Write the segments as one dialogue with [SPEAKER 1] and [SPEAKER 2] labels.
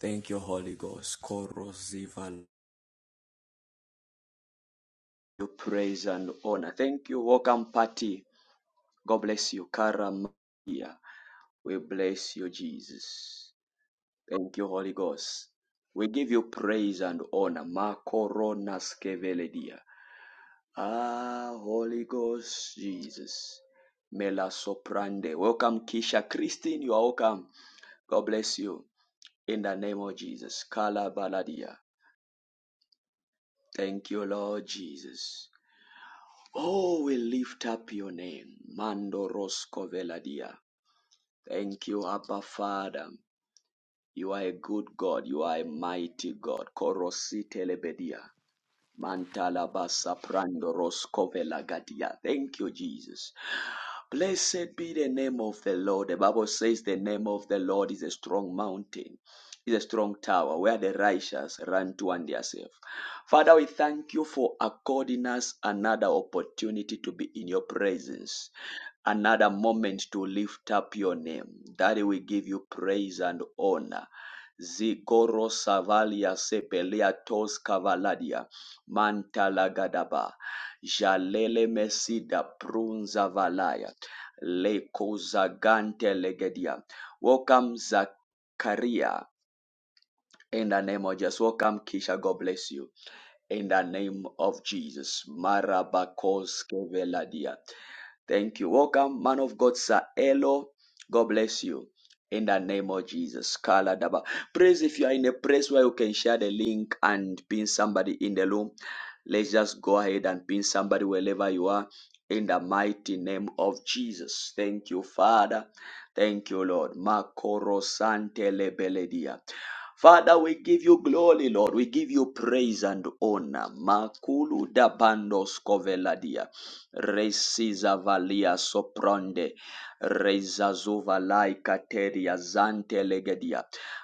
[SPEAKER 1] Thank you, Holy Ghost. Koros zivan. You praise and honor. Thank you. Welcome, party. God bless you. Karam, we bless you, Jesus. Thank you, Holy Ghost. We give you praise and honor. Makoronas keveledia. Ah, Holy Ghost, Jesus. Mela soprande. Welcome, Kisha Christine. You are welcome. God bless you. In the name of Jesus. Kala baladia. Thank you, Lord Jesus. Oh, we lift up your name. Mando Rosco Veladia. Thank you, Abba Father. You are a good God. You are a mighty God. Korosite Mantalabasa prando roscovela gadia. Thank you, Jesus. Blessed be the name of the Lord. The Bible says the name of the Lord is a strong mountain, is a strong tower where the righteous run to and they safe. Father, we thank you for according us another opportunity to be in your presence another moment to lift up your name. Daddy, we give you praise and honor. Zigoro Savalia Sepelia Tos Cavaladia. Mantalagadaba. Jalele mesida prunza valaya. Lekozagante legedia. Welcome Zakaria. In the name of Jesus. Welcome Kisha. God bless you in the name of Jesus. Marabakoske veladia. Thank you. Welcome, man of God, Sir Elo. God bless you. In the name of Jesus. Kala daba. Praise if you are in a place where you can share the link and pin somebody in the room. Let's just go ahead and pin somebody wherever you are. In the mighty name of Jesus. Thank you, Father. Thank you, Lord. Makoro sante lebeledia. Father, we give you glory, Lord. We give you praise and honor. Makulu da bandos coveladia. Resiza valia sopronde. Reza zuvalai kateria zante legedia.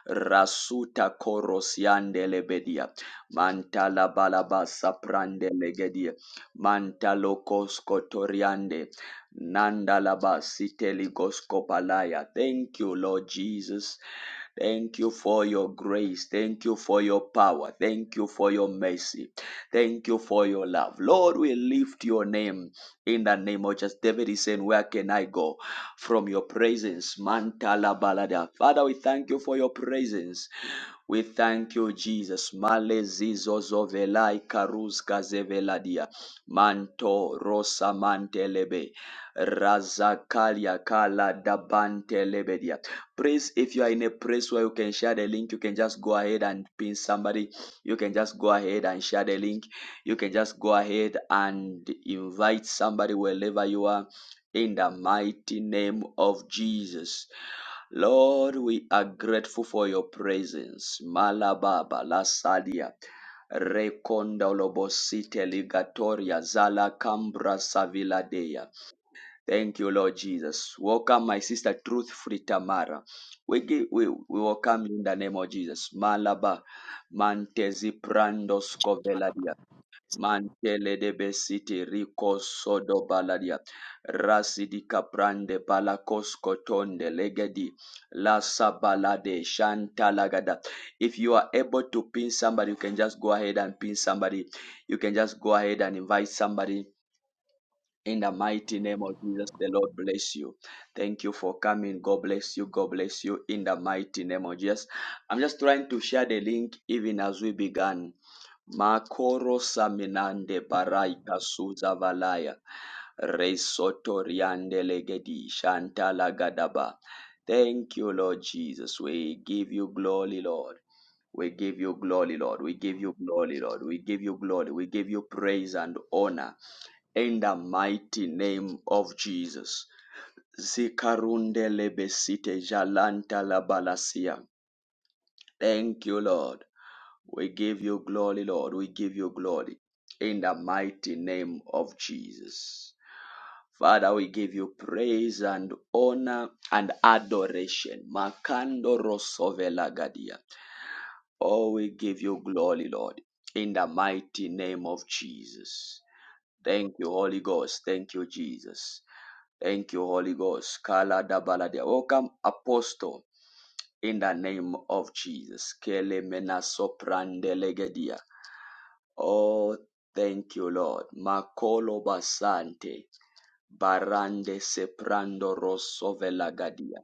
[SPEAKER 1] Rasuta korosiande lebedia. Mantala balabasa prande legedia. Mantalo koskotoriande. Nandalaba siteligoskopalaya. Thank you, Lord Jesus. Thank you for your grace. Thank you for your power. Thank you for your mercy. Thank you for your love. Lord, we lift your name in the name of just David is saying, Where can I go from your presence? Mantala balada. Father, we thank you for your presence. We thank you, Jesus. Male zizo zovelai karuz kazeveladia. Manto rosa mantelebe. Razakalia Kala Dabante Lebedia. Please, if you are in a place where you can share the link, you can just go ahead and pin somebody. You can just go ahead and share the link. You can just go ahead and invite somebody wherever you are in the mighty name of Jesus. Lord, we are grateful for your presence. Malababa Lasadia. Rekonda Lobosite Ligatoria Zala Cambra Saviladea. Thank you, Lord Jesus. Welcome, my sister Truth Fritamara. We, give, we, we welcome you in the name of Jesus. Malaba, Mantezi Prandos Coveladia, Mantele de Besiti Rico Sodo Baladia, Rasidika Prande Palacos Cotonde Legedi, Lasa Balade, Shantalagada. If you are able to pin somebody, you can just go ahead and pin somebody. You can just go ahead and invite somebody in the mighty name of Jesus, the Lord bless you. Thank you for coming. God bless you. God bless you. In the mighty name of Jesus. I'm just trying to share the link even as we began. Makoro Saminande Baraika Suza Valaya. Resotoriande Legedi Shantala Gadaba. Thank you, Lord Jesus. We give you glory, Lord. We give you glory, Lord. We give you glory, Lord. We give you glory. We give you praise and honor in the mighty name of Jesus. Zikarunde lebesite jalanta la balasia. Thank you, Lord. We give you glory, Lord. We give you glory in the mighty name of Jesus. Father, we give you praise and honor and adoration. Makando rosovela gadia. Oh, we give you glory, Lord, in the mighty name of Jesus. Thank you, Holy Ghost. Thank you, Jesus. Thank you, Holy Ghost. Kala da baladia. Welcome, Apostle, in the name of Jesus. Kele mena soprandelegedia. Oh, thank you, Lord. Makolo basante. Barande seprando rosovelagadia.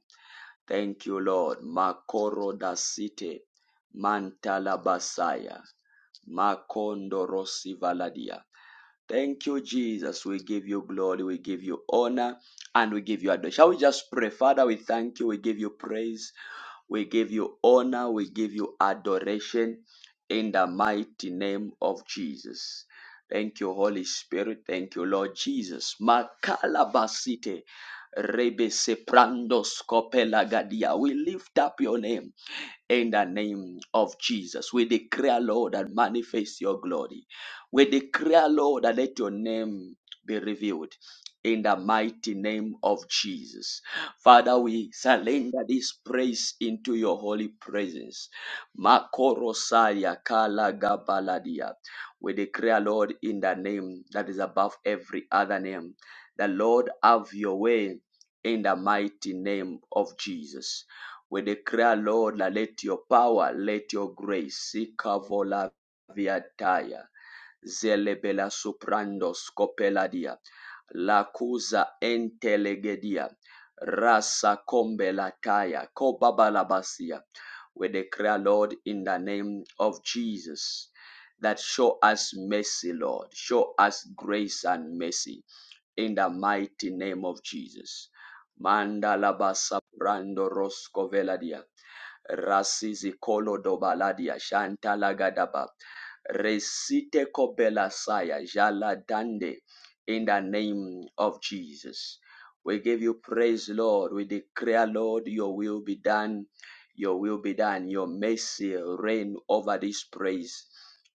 [SPEAKER 1] Thank you, Lord. Makoro da site. Mantala basaya. Makondo rosivaladia. Thank you, Jesus. We give you glory. We give you honor and we give you adoration. Shall we just pray? Father, we thank you. We give you praise. We give you honor. We give you adoration in the mighty name of Jesus. Thank you, Holy Spirit. Thank you, Lord Jesus. Makalabasite. Rebe Seprandos Kopelagadia. We lift up your name in the name of Jesus. We declare, Lord, and manifest your glory. We declare, Lord, and let your name be revealed. In the mighty name of Jesus. Father, we surrender this praise into your holy presence. Makorosalia kalagabaladia. We declare, Lord, in the name that is above every other name. The Lord have your way in the mighty name of Jesus. We declare, Lord, that let your power, let your grace, Sikavola viataya, zelebela soprando scopeladia, lacusa entelegedia, rasa combelataya, cobabalabasia. We declare, Lord, in the name of Jesus, that show us mercy, Lord. Show us grace and mercy in the mighty name of Jesus. Mandala Brando Rosco Veladia. Rasizi Kolo Dobaladia Shanta Lagadaba. Resite Kobela Saya Jala Dande in the name of Jesus. We give you praise, Lord. We declare, Lord, your will be done. Your will be done. Your mercy reign over this praise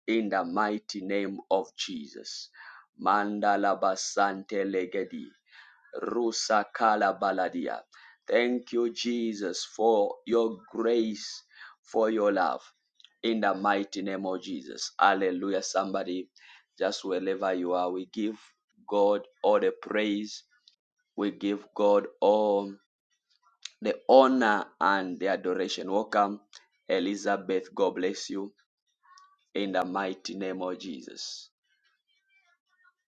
[SPEAKER 1] in the mighty name of Jesus. Mandala basante legedi, rusa kala baladia. Thank you, Jesus, for your grace, for your love. In the mighty name of Jesus. Hallelujah. Somebody, just wherever you are, we give God all the praise. We give God all the honor and the adoration. Welcome, Elizabeth. God bless you. In the mighty name of Jesus.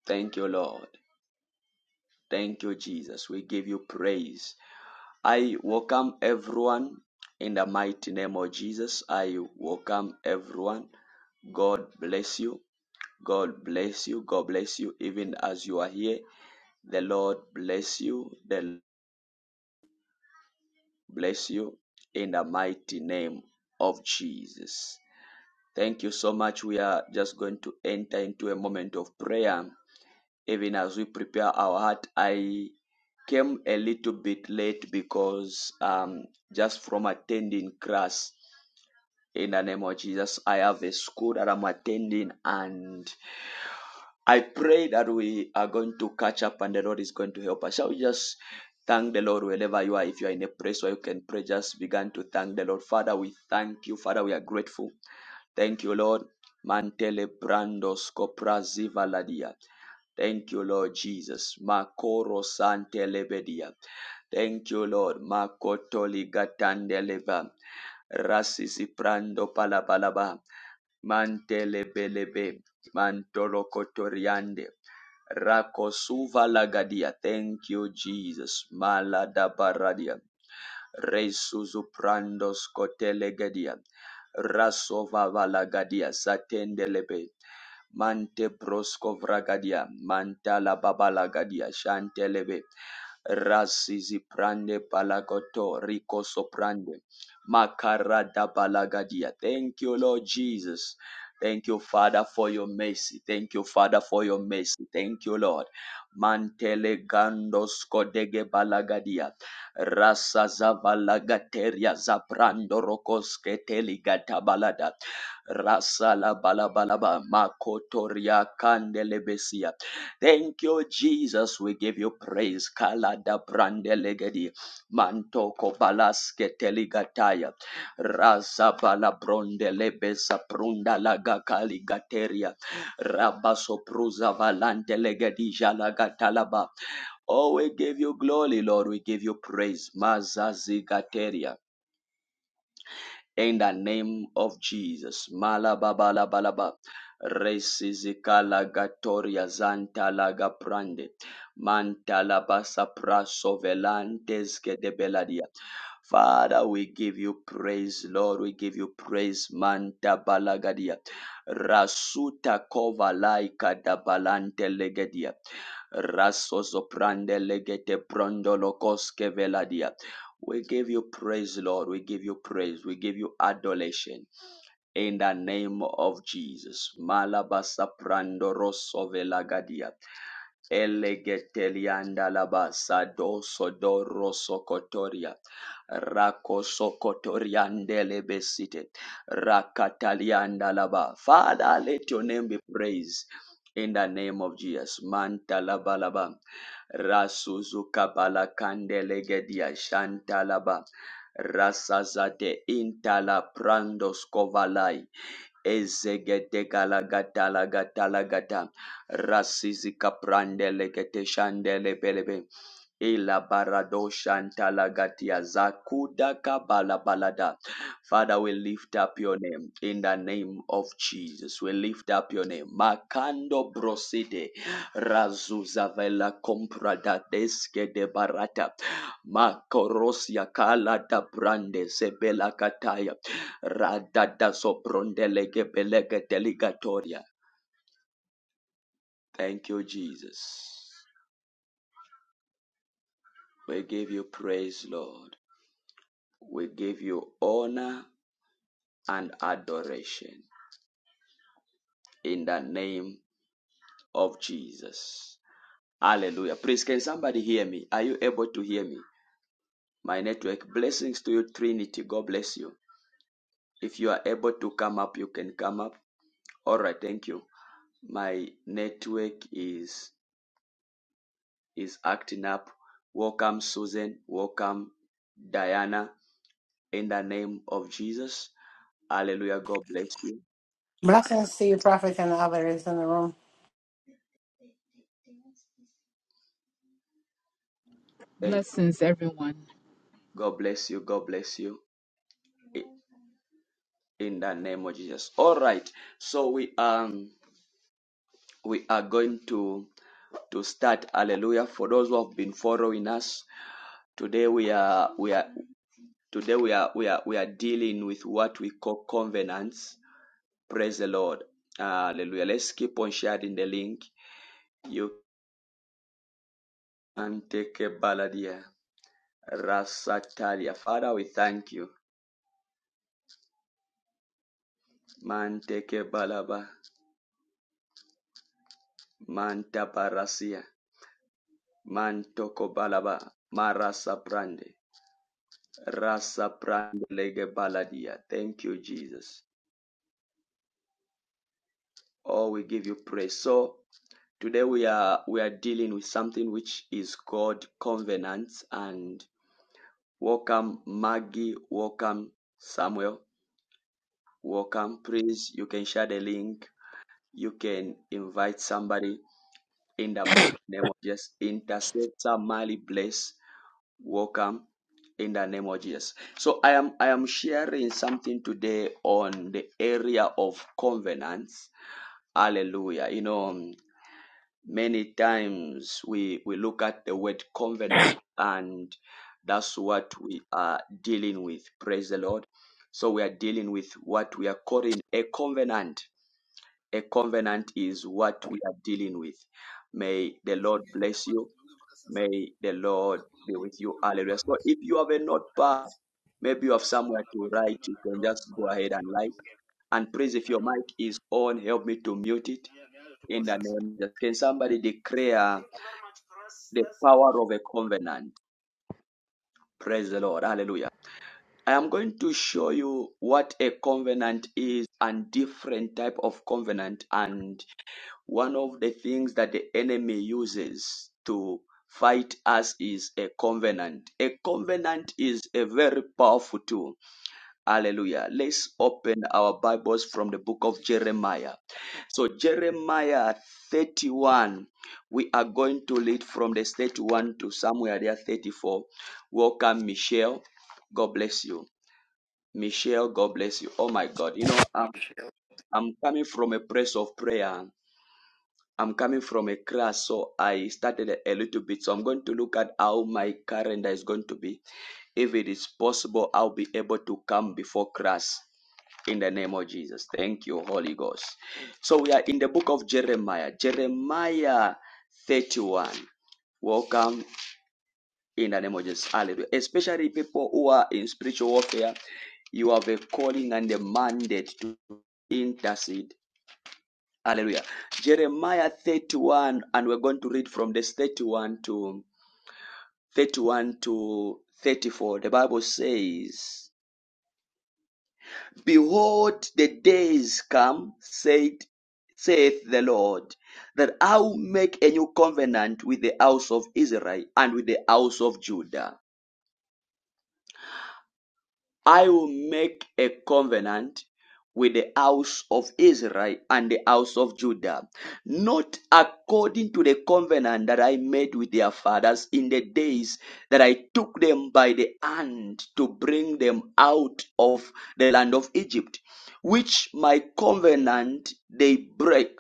[SPEAKER 1] Thank you, Lord. Thank you, Jesus. We give you praise. I welcome everyone in the mighty name of Jesus. I welcome everyone. God bless you. God bless you. God bless you. Even as you are here, the Lord bless you. The Lord bless you in the mighty name of Jesus. Thank you so much. We are just going to enter into a moment of prayer. Even as we prepare our heart, I came a little bit late because um, just from attending class. In the name of Jesus, I have a school that I'm attending, and I pray that we are going to catch up and the Lord is going to help us. Shall we just thank the Lord wherever you are? If you are in a place where you can pray, just begin to thank the Lord. Father, we thank you. Father, we are grateful. Thank you, Lord. Mantele brandos copraziva ladia. Thank you, Lord Jesus. Makoro sante lebedia. Thank you, Lord. Makotoli gatande leva. Rasisi prando palabalaba. Mantelebelebe, Mantorokotoriande, Rakosuva Lagadia. Thank you, Jesus. malada Maladabaradia. Resuzuprandos Kotelegadia. Rasova Valagadia. Satendelebe. Mante Brosco Vragadia. Mantala Babalagadia. Shantelebe. Rasizi prande palagoto rico soprande Makarada balagadia. Thank you, Lord Jesus. Thank you, Father, for your mercy. Thank you, Father, for your mercy. Thank you, Lord. Mantele gandos kodege balagadia. Rasa zavalagateria zabrando rokoske teligata balada. Rasa la balabalaba makotoria kandelebesia. Thank you, Jesus. We give you praise. Kalada brandelegedia. Mantoko balaske teligataya. Raza bala bronde lebesa prunda laga kaligateria. Rabaso prusa valante legadija lagatalaba. Oh, we give you glory, Lord. We give you praise. Mazazigateria in the name of Jesus. Malababalabalaba. Resizikala gatoria zanta laga prande. Manta labasa praso velantes que de beladia. Father, we give you praise, Lord. We give you praise, Manta Balagadia. Rasuta kova laika da balante legedia. Raso soprande legete prondolo koske veladia. We give you praise, Lord. We give you praise. We give you adoration in the name of Jesus. Malabasa prandoroso velagadia. Elegetelianda labasa doso doro sokotoria. Rako sokotoriandele besite. Rakatalianda laba. Father, let your name be praised. In the name of Jesus, Manta Laba Laba, Rasuzuka Balakandelegedia Shanta laba. Rasazade intala prandos kovalai. ezegete galagata lagata lagata. Rasizika prandele gete shandele belebe. Ila barado shanta shantalagatia zakuda kabala balada. Father, we lift up your name in the name of Jesus. We lift up your name. Makando broside razuzavela comprada deske de barata. Makorosia kala da brande sebela kataya. Rada da soprondelege belege deligatoria. Thank you, Jesus. We give you praise, Lord. We give you honor and adoration in the name of Jesus. Hallelujah. Please, can somebody hear me? Are you able to hear me? My network. Blessings to you, Trinity. God bless you. If you are able to come up, you can come up. All right. Thank you. My network is is acting up. Welcome Susan, welcome Diana in the name of Jesus. Hallelujah. God bless you.
[SPEAKER 2] Blessings to you, prophet, and others in the room.
[SPEAKER 1] Thank
[SPEAKER 3] Blessings, everyone.
[SPEAKER 1] God bless you. God bless you. I- In the name of Jesus. All right. So we um we are going to to start. Hallelujah. For those who have been following us, today we are we are today we are we are we are dealing with what we call covenants Praise the Lord. Hallelujah. Let's keep on sharing the link. You can take a baladia. Rasatalia. Father, we thank you. Manteke balaba. Manta barasia. Mantoko balaba. Marasa prande. Rasa prande lege baladia. Thank you, Jesus. Oh, we give you praise. So today we are we are dealing with something which is called covenants and welcome Maggie, welcome Samuel. welcome, please. You can share the link. You can invite somebody in the name of Jesus. Intercessor Mali Bless, welcome in the name of Jesus. So I am I am sharing something today on the area of covenants. Hallelujah. You know, um, many times we we look at the word covenant and that's what we are dealing with. Praise the Lord. So we are dealing with what we are calling a covenant a covenant is what we are dealing with. May the Lord
[SPEAKER 4] Tunaziongea hivi
[SPEAKER 1] bless
[SPEAKER 4] kwamba
[SPEAKER 1] you.
[SPEAKER 4] tunaongea mpaka saa saba
[SPEAKER 1] May the Lord
[SPEAKER 4] na kuna
[SPEAKER 1] be with
[SPEAKER 4] miji
[SPEAKER 1] you.
[SPEAKER 4] wengine
[SPEAKER 1] Hallelujah.
[SPEAKER 4] wanaamkanga
[SPEAKER 1] So if
[SPEAKER 4] asubuhi
[SPEAKER 1] you
[SPEAKER 4] na
[SPEAKER 1] have a
[SPEAKER 4] mapema kwenda
[SPEAKER 1] notepad,
[SPEAKER 4] kazi.
[SPEAKER 1] maybe you have
[SPEAKER 4] Sasa wao
[SPEAKER 1] somewhere to
[SPEAKER 4] wanapata wengine
[SPEAKER 1] write, you
[SPEAKER 4] wana
[SPEAKER 1] can
[SPEAKER 4] drop,
[SPEAKER 1] just go
[SPEAKER 4] wanaacha
[SPEAKER 1] ahead
[SPEAKER 4] wengine
[SPEAKER 1] and write.
[SPEAKER 4] wakiongea.
[SPEAKER 1] And please, if
[SPEAKER 4] I
[SPEAKER 1] your
[SPEAKER 4] don't,
[SPEAKER 1] mic is on, help me to mute
[SPEAKER 4] ni
[SPEAKER 1] it
[SPEAKER 4] ni hayo tu kwa
[SPEAKER 1] in the
[SPEAKER 4] sasa.
[SPEAKER 1] name of Jesus. Can somebody declare the power of a covenant? Praise the Lord. Hallelujah. I am going to show you what a covenant is and different type of covenant and One of the things that the enemy uses to fight us is a covenant. A covenant is a very powerful tool. Hallelujah. Let's open our Bibles from the book of Jeremiah. So, Jeremiah 31, we are going to read from the 31 to somewhere there 34. Welcome, Michelle. God bless you. Michelle, God bless you. Oh my God. You know, I'm, I'm coming from a place of prayer. I'm coming from a class, so I started a little bit. So I'm going to look at how my calendar is going to be. If it is possible, I'll be able to come before class in the name of Jesus. Thank you, Holy Ghost. So we are in the book of Jeremiah, Jeremiah 31. Welcome in the name of Jesus. Hallelujah. Especially people who are in spiritual warfare, you have a calling and a mandate to intercede Hallelujah. Jeremiah 31, and we're going to read from this 31 to 31 to 34. The Bible says, Behold, the days come, said, saith the Lord, that I will make a new covenant with the house of Israel and with the house of Judah I will make a covenant with the house of Israel and the house of Judah, not according to the covenant that I made with their fathers in the days that I took them by the hand to bring them out of the land of Egypt, which my covenant they break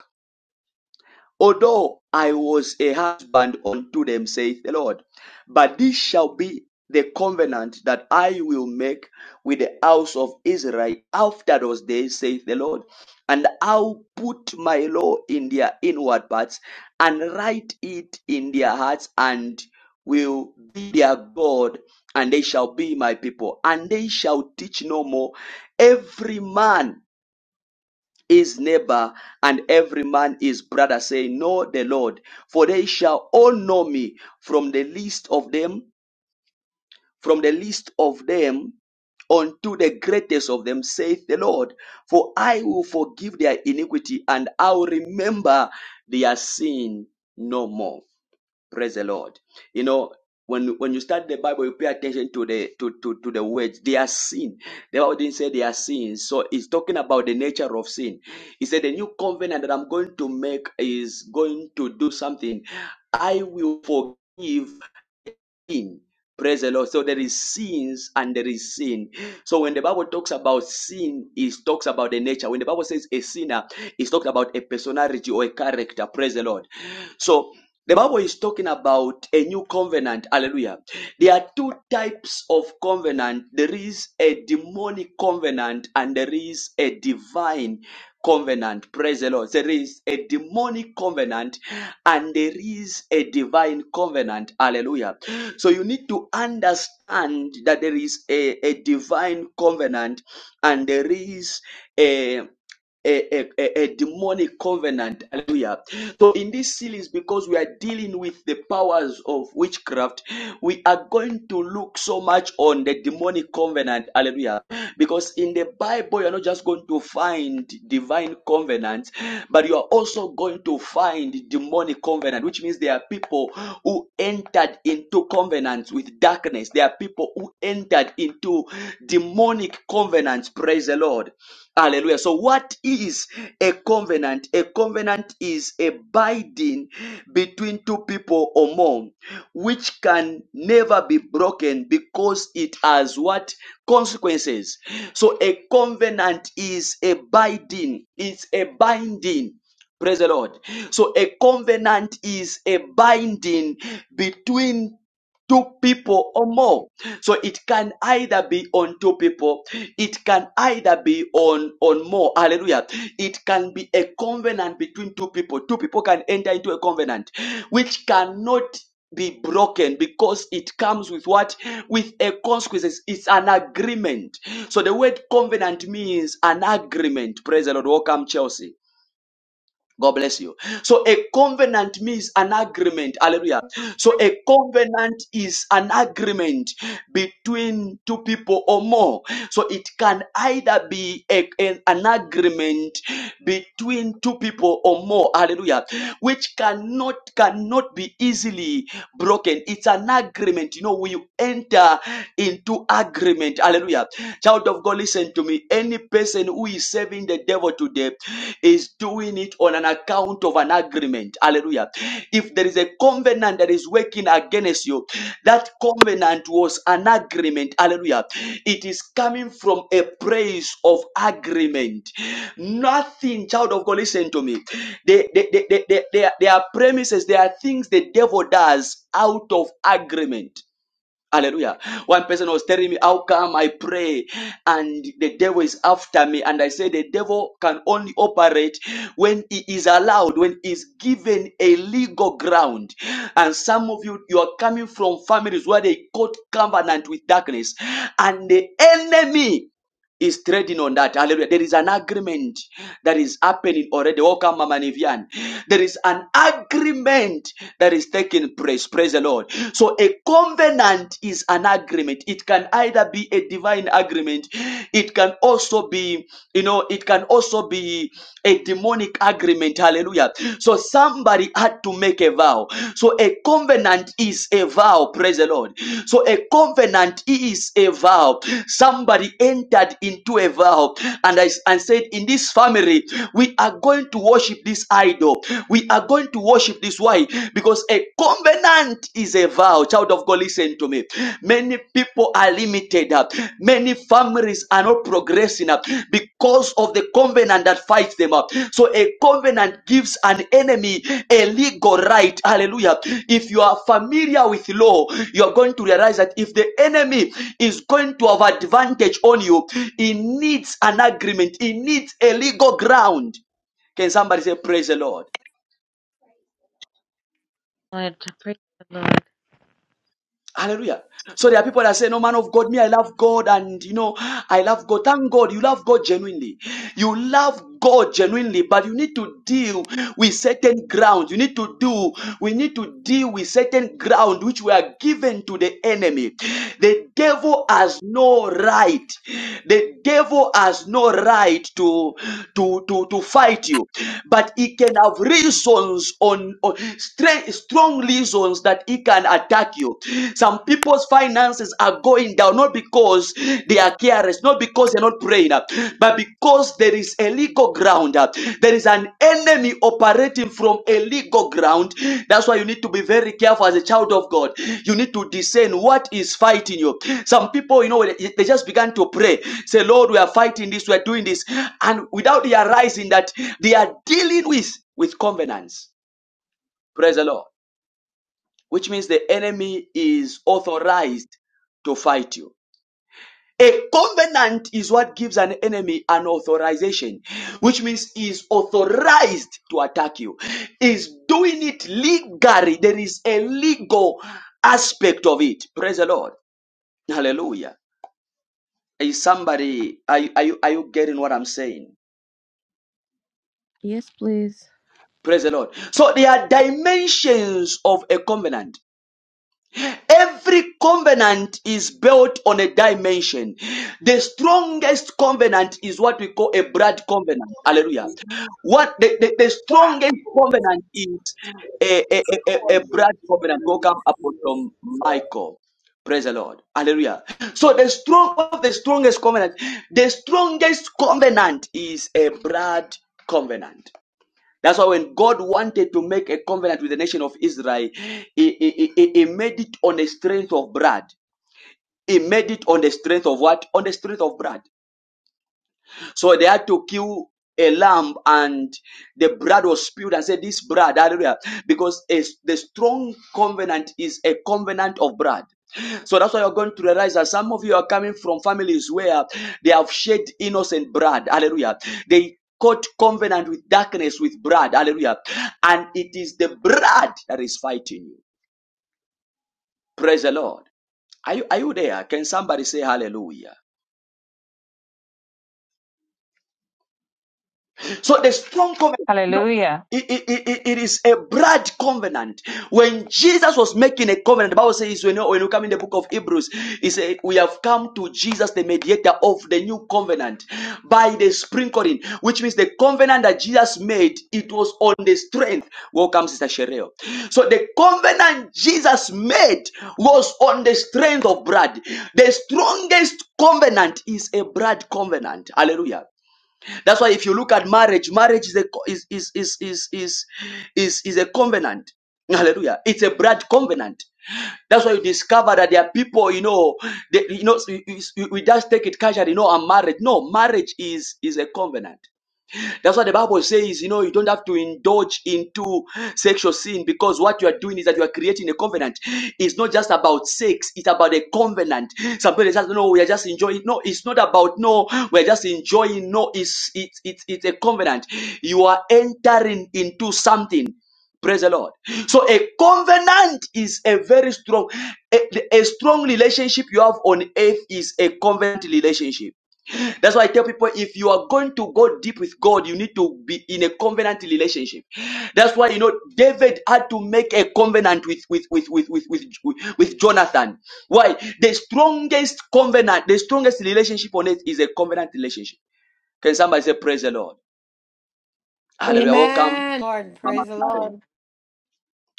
[SPEAKER 1] Although I was a husband unto them, saith the Lord, but this shall be the covenant that I will make with the house of Israel after those days, saith the Lord. And I'll put my law in their inward parts and write it in their hearts and will be their God and they shall be my people and they shall teach no more every man his neighbor and every man his brother, saying, Know the Lord, for they shall all know me from the least of them, from the least of them unto the greatest of them, saith the Lord. For I will forgive their iniquity and I will remember their sin no more. Praise the Lord. You know, when when you start the Bible, you pay attention to the to, to, to the words. They are sin. The Bible didn't say they are sins. So it's talking about the nature of sin. He said the new covenant that I'm going to make is going to do something. I will forgive sin. Praise the Lord. So there is sins and there is sin. So when the Bible talks about sin, it talks about the nature. When the Bible says a sinner, it's talking about a personality or a character. Praise the Lord. So the Bible is talking about a new covenant. Hallelujah. There are two types of covenant. There is a demonic covenant and there is a divine covenant. Praise the Lord. There is a demonic covenant and there is a divine covenant. Hallelujah. So you need to understand that there is a, a divine covenant and there is a a, a, a a demonic covenant. Hallelujah. So in this series, because we are dealing with the powers of witchcraft, we are going to look so much on the demonic covenant. Hallelujah. Because in the Bible, you're not just going to find divine covenants, but you are also going to find demonic covenant, which means there are people who entered into covenants with darkness. There are people who entered into demonic covenants. Praise the Lord. Hallelujah. So, what is a covenant? A covenant is a binding between two people or more, which can never be broken because it has what consequences. So, a covenant is a binding, it's a binding. Praise the Lord. So, a covenant is a binding between two people or more. So it can either be on two people, it can either be on, on more. Hallelujah. It can be a covenant between two people. Two people can enter into a covenant which cannot be broken because it comes with what with a consequences it's an agreement so the word covenant means an agreement praise the lord welcome chelsea God bless you. So a covenant means an agreement. Hallelujah. So a covenant is an agreement between two people or more. So it can either be a- an, an agreement between two people or more. Hallelujah. Which cannot cannot be easily broken. It's an agreement. You know, we enter into agreement. Hallelujah. Child of God, listen to me. Any person who is serving the devil today is doing it on an account of an agreement. Hallelujah. If there is a covenant that is working against you, that covenant was an agreement. Hallelujah. It is coming from a place of agreement. Nothing, child of God, listen to me. They, they, they, they, they, they are, they are premises, there are things the devil does out of agreement. Hallelujah. One person was telling me, How come I pray and the devil is after me? And I say, The devil can only operate when he is allowed, when he is given a legal ground. And some of you, you are coming from families where they got covenant with darkness. And the enemy is trading on that. Hallelujah. There is an agreement that is happening already. Welcome, Mama Nivian. There is an agreement that is taking place. Praise the Lord. So a covenant is an agreement. It can either be a divine agreement. It can also be, you know, it can also be a demonic agreement. Hallelujah. So somebody somebody had to make a vow. So a covenant is a vow, praise the Lord. So a covenant is a vow. Somebody entered into a vow and I and said, In this family, we are going to worship this idol. We are going to worship this. Why? Because a covenant is a vow. Child of God, listen to me. Many people people are limited. uh, Many families are not progressing uh, because of the covenant that fights them up. So a covenant gives an enemy a legal right. Hallelujah. If you are familiar with law, you are going to realize that if the enemy is going to have advantage on you, he needs an agreement. He needs a legal ground. Can somebody say praise the Lord?
[SPEAKER 5] Lord, praise the Lord.
[SPEAKER 1] Hallelujah. So there are people that say, No man of God, me, I love God, and you know, I love God. Thank God, you love God genuinely. You love God genuinely, but you need to deal with certain ground. You need to do, we need to deal with certain ground which were given to the enemy. The devil has no right. The devil has no right to to to, to fight you, but he can have reasons on, on strength strongly reasons that he can attack you. Some people's finances are going down not because they are careless, not because they're not praying, uh, but because there is a legal ground. uh, There is an enemy operating from a legal ground. That's why you need to be very careful as a child of God. You need to discern what is fighting you. Some people, you know, they they just began to pray, say, Lord, we are fighting this, we are doing this, and without realizing that they are dealing with with covenants. Praise the Lord which means the enemy is authorized to fight you. A covenant is what gives an enemy an authorization, which means he is authorized to attack you. Is doing it legally. There is a legal aspect of it. Praise the Lord. Hallelujah. Is somebody are, you- are you are you getting what I'm saying?
[SPEAKER 5] Yes, please.
[SPEAKER 1] Praise the Lord. So there are dimensions of a covenant. Every covenant is built on a dimension. The strongest covenant is what we call a blood covenant. Hallelujah. What the, the, the
[SPEAKER 6] Why
[SPEAKER 1] strongest
[SPEAKER 6] people go
[SPEAKER 1] covenant is a, a, a, a
[SPEAKER 6] on
[SPEAKER 1] a
[SPEAKER 6] the
[SPEAKER 1] blood covenant. Welcome, Apostle Michael. Praise the Lord. Hallelujah. So the strong of the strongest covenant, the strongest covenant is a blood covenant. That's why when God wanted to make a covenant with the nation of Israel, he, he, he, he made it on the strength of bread. He made it on the strength of what? On the strength of bread. So they had to kill a lamb and the blood was spilled and said, This blood, hallelujah. Because a, the strong covenant is a covenant of blood. So that's why you're going to realize that some of you are coming from families where they have shed innocent blood. Hallelujah. They caught covenant with darkness with blood. Hallelujah. And it is the blood that is fighting you. Praise the Lord. Are you, are you there? Can somebody say hallelujah? So the strong covenant,
[SPEAKER 7] Hallelujah.
[SPEAKER 1] it, it, it it is a blood covenant. When Jesus was making a covenant, the Bible says, when you, when you come in the book of Hebrews, he said, We have come to Jesus, the mediator of the new covenant, by the sprinkling, which means the covenant that Jesus made, it was on the strength. Welcome, Sister Shereo. So the covenant Jesus made was on the strength of blood. The strongest covenant is a blood covenant. Hallelujah. That's why if you look at marriage, marriage is a co- is is is is is is, is a covenant. Hallelujah. It's a blood covenant. That's why you discover that there are people, you know, they, you know, you- you- you- we just take it casually. No, I'm married. No, marriage is is a covenant. That's why the Bible says, you know, you don't have to indulge into sexual sin because what you are doing is that you are creating a covenant. It's not just about sex, it's about a covenant. Somebody says, no, we are just enjoying. No, it's not about no, we're just enjoying. No, it's it's it's it's a covenant. You are entering into something. Praise the Lord. So a covenant is a very strong, a, a strong relationship you have on earth is a covenant relationship. That's why I tell people if you are going to go deep with God, you need to be in a covenant relationship. That's why you know David had to make a covenant with with with with with with, with Jonathan. Why? The strongest covenant, the strongest relationship on earth is a covenant relationship. Can somebody say praise the Lord? Hallelujah. Welcome,
[SPEAKER 2] Amen. Lord,
[SPEAKER 1] Mama
[SPEAKER 2] praise the
[SPEAKER 1] Karen.
[SPEAKER 2] Lord.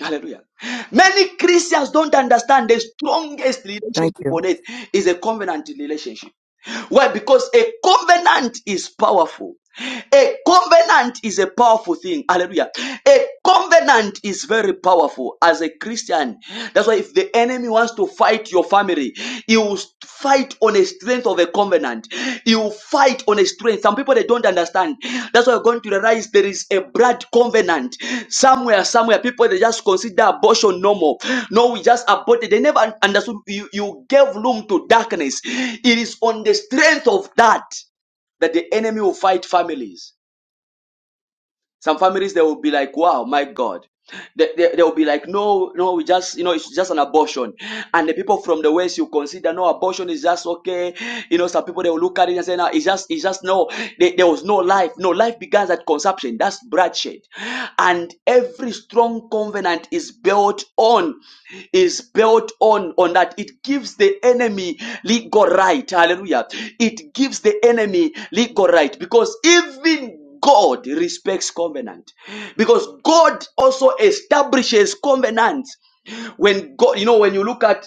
[SPEAKER 1] Hallelujah. Many Christians don't understand the strongest
[SPEAKER 8] Thank
[SPEAKER 1] relationship
[SPEAKER 8] you.
[SPEAKER 1] on earth is a covenant relationship. Why? Because a covenant is powerful. A covenant is a powerful thing. Hallelujah. A covenant is very powerful as a Christian. That's why if the enemy wants to fight your family, he will fight on the strength of a covenant. You fight on a strength. Some people they don't understand. That's why you're going to realize there is a blood covenant somewhere. Somewhere people they just consider abortion normal. No, we just aborted. They never understood. You you gave room to darkness. It is on the strength of that that the enemy will fight families. Some families they will be like, wow, my God. They, they, they will be like, no, no, we just, you know, it's just an abortion. And the people from the West, you consider, no, abortion is just okay. You know, some people, they will look at it and say, no, it's just, it's just no, there there was no life. No, life begins at conception. That's bloodshed. And every strong covenant is built on, is built on, on that. It gives the enemy legal right. Hallelujah. It gives the enemy legal right because even God respects covenant because God also establishes covenants. When God, you know, when you look at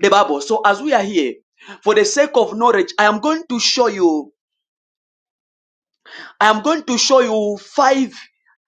[SPEAKER 1] the Bible, so as we are here, for the sake of knowledge, I am going to show you I am going to show you five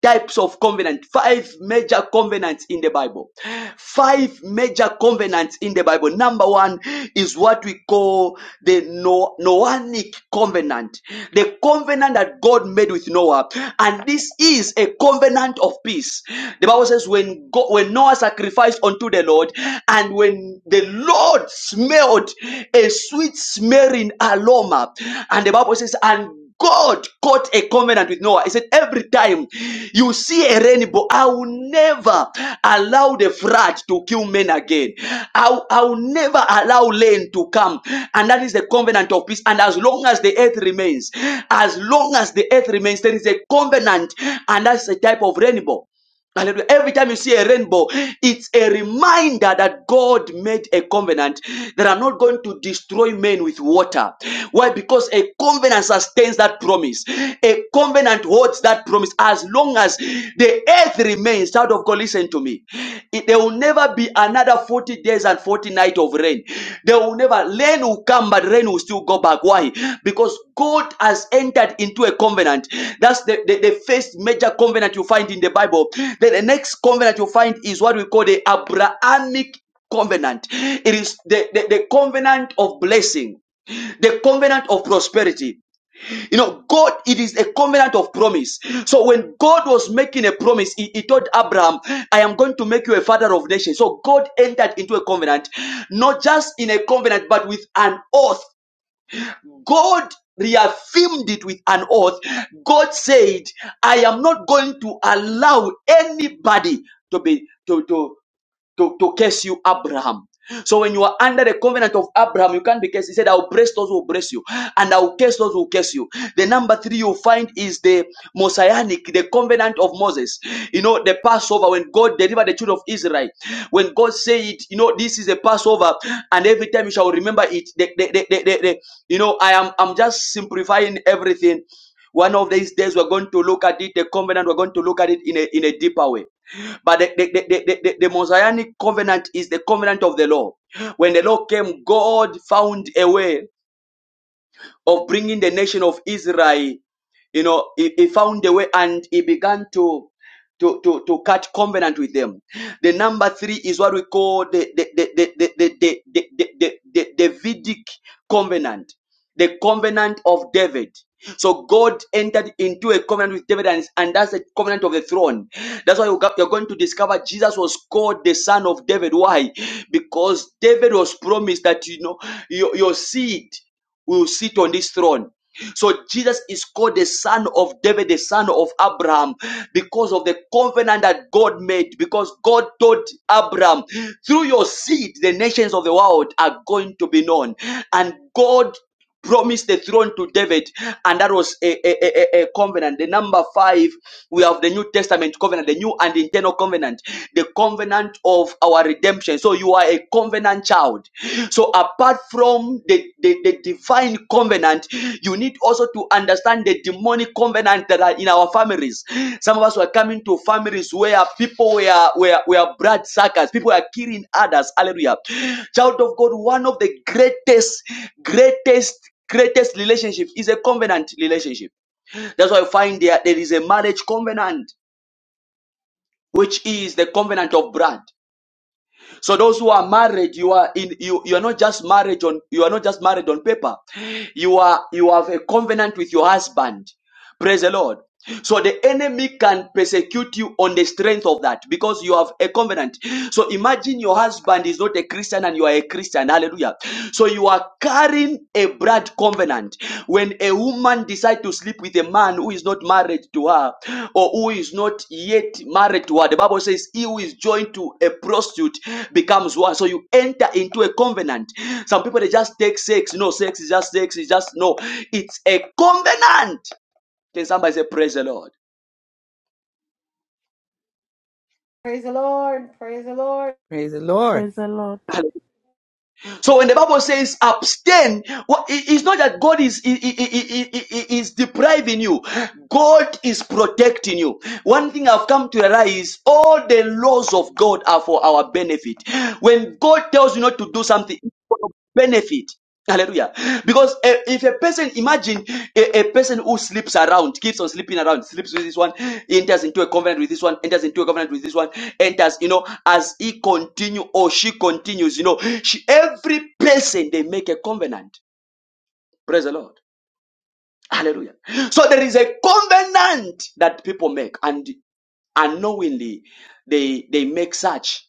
[SPEAKER 1] types of covenant, five major covenants in the Bible. Five major covenants in the Bible. Number one is what we call the No- Noahic covenant, the covenant that God made with Noah. And this is a covenant of peace. The Bible says, when, God, when Noah sacrificed unto the Lord, and when the Lord smelled a sweet smelling aroma, and the Bible says, and God got a covenant with Noah. He said, Every time you see a rainbow, I will never allow the flood to kill men again. I'll, I'll never allow rain to come. And that is the covenant of peace. And as long as the earth remains, as long as the earth remains, there is a covenant. And that's a type of rainbow. Hallelujah. Every time you see a rainbow, it's a reminder that God made a covenant that I'm not going to destroy men with water. Why? Because a covenant sustains that promise. A covenant holds that promise as long as the earth remains. Child of God, listen to me. It- there will never be another 40 days and 40 nights of rain. They will never, rain will come, but rain will still go back. Why? Because God has entered into a covenant. That's the, the, the first major covenant you find in the Bible. Then the next covenant you find is what we call the Abrahamic covenant. It is the, the, the covenant of blessing, the covenant of prosperity. You know, God, it is a covenant of promise. So when God was making a promise, he, he told Abraham, I am going to make you a father of nations. So God entered into a covenant, not just in a covenant, but with an oath. God reaffirmed it with an oath. God said, I am not going to allow anybody to be to, to curse you, Abraham. So when you are under the covenant of Abraham, you can't be cursed. He said, I'll bless those who bless you, and I'll curse those who curse you. The number three you find is the Mosaic, the covenant of Moses. You know, the Passover, when God delivered the children of Israel, when God said, you know, this is a Passover, and every time you shall remember it, the, the, the, the, the, the- you know, I am I'm just simplifying everything. One of these days we're going to look at it, the covenant, we're going to look at it in a in a deeper way. But the, the, the, the, the, the Mosaic covenant is the covenant of the law. When the law came, God found a way of bringing the nation of Israel you know he, he found a way and he began to to, to, to cut covenant with them. The number three is what we call the the the the the the, the, the, the, the Davidic covenant, the covenant of David. So God entered into a covenant with David, and, and that's the covenant of the throne. That's why you got- you're going to discover Jesus was called the son of David. Why? Because David was promised that you know your, your seed will sit on this throne. So Jesus is called the son of David, the son of Abraham, because of the covenant that God made, because God told Abraham, through your seed, the nations of the world are going to be known. And God promised the throne to David, and that was a, a, a, a- a covenant. The number five, we have the New Testament covenant, the new and internal covenant, the covenant of our redemption. So you are a covenant child. So apart from the, the, the divine covenant, you need also to understand the demonic covenant that are in our families. Some of us were coming to families where people were, were, were blood suckers, people were killing others. Hallelujah. Child of God, one of the greatest, greatest greatest relationship is a covenant relationship that's why you find there there is a marriage covenant which is the covenant of blood so those who are married you are in you you are not just married on you are not just married on paper you are you have a covenant with your husband Praise the Lord. So the enemy can persecute you on the strength of that because you have a covenant. So imagine your husband is not a Christian and you are a Christian. Hallelujah. So you are carrying a blood covenant. When a woman decides to sleep with a man who is not married to her or who is not yet married to her, the Bible says he who is joined to a prostitute becomes one. So you enter into a covenant. Some people they just take sex. No, sex is just sex. It's just no. It's a covenant. Can somebody say, Praise the Lord?
[SPEAKER 2] Praise the Lord. Praise the Lord.
[SPEAKER 8] Praise the Lord.
[SPEAKER 9] Praise the Lord.
[SPEAKER 1] So when the Bible says abstain, what- it- it's not that God is, i- i- i- i- i- i- is depriving you. God is protecting you. One thing I've come to realize, all the laws of God are for our benefit. When God tells you not to do something, it's for your benefit. Hallelujah. Because eh, if a person, imagine a, a person who sleeps around, keeps on sleeping around, sleeps with this one, enters into a covenant with this one, enters into a covenant with this one, enters, you know, as he continue or she continues, you know, she, every person they make a covenant. Praise the Lord. Hallelujah. So there is a covenant that people make. And unknowingly they they make such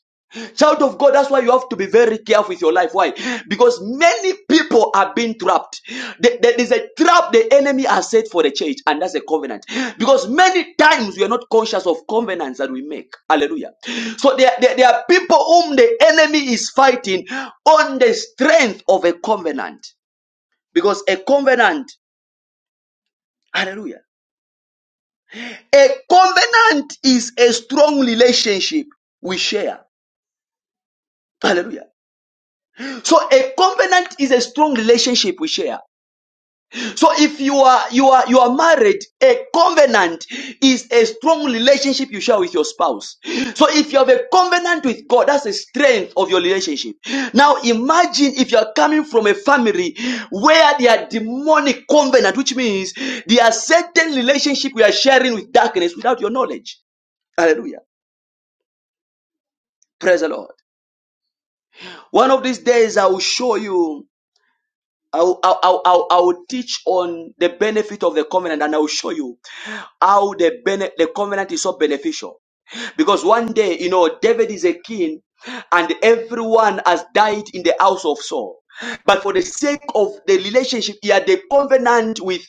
[SPEAKER 1] child of god that's why you have to be very careful with your life why because many people are being trapped There there is a trap the enemy has set for the church and that's a covenant because many times we are not conscious of covenants that we make hallelujah so there, there, there are people whom the enemy is fighting on the strength of a covenant because a covenant hallelujah a covenant is a strong relationship we share Hallelujah. So a covenant is a strong relationship we share. So if you are you are you are married, a covenant is a strong relationship you share with your spouse. So if you have a covenant with God, that's the strength of your relationship. Now imagine if you are coming from a family where there are demonic covenant, which means there are certain relationship we are sharing with darkness without your knowledge. Hallelujah. Praise the Lord. One of these days I will show you I'll, I'll, I'll, I'll teach on the benefit of the covenant and I'll show you how the, bene- the covenant is so beneficial. Because one day, you know, David is a king and everyone has died in the house of Saul. But for the sake of the relationship, he had a covenant with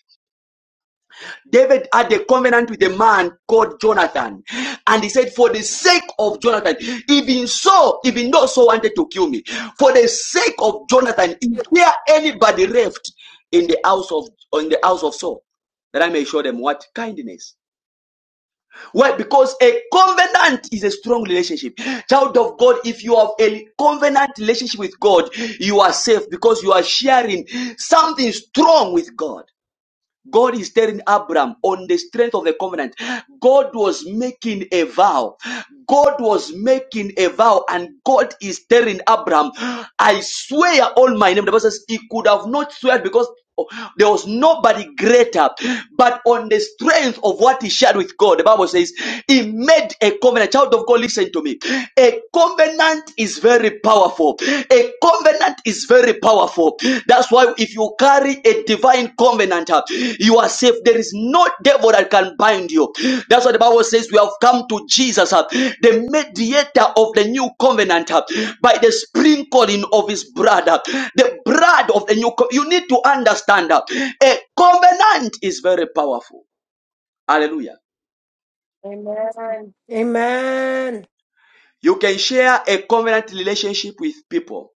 [SPEAKER 1] David had a covenant with a man called Jonathan. And he said, For the sake of Jonathan, even so, even though so wanted to kill me, for the sake of Jonathan, is there anybody left in the house of in the house of Saul? That I may show them what kindness. Why? Because a covenant is a strong relationship. Child of God, if you have a covenant relationship with God, you are safe because you are sharing something strong with God. God is telling Abraham on the strength of the covenant. God was making a vow. God was making a vow, and God is telling Abraham, I swear on my name. The Bible says he could have not swear because there was nobody greater, but on the strength of what he shared with God, the Bible says he made a covenant. Child of God, listen to me. A covenant is is very powerful. A covenant is very powerful. That's why if you carry a divine covenant, uh, you are safe. There is no devil that can bind you. That's what the Bible says. We have come to Jesus, uh, the mediator of the new covenant, uh, by the sprinkling of his blood. uh, The blood of the new co- You need to understand that a covenant is very powerful. Hallelujah.
[SPEAKER 2] Amen. Amen.
[SPEAKER 1] You can share a covenant relationship with people.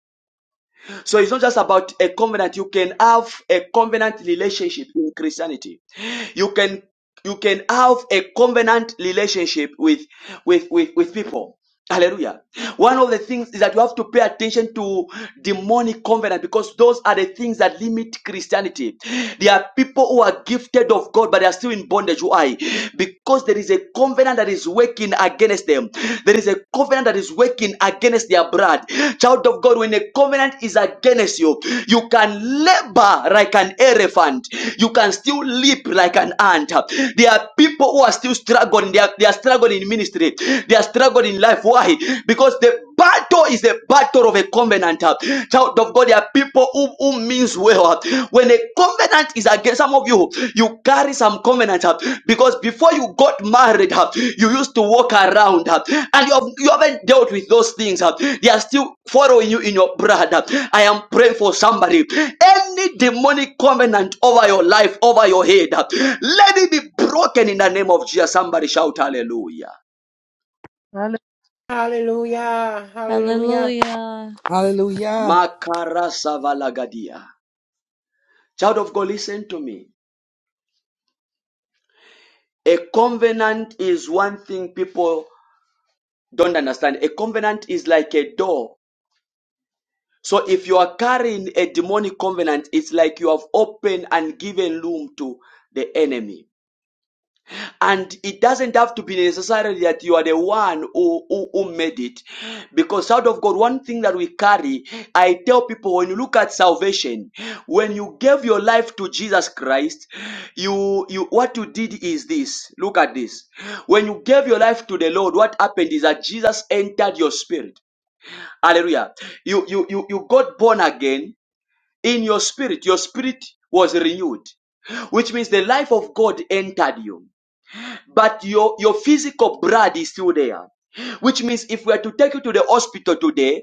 [SPEAKER 1] So it's not just about a covenant. You can have a covenant relationship in Christianity. You can you can have a covenant relationship with with with, with people. Hallelujah. One of the things is that you have to pay attention to demonic covenant because those are the things that limit Christianity. There are people who are gifted of God, but they are still in bondage. Why? Because there is a covenant that is working against them. There is a covenant that is working against their blood. Child of God, when a covenant is against you, you can labor like an elephant. You can still leap like an ant. There are people who are still struggling. They are, they are struggling in ministry. They are struggling in life. Why? Because the bad battle is a battle of a covenant. uh. Child of God, there are people who, who means well. uh. When a covenant is against some of you, you carry some covenant uh, because before you got married, uh, you used to walk around uh, and you, have, you haven't dealt with those things. uh. They are still following you in your blood. uh. I am praying for somebody. Any demonic covenant over your life, over your head, uh, let it be broken in the name of Jesus. Somebody shout hallelujah.
[SPEAKER 9] Hallelujah.
[SPEAKER 2] Hallelujah. Hallelujah.
[SPEAKER 5] Hallelujah.
[SPEAKER 8] Hallelujah.
[SPEAKER 1] Makara savalagadia. Child of God, listen to me. A covenant is one thing people don't understand. A covenant is like a door. So if you are carrying a demonic covenant, it's like you have opened and given room to the enemy. And it doesn't have to be necessarily that you are the one who, who, who made it. Because out of God, one thing that we carry, I tell people when you look at salvation, when you gave your life to Jesus Christ, you, you what you did is this. Look at this. When you gave your life to the Lord, what happened is that Jesus entered your spirit. Hallelujah. You you you, you got born again in your spirit. Your spirit was renewed, which means the life of God entered you but your, your physical blood is still there. Which means if we are to take you to the hospital today,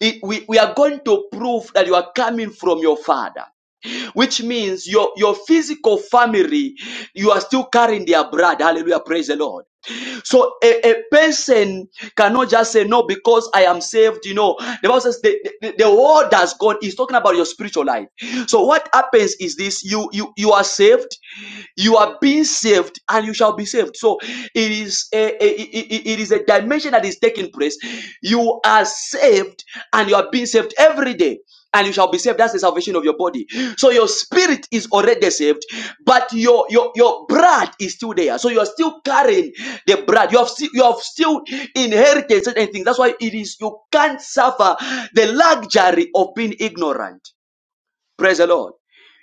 [SPEAKER 1] it, we, we are going to prove that you are coming from your father. Which means your, your physical family, you are still carrying their blood. Hallelujah. Praise the Lord. So a, a person cannot just say no because I am saved. You know, the Bible says the, the, the word has gone. He's talking about your spiritual life. So what happens is this: you you you are saved, you are being saved, and you shall be saved. So it is a, a- it it- it is a dimension that is taking place. You are saved and you are being saved every day and you shall be saved. That's the salvation of your body. So your spirit is already saved, but your your your blood is still there. So you are still carrying the blood. You have still you have still inherited certain things. That's why it is you can't suffer the luxury of being ignorant. Praise the Lord.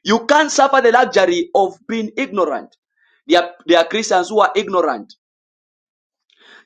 [SPEAKER 1] You can't suffer the luxury of being ignorant. There are, there are Christians who are ignorant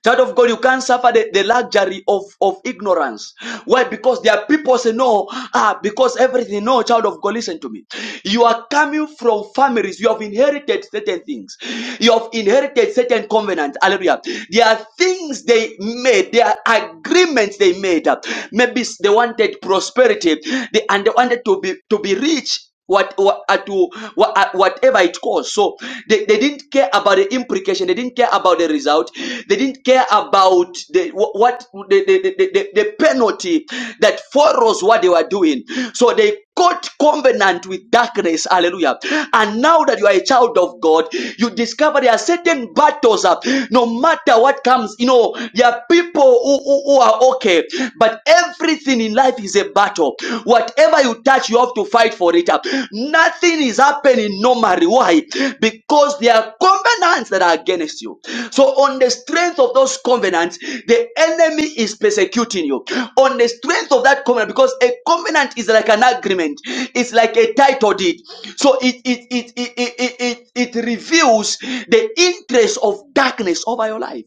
[SPEAKER 1] Child of God, you can't suffer the, the luxury of, of ignorance. Why? Because there are people say no, ah, because everything. No, child of God, listen to me. You are coming from families, you have inherited certain things, you have inherited certain covenants. Hallelujah. There are things they made, there are agreements they made. Maybe they wanted prosperity, they and they wanted to be to be rich what, what at, what at whatever it costs. So they, they didn't care about the implication. They didn't care about the result. They didn't care about the wh- what the, the, the, the, the penalty that follows what they were doing. So they got covenant with darkness. Hallelujah. And now that you are a child of God, you discover there are certain battles up. No matter what comes, you know, there are people who, who, who are okay, but every Everything in life is a battle. Whatever you touch, you have to fight for it. Nothing is happening normally. Why? Because there are covenants that are against you. So, on the strength of those covenants, the enemy is persecuting you. On the strength of that covenant, because a covenant is like an agreement, it's like a title deed. So, it it it it it it, it, it reveals the interest of darkness over your life.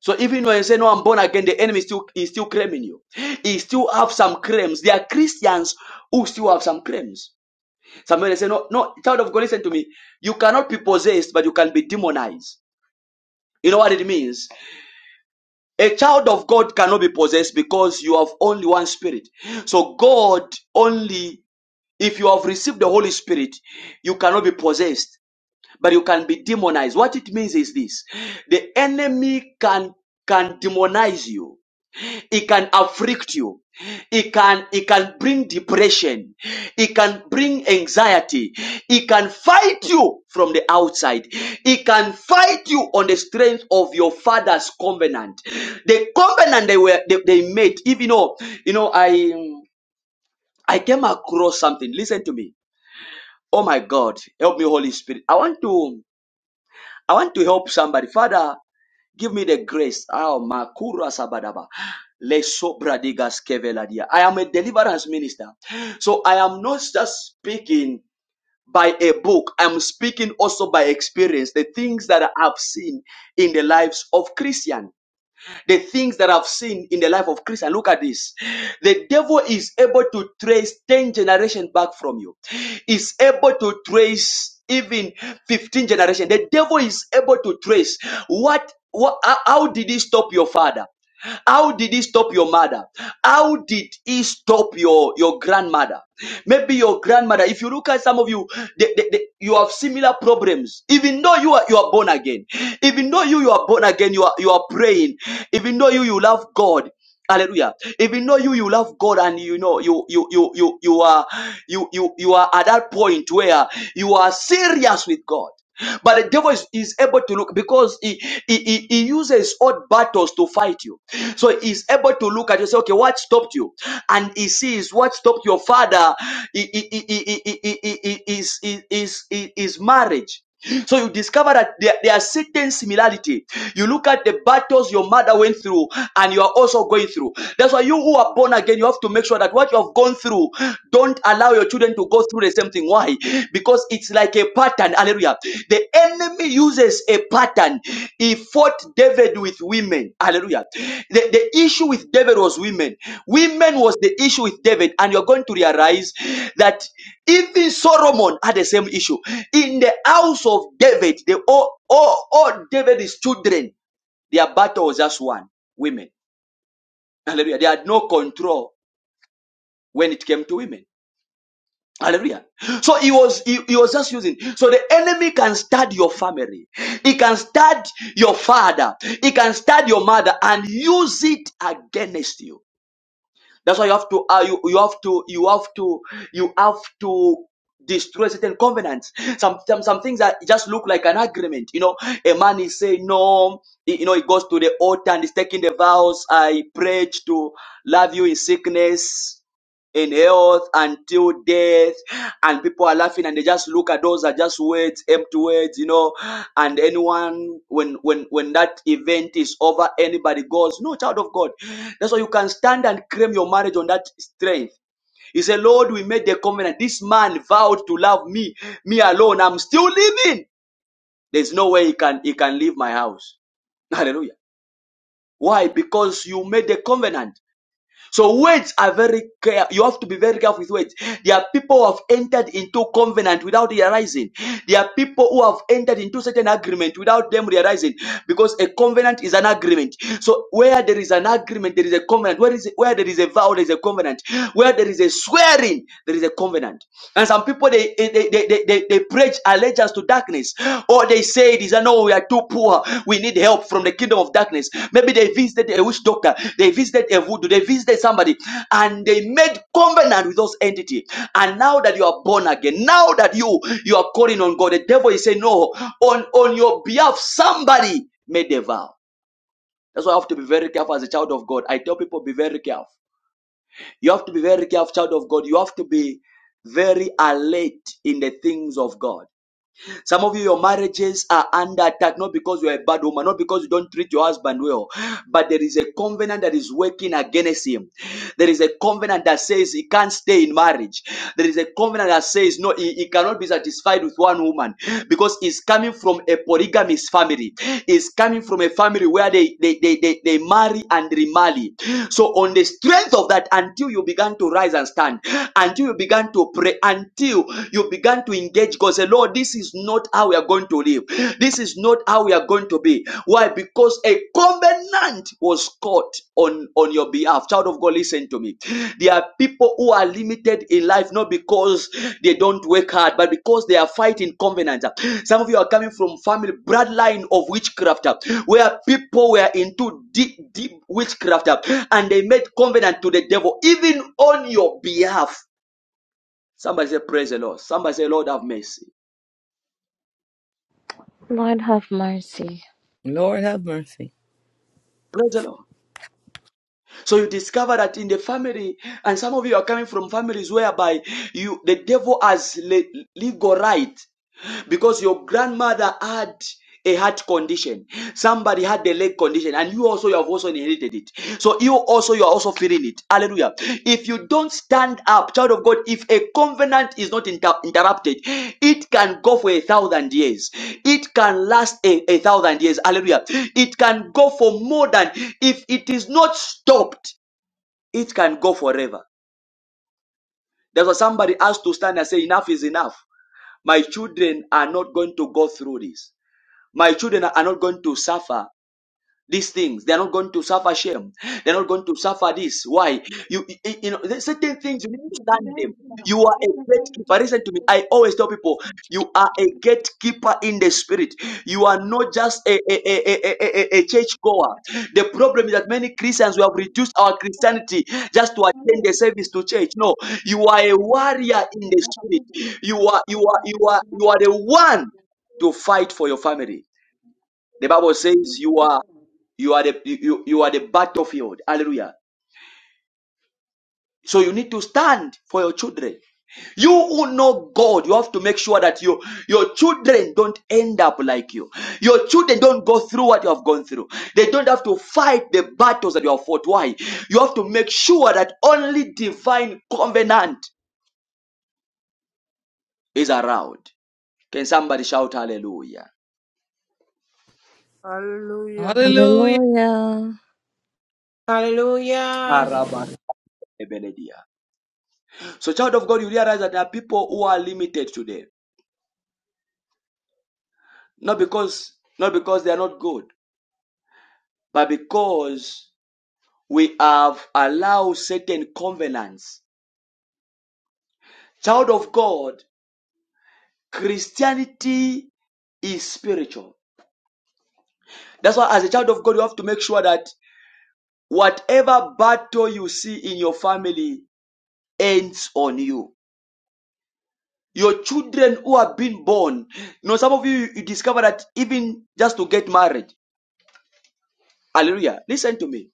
[SPEAKER 1] So even when you say, No, I'm born again, the enemy still is still claiming you. He still have some claims. There are Christians who still have some claims. Somebody say, No, no, child of God, listen to me. You cannot be possessed, but you can be demonized. You know what it means? A child of God cannot be possessed because you have only one spirit. So God only if you have received the Holy Spirit, you cannot be possessed, but you can be demonized. What it means is this the enemy can can demonize you it can afflict you it can it can bring depression it can bring anxiety it can fight you from the outside it can fight you on the strength of your father's covenant the covenant they were they, they made even though you know i um, i came across something listen to me oh my god help me holy spirit i want to i want to help somebody father Give me the grace. Oh, Makura Sabadaba. Le sobra digas keveladia. I am a deliverance minister. So I am not just speaking by a book, I'm speaking also by experience, the things that I've seen in the lives of Christians the things that I've seen in the life of Christ. And look at this. The devil is able to trace 10 generations back from you. Is able to trace even 15 generations. The devil is able to trace what, what how did he stop your father? How did he stop your mother? How did he stop your, your grandmother? Maybe your grandmother, if you look at some of you, they, they, they- you have similar problems. Even though you are, you are born again, even though you, you are born again, you are, you are praying, even though you, you love God. Hallelujah. If you know you, you love God and you know you you you you you are you you you are at that point where you are serious with God. But the devil is, is able to look because he, he, he he uses odd battles to fight you. So he's able to look at you and say, okay, what stopped you? And he sees what stopped your father i- i- i- i- i- i- i- i- is is is is marriage. So you discover that there, there are certain similarity. You look at the battles your mother went through and you are also going through. That's why you who are born again, you have to make sure that what you have gone through, don't allow your children to go through the same thing. Why? Because it's like a pattern. Hallelujah. The enemy uses a pattern. He fought David with women. Hallelujah. The, the issue with David was women. Women was the issue with David. And you're going to realize that even Solomon had the same issue. In the house of David, the all, all, all David's children, their battle was just one women. Hallelujah. They had no control when it came to women. Hallelujah. So he was he, he was just using. So the enemy can start your family. He can start your father. He can start your mother and use it against you. That's why you have to uh, you, you have to you have to you have to destroy certain covenants. Some, some some things that just look like an agreement. You know, a man is saying no. He- You know, he goes to the altar and he's taking the vows. I prayed to love you in sickness in health until death and people are laughing and they just look at those are just words empty words you know and anyone when when when that event is over anybody goes no child of god that's why you can stand and claim your marriage on that strength he said lord we made the covenant this man vowed to love me me alone i'm still living there's no way he can he can leave my house hallelujah why because you made the covenant so words are very care. You have to be very careful with words. There are people who have entered into covenant without realizing. There are people who have entered into certain agreement without them realizing, because a covenant is an agreement. So where there is an agreement, there is a covenant. Where is where there is a vow, there is a covenant. Where there is a swearing, there is a covenant. And some people they they, they, they, they, they preach allegiance to darkness. Or they say it is, I know we are too poor. We need help from the kingdom of darkness. Maybe they visited a witch doctor. They visited a voodoo. They visited somebody. And they made covenant with those entity. And now that you are born again, now that you, you are calling on God, the devil is saying, no, on, on your behalf, somebody made a vow. That's why I have to be very careful as a child of God. I tell people, be very careful. You have to be very careful, child of God. You have to be very alert in the things of God. Some of you, your marriages are under attack, not because you're a bad woman, not because you don't treat your husband well, but there is a covenant that is working against him. There is a covenant that says he can't stay in marriage. There is a covenant that says no, he, he cannot be satisfied with one woman because he's coming from a polygamous family. He's coming from a family where they, they, they, they, they marry and remarry. So, on the strength of that, until you began to rise and stand, until you began to pray, until you you began to engage God. Say, Lord, this is not how we are going to live. This is not how we are going to be. Why? Because a covenant was caught on, on your behalf. Child of God, listen to me. There are people who are limited in life not because they don't work hard, but because they are fighting covenants. Some of you are coming from family bloodline of witchcraft, where people were into deep, deep witchcraft, and they made covenant to the devil, even on your behalf. Somebody say, Praise the Lord. Somebody say, Lord, have mercy.
[SPEAKER 5] Lord, have mercy.
[SPEAKER 8] Lord have mercy.
[SPEAKER 1] Praise the Lord. So you discover that in the family, and some of you are coming from families whereby you the devil has le- legal right because your grandmother had a heart condition somebody had the leg condition and you also you have also inherited it so you also you are also feeling it hallelujah if you don't stand up child of god if a covenant is not inter- interrupted it can go for a thousand years it can last a, a thousand years hallelujah it can go for more than if it is not stopped it can go forever that's why somebody has to stand and say enough is enough my children are not going to go through this my children are not going to suffer these things. They are not going to suffer shame. They are not going to suffer this. Why? You, you, you know, there's certain things you need to stand them.
[SPEAKER 10] I'm
[SPEAKER 1] You are a gatekeeper. Listen to me. I always tell people, you are a gatekeeper in the spirit. You are not just a, a, a, a, a, a church goer. The problem is that many Christians we have reduced our Christianity just to attend the service to church. No, you are a warrior in the spirit. You are you are you are you are the one to fight for your family. The Bible says you
[SPEAKER 10] just
[SPEAKER 1] are
[SPEAKER 10] saying.
[SPEAKER 1] you are the you, you are the battlefield. Hallelujah. So you need to stand for your children. You who know God, you have to make sure that you, your children don't end up like you. Your children don't go through what you have gone through. They don't have to fight the battles that you have fought. Why? You have to make sure that only divine covenant is around. Can somebody shout hallelujah?
[SPEAKER 9] Hallelujah.
[SPEAKER 8] Hallelujah.
[SPEAKER 5] Hallelujah.
[SPEAKER 2] Hallelujah.
[SPEAKER 1] Haraba
[SPEAKER 8] Hallelujah.
[SPEAKER 1] Ebeledia. So, child of God, you realize that there are people who are limited today. Not because, not because they are not good, but because we have allowed certain covenants. Child of God, Christianity is spiritual. That's why as a child of God, you have to make sure that whatever battle you see in your family ends on you. Your children who have been born, you know, some of you, you discover that even just to get married. Hallelujah. Listen to me.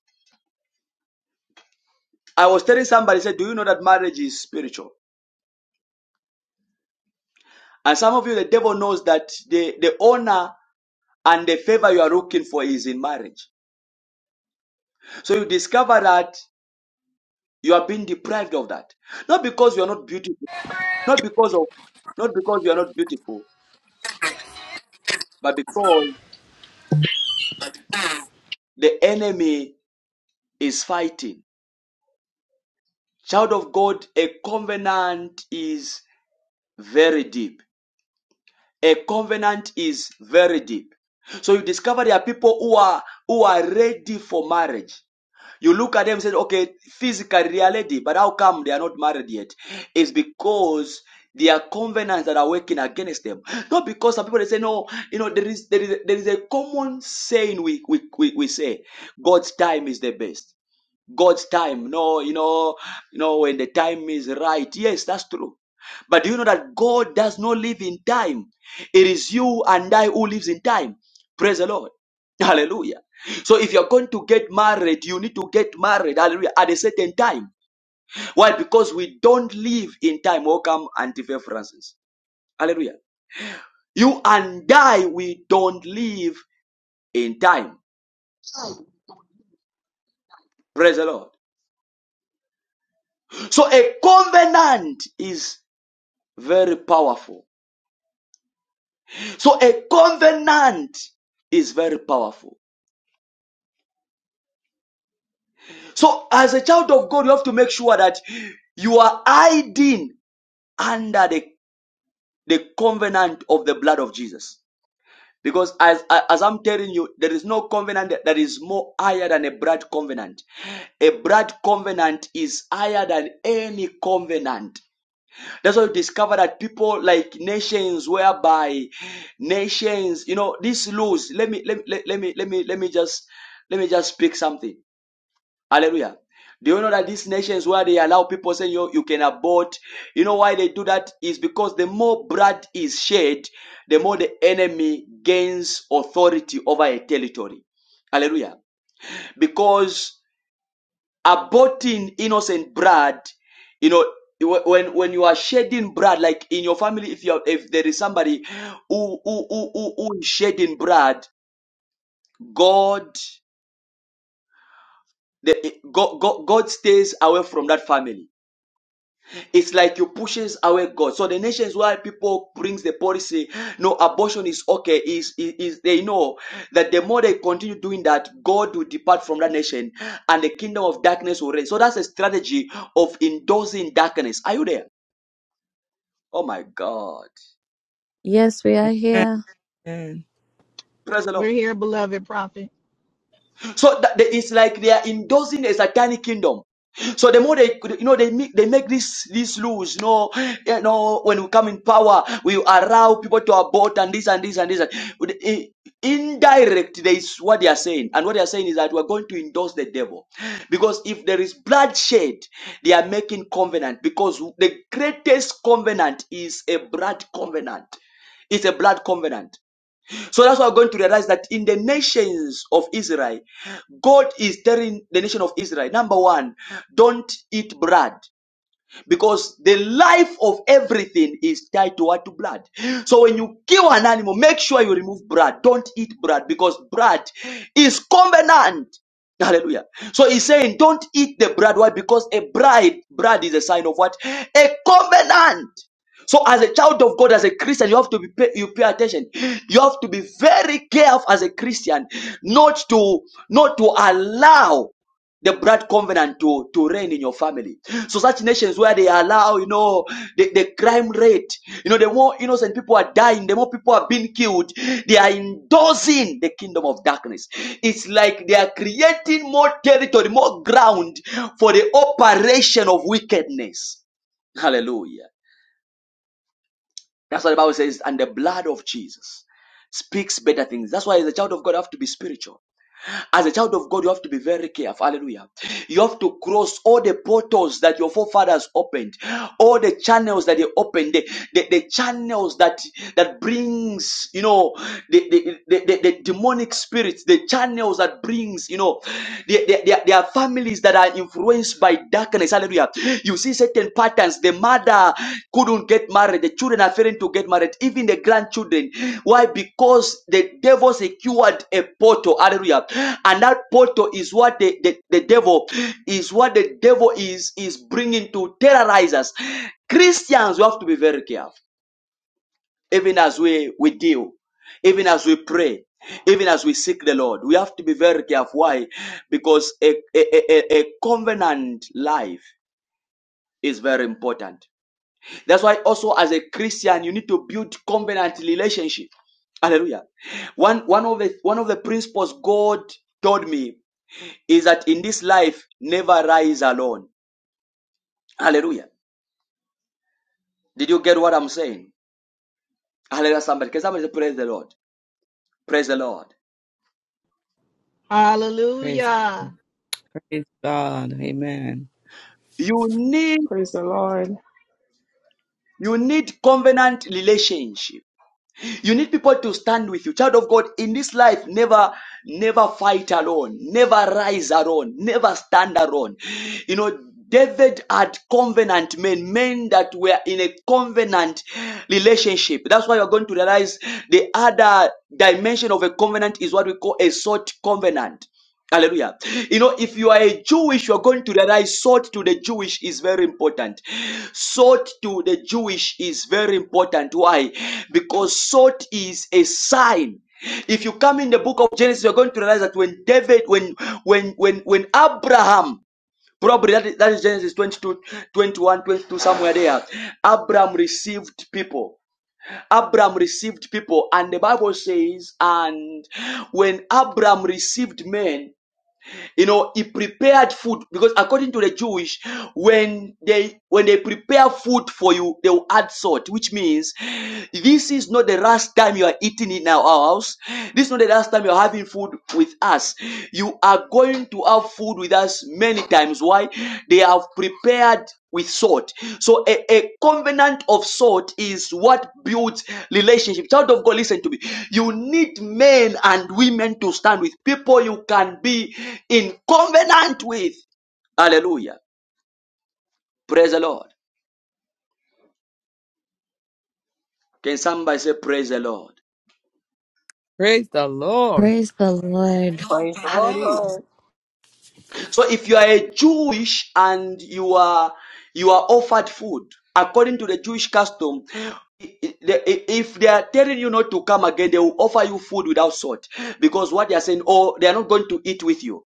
[SPEAKER 1] I was telling somebody, said, do you know that marriage is spiritual? And some of you, the devil knows that the, the honor and the favor you are looking for is in marriage. So you discover that you are being deprived of that. Not because you are not beautiful, not because of not because you are not beautiful, but because the enemy is fighting. Child of God, a covenant is very deep. A covenant is very deep. So you discover there are people who are who are ready for marriage. You look at them and say, okay, physical reality, but how come they are not married yet? It's because there are covenants that are working against them. Not because some people they say, no, you know, there is there is there is a common saying we we, we, we say God's time is the best. God's time. No, you know, you know, when the time is right. Yes, that's true. But do you know that God does not live in time? It is you and I who lives in time. Praise the Lord. Hallelujah. So if you're going to get married, you need to get married, hallelujah, at a certain time. Why? Because we don't live in time. Welcome, Auntie Faith Francis. Hallelujah. You and I, we don't live in time. Praise the Lord. So a covenant is very powerful So a covenant is very powerful. So as a child of God, you have to make sure that you are hiding under the, the covenant of the blood of Jesus. Because as, as I'm telling you, there is no covenant that is more higher than a blood covenant. A blood covenant is higher than any covenant That's why you discover that people like nations whereby nations, you know, these laws. Let me let me let, let me let me let me just let me just speak something. Hallelujah. Do you know that these nations where they allow people saying you, you can abort, you know why they do that is because the more blood is shed, the more the enemy gains authority over a territory. Hallelujah. Because aborting innocent blood you know when when you are shedding blood like in your family if you are, if there is somebody who who, who, who who is shedding blood god the god, god god stays away from that family It's like you pushes away God. So the nations why people brings the policy, no abortion is okay. Is, is is they know that the more they continue doing that, God will depart from that nation, and the kingdom of darkness will reign. So that's a strategy of endorsing darkness. Are you there? Oh my God!
[SPEAKER 5] Yes, we are here.
[SPEAKER 8] Amen.
[SPEAKER 1] Praise the Lord.
[SPEAKER 11] We're here, beloved prophet.
[SPEAKER 1] So that, that it's like they are endorsing a satanic kingdom. So the more they, you know, they make they make this this rules. You know, you know, when we come in power, we allow people to abort and this and this and this. And, With- i- indirect, there is what they are saying, and what they are saying is that we are going to endorse the devil, because if there is bloodshed, they are making covenant. Because the greatest covenant is a blood covenant. It's a blood covenant. So that's why we're going to realize that in the nations of Israel, God is telling the nation of Israel, number one, don't eat bread because the life of everything is tied to what to blood so when you kill an animal make sure you remove blood don't eat blood because blood is covenant hallelujah so he's saying don't eat the blood why because a bride blood is a sign of what a covenant so as a child of God, as a Christian, you have to be pay, you pay attention. You have to be very careful as a Christian, not to not to allow the blood covenant to, to reign in your family. So such nations where they allow, you know, the, the crime rate, you know, the more innocent people are dying, the more people are being killed, they are endorsing the kingdom of darkness. It's like they are creating more territory, more ground for the operation of wickedness. Hallelujah. That's what the Bible says, and the blood of Jesus speaks better things. That's why the child of God I have to be spiritual. As a child of God, you have to be very careful. Hallelujah. You have to cross all the portals that your forefathers opened, all the channels that they opened, the, the, the channels that that brings, you know, the, the, the, the, the demonic spirits, the channels that brings, you know, there there- there- there are families that are influenced by darkness Yes, Hallelujah. You see certain patterns. The mother couldn't get married. The children are failing to get married. Even the grandchildren. Why? Because the devil secured a portal. Hallelujah. And that portal is what the, the, the devil is what the devil is is bringing to terrorize us. Christians, we have to be very careful. Even as we, we deal, even as we pray, even as we seek the Lord, we have to be very careful. Why? Because a, a, a a covenant life is very important. That's why also as a Christian, you need to build covenant relationship. Hallelujah. One one of the one of the principles God told me is that in this life, never rise alone. Hallelujah. Did you get what I'm saying? Hallelujah. Somebody, can somebody say, praise the Lord? Praise the Lord.
[SPEAKER 8] Praise,
[SPEAKER 11] Hallelujah.
[SPEAKER 8] praise God. Amen.
[SPEAKER 1] You need
[SPEAKER 12] Praise the Lord.
[SPEAKER 1] you need covenant relationship. You need people to stand with you. Child of God, in this life, never, never fight alone. Never rise alone. Never stand alone. You know, David had covenant men, men that were in a covenant relationship. That's why you're going to realize the other dimension of a covenant is what we call a sort covenant Hallelujah. You know, if you are a Jewish, you are going to realize salt to the Jewish is very important. Salt to the Jewish is very important. Why? Because salt is a sign. If you come in the book of Genesis, you're going to realize that when David, when when when when Abraham, probably that is, that is Genesis 22, 21, 22, somewhere there, Abraham received people. Abraham received people, and the Bible says, and when Abraham received men, you know, he prepared food because according to the Jewish, when they when they prepare food for you, they will add salt, which means this is not the last time you are eating in our house. This is not the last time you are having food with us. You are going to have food with us many times. Why? They have prepared with salt. So a, a covenant of salt is what builds relationship. Child of God, listen to me. You need men and women to stand with people you can be in covenant with. Hallelujah. Praise the Lord. Can somebody say praise the Lord?
[SPEAKER 8] Praise the Lord.
[SPEAKER 5] Praise the Lord.
[SPEAKER 13] Praise the
[SPEAKER 1] Hallelujah.
[SPEAKER 13] Lord.
[SPEAKER 1] So if you are a Jewish and you are you are offered food according to the Jewish custom, if they are telling you not to come again, they will offer you food without salt because what they are saying, oh, they are not going to eat with you.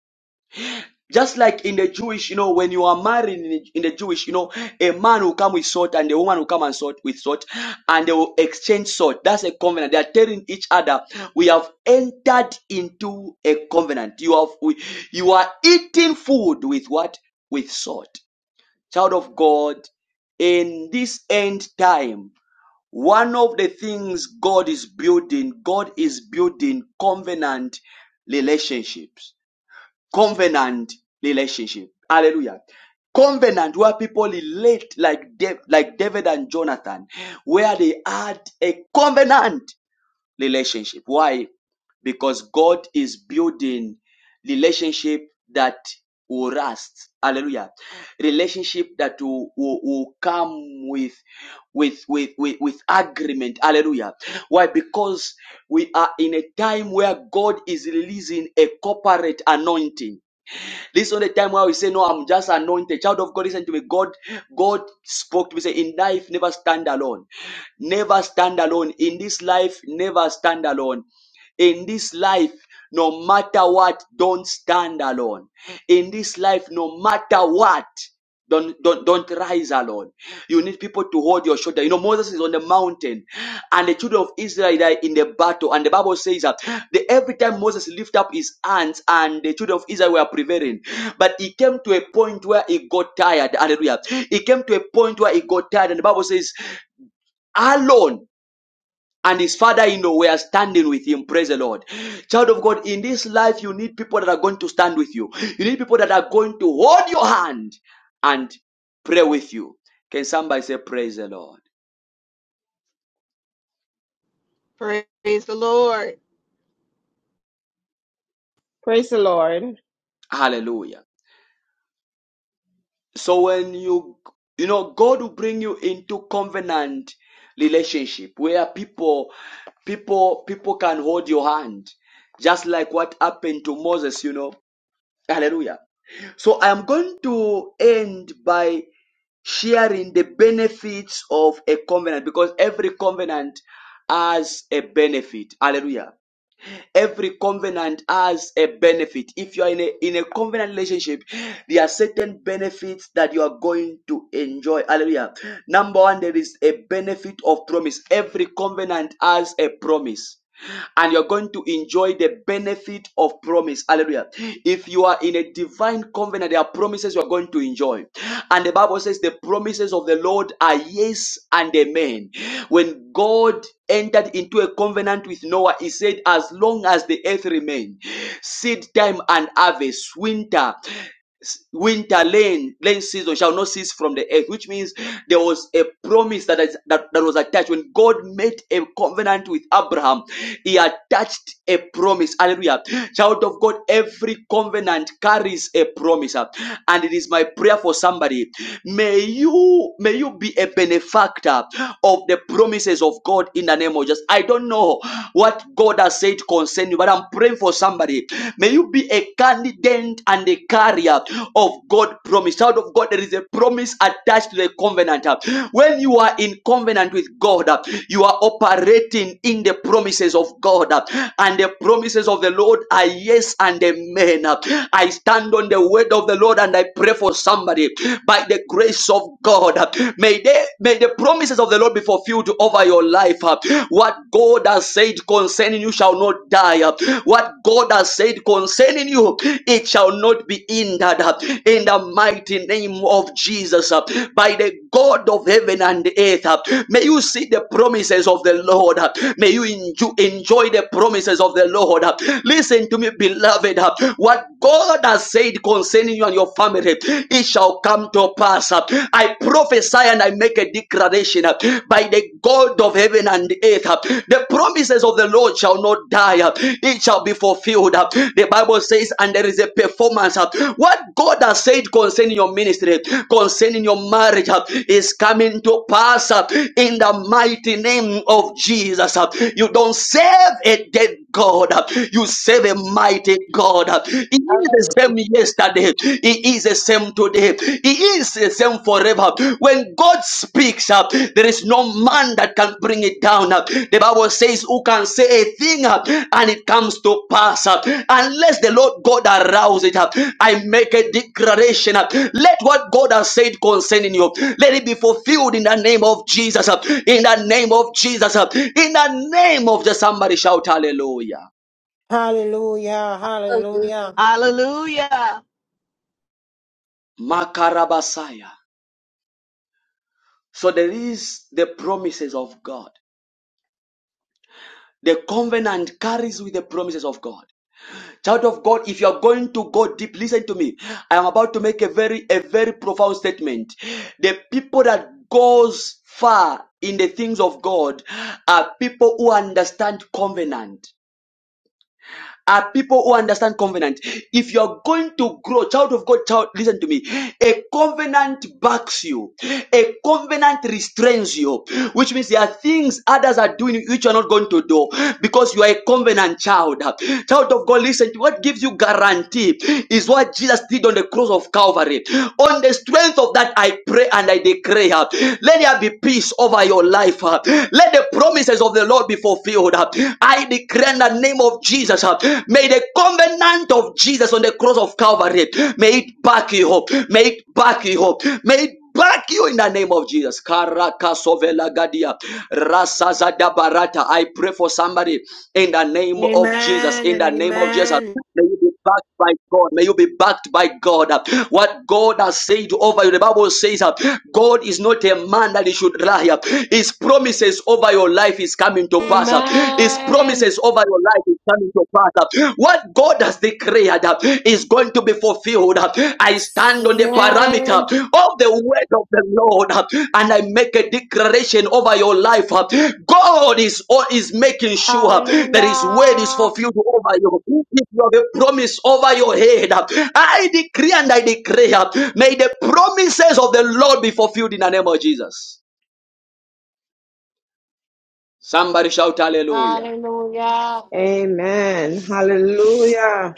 [SPEAKER 1] Just like in the Jewish, you know, when you are married in the, in the Jewish, you know, a man will come with salt and a woman will come and salt with salt and they will exchange salt. That's a covenant. They are telling each other, we have entered into a covenant. You have, we, you are eating food with what? With salt. Child of God, in this end time, one of the things God is building, God is building covenant relationships covenant relationship. Hallelujah. Covenant where people relate like Dav- like David and Jonathan, where they had a covenant relationship. Why? Because God is building relationship that will rust. Hallelujah. Relationship that will, will, will come with with, with, with, with agreement. Hallelujah. Why? Because we are in a time where God is releasing a corporate anointing Listen to the time where we say, No, I'm just anointed. Child of God, listen to me. God, God spoke to me. Say, in life, never stand alone. Never stand alone. In this life, never stand alone. In this life, no matter what, don't stand alone. In this life, no matter what, don't don't don't rise alone. You need people to hold your shoulder. You know, Moses is on the mountain and the children of Israel are in the battle. And the Bible says that the, every time Moses lifted up his hands and the children of Israel were prevailing. But he came to a point where he got tired. Hallelujah. He came to a point where he got tired. And the Bible says, alone and his father in law were standing with him. Praise the Lord. Child of God, in this life, you need people that are going to stand with you. You need people that are going to hold your hand and pray with you. Can somebody say, Praise the Lord?
[SPEAKER 11] Praise the Lord.
[SPEAKER 12] Praise the Lord.
[SPEAKER 1] Hallelujah. So when you, you know, God will bring you into covenant relationship where people, people, people can hold your hand. Just like what happened to Moses, you know Hallelujah. So I am going to end by sharing the benefits of a covenant because every covenant has a benefit. Hallelujah. Every covenant has a benefit. If you are in a, in a covenant relationship, there are certain benefits that you are going to enjoy. Hallelujah. Number one, there is a benefit of promise. Every covenant has a promise and you're going to enjoy the benefit of promise. Hallelujah! Hallelujah. If you are in a divine covenant, there are promises you are going to enjoy. And the Bible says the promises of the Lord are yes and amen. When God entered into a covenant with Noah, he said, As long as the earth remains, seed time and harvest, winter s- winter lane lane season shall not cease from the earth which means there was a promise that, is, that that was attached when god made a covenant with abraham he attached a promise hallelujah child of god every covenant carries a promise uh, and it is my prayer for somebody may you may you be a benefactor of the promises of god in the name of jesus i don't know what god has said concerning you but i'm praying praying for somebody. May you be a candidate and a carrier of God promise. Child of God, there is a promise attached to the covenant. When you are in covenant with God, you are operating in the promises of God. And the promises of the Lord are yes and amen. I stand on the word of the Lord and I pray for somebody by the grace of God. May they may the promises of the Lord be fulfilled over your life life. What God has said concerning you shall not die. What God has said concerning you, it shall not be hindered. In the mighty name of Jesus, by the God of heaven and earth, may you see the promises of the Lord. May you enjoy the promises of the Lord. Listen to me, beloved. What God has said concerning you and your family, it shall come to pass. I prophesy and I make a declaration uh, by the God of heaven and earth. uh, The promises of the Lord shall not die, uh, it shall be fulfilled. uh. The Bible says, and there is a performance. uh. What God has said concerning your ministry, concerning your marriage, uh, is coming to pass uh, in the mighty name of Jesus. uh. You don't serve a dead God, uh, you serve a mighty God. uh. He is the
[SPEAKER 14] Hallelujah.
[SPEAKER 1] same yesterday. He is the same today. He is the same forever. When God speaks up, there is no man that can bring it down. uh. The Bible says, Who can say a thing uh, and it comes to pass uh, unless the Lord God arouse it up? I make a declaration. uh, Let what God has said concerning you, let it be fulfilled in the name of Jesus. uh, In the name of Jesus. uh, In the name of the somebody shout hallelujah.
[SPEAKER 2] Hallelujah. Hallelujah.
[SPEAKER 11] Hallelujah.
[SPEAKER 1] Makarabasaya. So there is the promises of God. The covenant carries with the promises of God. Child of God, if you are going to go deep, listen to me. I am about to make a very, a very profound statement. The people that goes far in the things of God are people who understand covenant. are people who understand covenant. If you're going to grow, child of God, child, listen to me. A covenant backs you, a covenant restrains you, which means there are things others are doing which you're not going to do because you are a covenant child. Child of God, listen to what gives you guarantee is what Jesus did on the cross of Calvary. On the strength of that, I pray and I declare, let there be peace over your life. Let the promises of the Lord be fulfilled. I declare in the name of Jesus, uh, may the covenant of Jesus on the cross of Calvary, may it back you up. May it back you up. May it back you in the name of Jesus. Karakasovela gadia. Rasazada barata. I pray for somebody in the name of Jesus.
[SPEAKER 2] Amen
[SPEAKER 1] In
[SPEAKER 2] and
[SPEAKER 1] the name of Jesus.
[SPEAKER 2] amen.
[SPEAKER 1] may you be backed by God. May you be backed by God. What God has said over you, the Bible says, uh, God is not a man that he should lie. His promises over your life is coming to pass. His
[SPEAKER 2] Amen.
[SPEAKER 1] promises over your life is coming to pass. What God has declared uh, is going to be fulfilled. I stand on the parameter
[SPEAKER 2] Amen.
[SPEAKER 1] of the word of the Lord, uh, and I make a declaration over your life. uh, God is all is making sure uh, that His word is
[SPEAKER 2] Hallelujah.
[SPEAKER 1] fulfilled over you. If you have a promise over your head, uh, I decree and I declare, uh, may the promises of the Lord be fulfilled in the name of Jesus. Somebody shout hallelujah.
[SPEAKER 2] Hallelujah.
[SPEAKER 12] Amen. Hallelujah.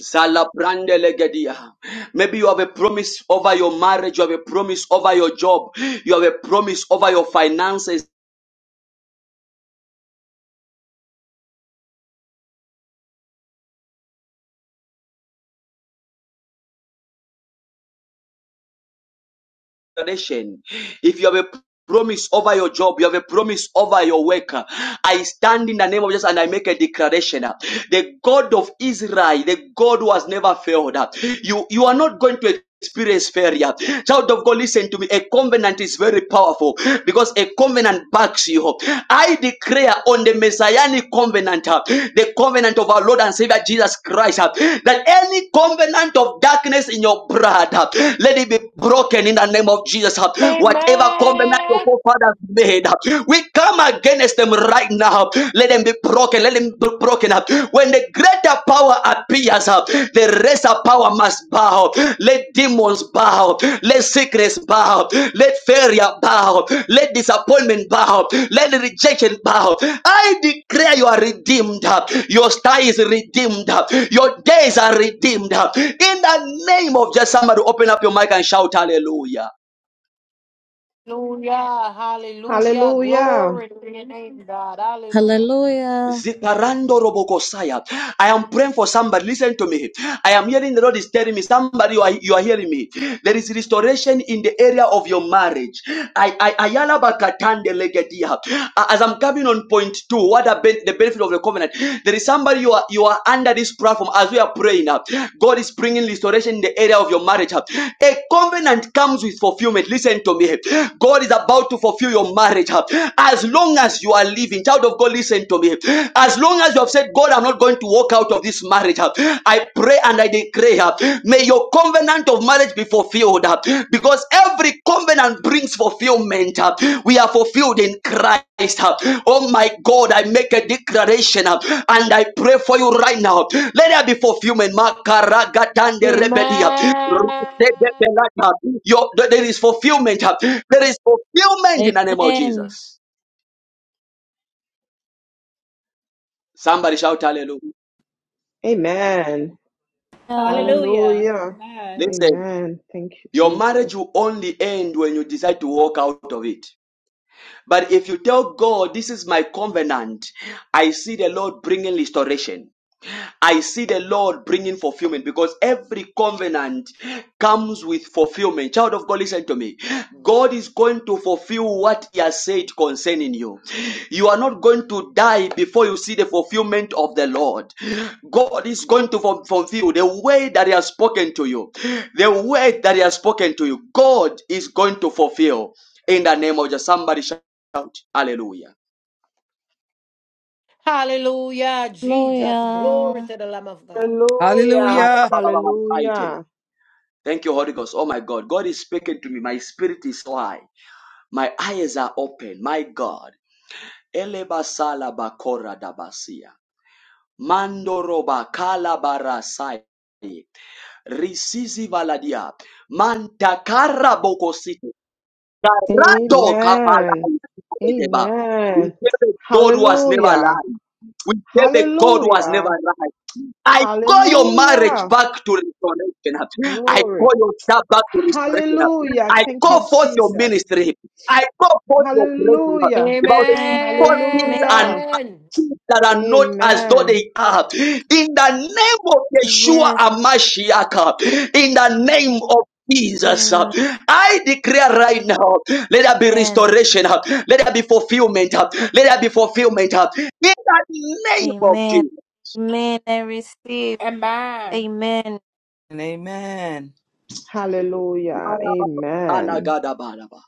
[SPEAKER 1] Zala brande legedia. Maybe you have a promise over your marriage, you have a promise over your job, you have a promise over your finances. nation. If you have a promise over your job. You have a promise over your work. I stand in the name of Jesus and I make a declaration. The God of Israel, the God who has never failed. You, you are not going to experience failure. Child of God, listen to me. A covenant is very powerful because a covenant backs you up. I declare on the messianic covenant, uh, the covenant of our Lord and Savior Jesus Christ, uh, that any covenant of darkness in your blood, uh, let it be broken in the name of Jesus. uh. Whatever covenant your
[SPEAKER 2] Amen.
[SPEAKER 1] forefathers made, we come against them right now. Let them be broken. Let them be broken up. When the greater power appears, uh, the lesser power must bow. Let demons bow. Let sickness bow. Let failure bow. Let disappointment bow. Let rejection bow. I declare you are redeemed. uh, Your star is redeemed. uh, Your days are redeemed. uh, In the name of Jesus, somebody, open up your mic and shout hallelujah.
[SPEAKER 2] Hallelujah, hallelujah,
[SPEAKER 12] Hallelujah.
[SPEAKER 2] glory to your name, God, hallelujah.
[SPEAKER 5] Hallelujah.
[SPEAKER 1] Zikarando Robokosaya. I am praying for somebody. Listen to me. I am hearing the Lord is telling me, somebody, you are, you are hearing me. There is restoration in the area of your marriage. I, I, Ayala Bakatande Legedia. Uh, As I'm coming on point two, what are ben- the benefit of the covenant? There is somebody you are, you are under this platform as we are praying. uh, God is bringing restoration in the area of your marriage. uh. A covenant comes with fulfillment. Listen to me. God is about to fulfill your marriage. uh. As long as you are living, believing. Child of God, listen to me. As long as you have said, God, I'm not going to walk out of this marriage, uh, I pray and I declare, uh, may your covenant of marriage be fulfilled uh, because every covenant brings fulfillment. uh, We are fulfilled in Christ. uh. Oh my God, I make a declaration uh, and I pray for you right now. Let there be fulfillment. Makaragatande rebedia.
[SPEAKER 2] Amen.
[SPEAKER 1] Rusedebelata. Your- There is fulfillment. uh. There is fulfillment in the name of
[SPEAKER 5] Amen.
[SPEAKER 1] Jesus. Somebody shout hallelujah.
[SPEAKER 12] Amen.
[SPEAKER 5] Yeah.
[SPEAKER 15] Hallelujah.
[SPEAKER 12] Hallelujah.
[SPEAKER 15] Amen.
[SPEAKER 1] Listen,
[SPEAKER 12] Amen. Thank you,
[SPEAKER 1] your
[SPEAKER 12] Jesus.
[SPEAKER 1] marriage will only end when you decide to walk out of it. But if you tell God, This is my covenant, I see the Lord bringing restoration. I see the Lord bringing fulfillment because every covenant comes with fulfillment. Child of God, listen to me. God is going to fulfill what He has said concerning you. You are not going to die before you see the fulfillment of the Lord. God is going to fu- fulfill the way that He has spoken to you. The way that He has spoken to you. God is going to fulfill in the name of just somebody shout hallelujah.
[SPEAKER 2] Hallelujah, Jesus, glory
[SPEAKER 5] Hallelujah.
[SPEAKER 2] to the Lamb of God.
[SPEAKER 12] Hallelujah.
[SPEAKER 8] Hallelujah.
[SPEAKER 12] Hallelujah.
[SPEAKER 1] Thank you, Holy Ghost. Oh my God. God is speaking to me. My spirit is wide. My eyes are open. My God. Eleba salaba kora dabasia. Mandoroba kalabarasai. Risizi valadia. Mantakara bokosite. Rado
[SPEAKER 12] Amen.
[SPEAKER 1] kapalai deba. We
[SPEAKER 12] Amen.
[SPEAKER 1] serve a God who has never
[SPEAKER 12] Hallelujah.
[SPEAKER 1] lied. We serve a God who has never
[SPEAKER 12] Hallelujah.
[SPEAKER 1] lied. I call your marriage
[SPEAKER 12] Hallelujah.
[SPEAKER 1] back to restoration. I
[SPEAKER 12] Glory.
[SPEAKER 1] call your job back to restoration.
[SPEAKER 12] Hallelujah.
[SPEAKER 1] I
[SPEAKER 12] Thank
[SPEAKER 1] call
[SPEAKER 12] you,
[SPEAKER 1] forth your
[SPEAKER 12] Jesus.
[SPEAKER 1] ministry. I call forth your blessing.
[SPEAKER 12] Hallelujah.
[SPEAKER 1] The Bible says,
[SPEAKER 5] Amen.
[SPEAKER 1] "Call things and
[SPEAKER 12] Hallelujah.
[SPEAKER 2] Amen.
[SPEAKER 1] things that are not as though
[SPEAKER 12] Amen.
[SPEAKER 1] they are. In the name of Yeshua
[SPEAKER 5] Yes.
[SPEAKER 1] Amashiach, in the name of Jesus. uh,
[SPEAKER 5] Amen.
[SPEAKER 1] I declare right now, let there be
[SPEAKER 5] Amen.
[SPEAKER 1] restoration. uh, Let there be fulfillment. uh, Let there be fulfillment. uh, In the name of Jesus.
[SPEAKER 5] Amen. I receive.
[SPEAKER 15] Amen.
[SPEAKER 5] Amen.
[SPEAKER 8] And amen.
[SPEAKER 12] Hallelujah. Amen.
[SPEAKER 1] Alagadabaraba.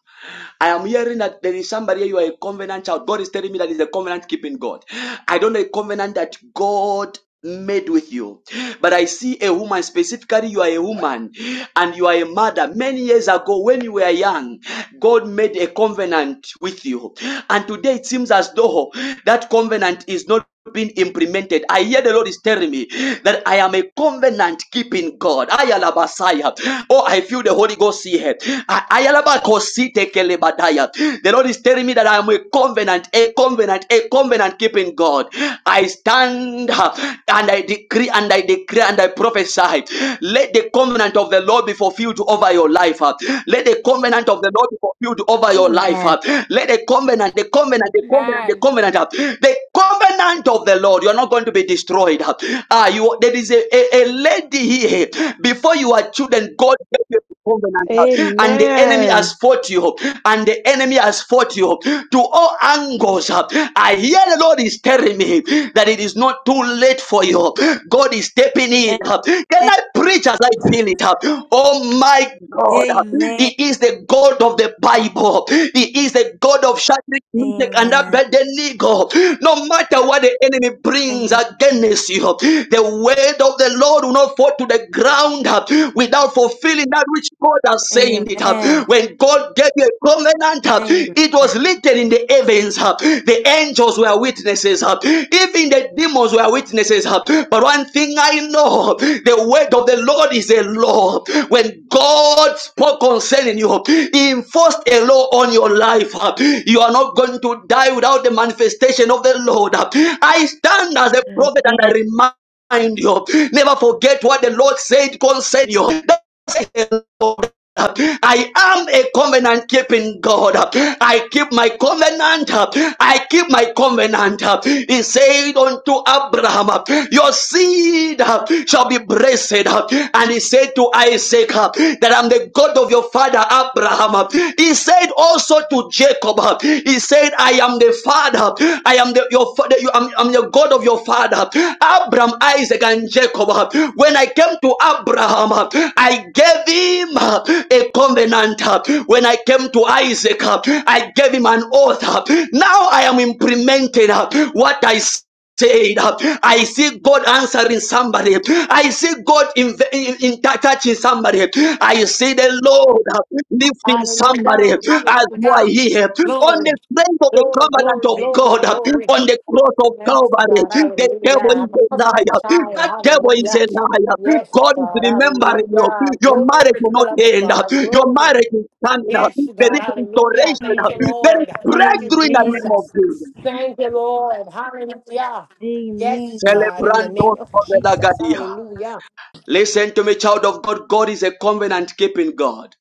[SPEAKER 1] I am hearing that there is somebody here, you are a covenant child. God is telling me that is a covenant keeping God. I don't know a covenant that God made with you. But I see a woman, specifically, you are a woman and you are a mother. Many years ago, when you were young, God made a covenant with you. And today it seems as though that covenant is not being implemented. I hear the Lord is telling me that I am a covenant keeping God. Ayalabasaya. Oh, I feel the Holy Ghost here. A- ayalabakositekelebadaya. The Lord is telling me that I am a covenant, a covenant, a covenant keeping God. I stand uh, and I decree and I decree and I prophesy. Let the covenant of the Lord be fulfilled over your life. uh. Let the covenant of the Lord be fulfilled over your life.
[SPEAKER 5] Amen.
[SPEAKER 1] uh. Let the covenant, the covenant, the covenant, the
[SPEAKER 15] Amen.
[SPEAKER 1] covenant, uh, the covenant of the Lord. You are not going to be destroyed. uh. Ah, you there is a, a, a lady here. Before you are children, God gave you the covenant, uh, and the enemy has
[SPEAKER 12] Amen.
[SPEAKER 1] fought you, and the enemy has fought you to all angles. uh, I hear the Lord is telling me that it is not too late for you. God is stepping in. uh, Can
[SPEAKER 5] Amen.
[SPEAKER 1] I preach as I feel it? uh? Oh my God, uh,
[SPEAKER 5] Amen.
[SPEAKER 1] He is the God of the Bible. He is the God of Shadrach, Meshach, and
[SPEAKER 5] Amen.
[SPEAKER 1] Abednego. No matter what the enemy brings against you, the word of the Lord will not fall to the ground uh, without fulfilling that which God has said
[SPEAKER 5] Amen.
[SPEAKER 1] it. uh when God gave you a covenant, uh, it
[SPEAKER 5] Amen.
[SPEAKER 1] was written in the heavens. uh, The angels were witnesses. uh, Even the demons were witnesses. uh, But one thing I know, the word of the Lord is a law. When God spoke concerning you, He enforced a law on your life. uh, You are not going to die without the manifestation of the Lord. uh. I stand as a prophet and I
[SPEAKER 5] Amen.
[SPEAKER 1] remind remind you. Never forget what the Lord said concerning you a Lord. I am a covenant keeping God. I keep my covenant. I keep my covenant. He said unto Abraham, Your seed shall be blessed. And he said to Isaac, That I'm the God of your father Abraham. He said also to Jacob, He said, I am the father. I am the, your father, you, I'm, I'm the God of your father, Abraham, Isaac, and Jacob. When I came to Abraham, I gave him a covenant. When I came to Isaac, I gave him an oath. Now I am implementing what I said, I see God answering somebody. I see God in, in, in touching somebody. I see the Lord uh, lifting somebody as
[SPEAKER 2] Hallelujah,
[SPEAKER 1] you are
[SPEAKER 2] hallelujah,
[SPEAKER 1] here. On the
[SPEAKER 2] glory,
[SPEAKER 1] strength of the
[SPEAKER 2] glory,
[SPEAKER 1] covenant
[SPEAKER 2] glory,
[SPEAKER 1] of
[SPEAKER 2] glory,
[SPEAKER 1] God, uh,
[SPEAKER 2] glory.
[SPEAKER 1] on the cross of
[SPEAKER 2] Yes,
[SPEAKER 1] Calvary,
[SPEAKER 2] God,
[SPEAKER 1] the
[SPEAKER 2] hallelujah.
[SPEAKER 1] devil
[SPEAKER 2] I'm
[SPEAKER 1] is
[SPEAKER 2] a
[SPEAKER 1] a
[SPEAKER 2] covenant
[SPEAKER 1] liar.
[SPEAKER 2] child,
[SPEAKER 1] That devil is
[SPEAKER 2] hallelujah.
[SPEAKER 1] a liar.
[SPEAKER 2] Yes,
[SPEAKER 1] God is
[SPEAKER 2] God,
[SPEAKER 1] remembering you.
[SPEAKER 2] hallelujah.
[SPEAKER 1] Your marriage
[SPEAKER 2] Glory to
[SPEAKER 1] will
[SPEAKER 2] the
[SPEAKER 1] not
[SPEAKER 2] Lamb of
[SPEAKER 1] end. uh,
[SPEAKER 2] God,
[SPEAKER 1] Your
[SPEAKER 2] glory.
[SPEAKER 1] marriage is coming up.
[SPEAKER 2] Yes,
[SPEAKER 1] There
[SPEAKER 2] God.
[SPEAKER 1] is
[SPEAKER 2] Hallelujah.
[SPEAKER 1] restoration.
[SPEAKER 2] Thank
[SPEAKER 1] uh,
[SPEAKER 5] Amen.
[SPEAKER 2] you,
[SPEAKER 1] There is
[SPEAKER 2] Lord. Thank you,
[SPEAKER 1] breakthrough in the name of
[SPEAKER 5] Amen.
[SPEAKER 2] Jesus.
[SPEAKER 1] Jesus.
[SPEAKER 2] Thank you, Lord. Hallelujah. Yes,
[SPEAKER 5] Amen.
[SPEAKER 2] God, in the
[SPEAKER 1] Celebrando
[SPEAKER 2] name of Jesus.
[SPEAKER 1] Covenagadia.
[SPEAKER 2] Hallelujah.
[SPEAKER 1] Listen to me, child of God. God is a covenant keeping God.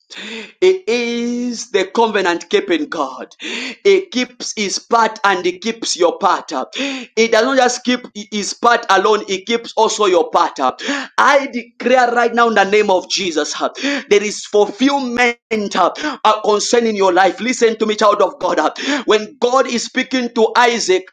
[SPEAKER 1] He is the covenant keeping God. He keeps his part and he keeps your part. He does not just keep his part alone, he keeps also your part. I declare right now in the name of Jesus, there is fulfillment uh, concerning your life. Listen to me, child of God. When God is speaking to Isaac,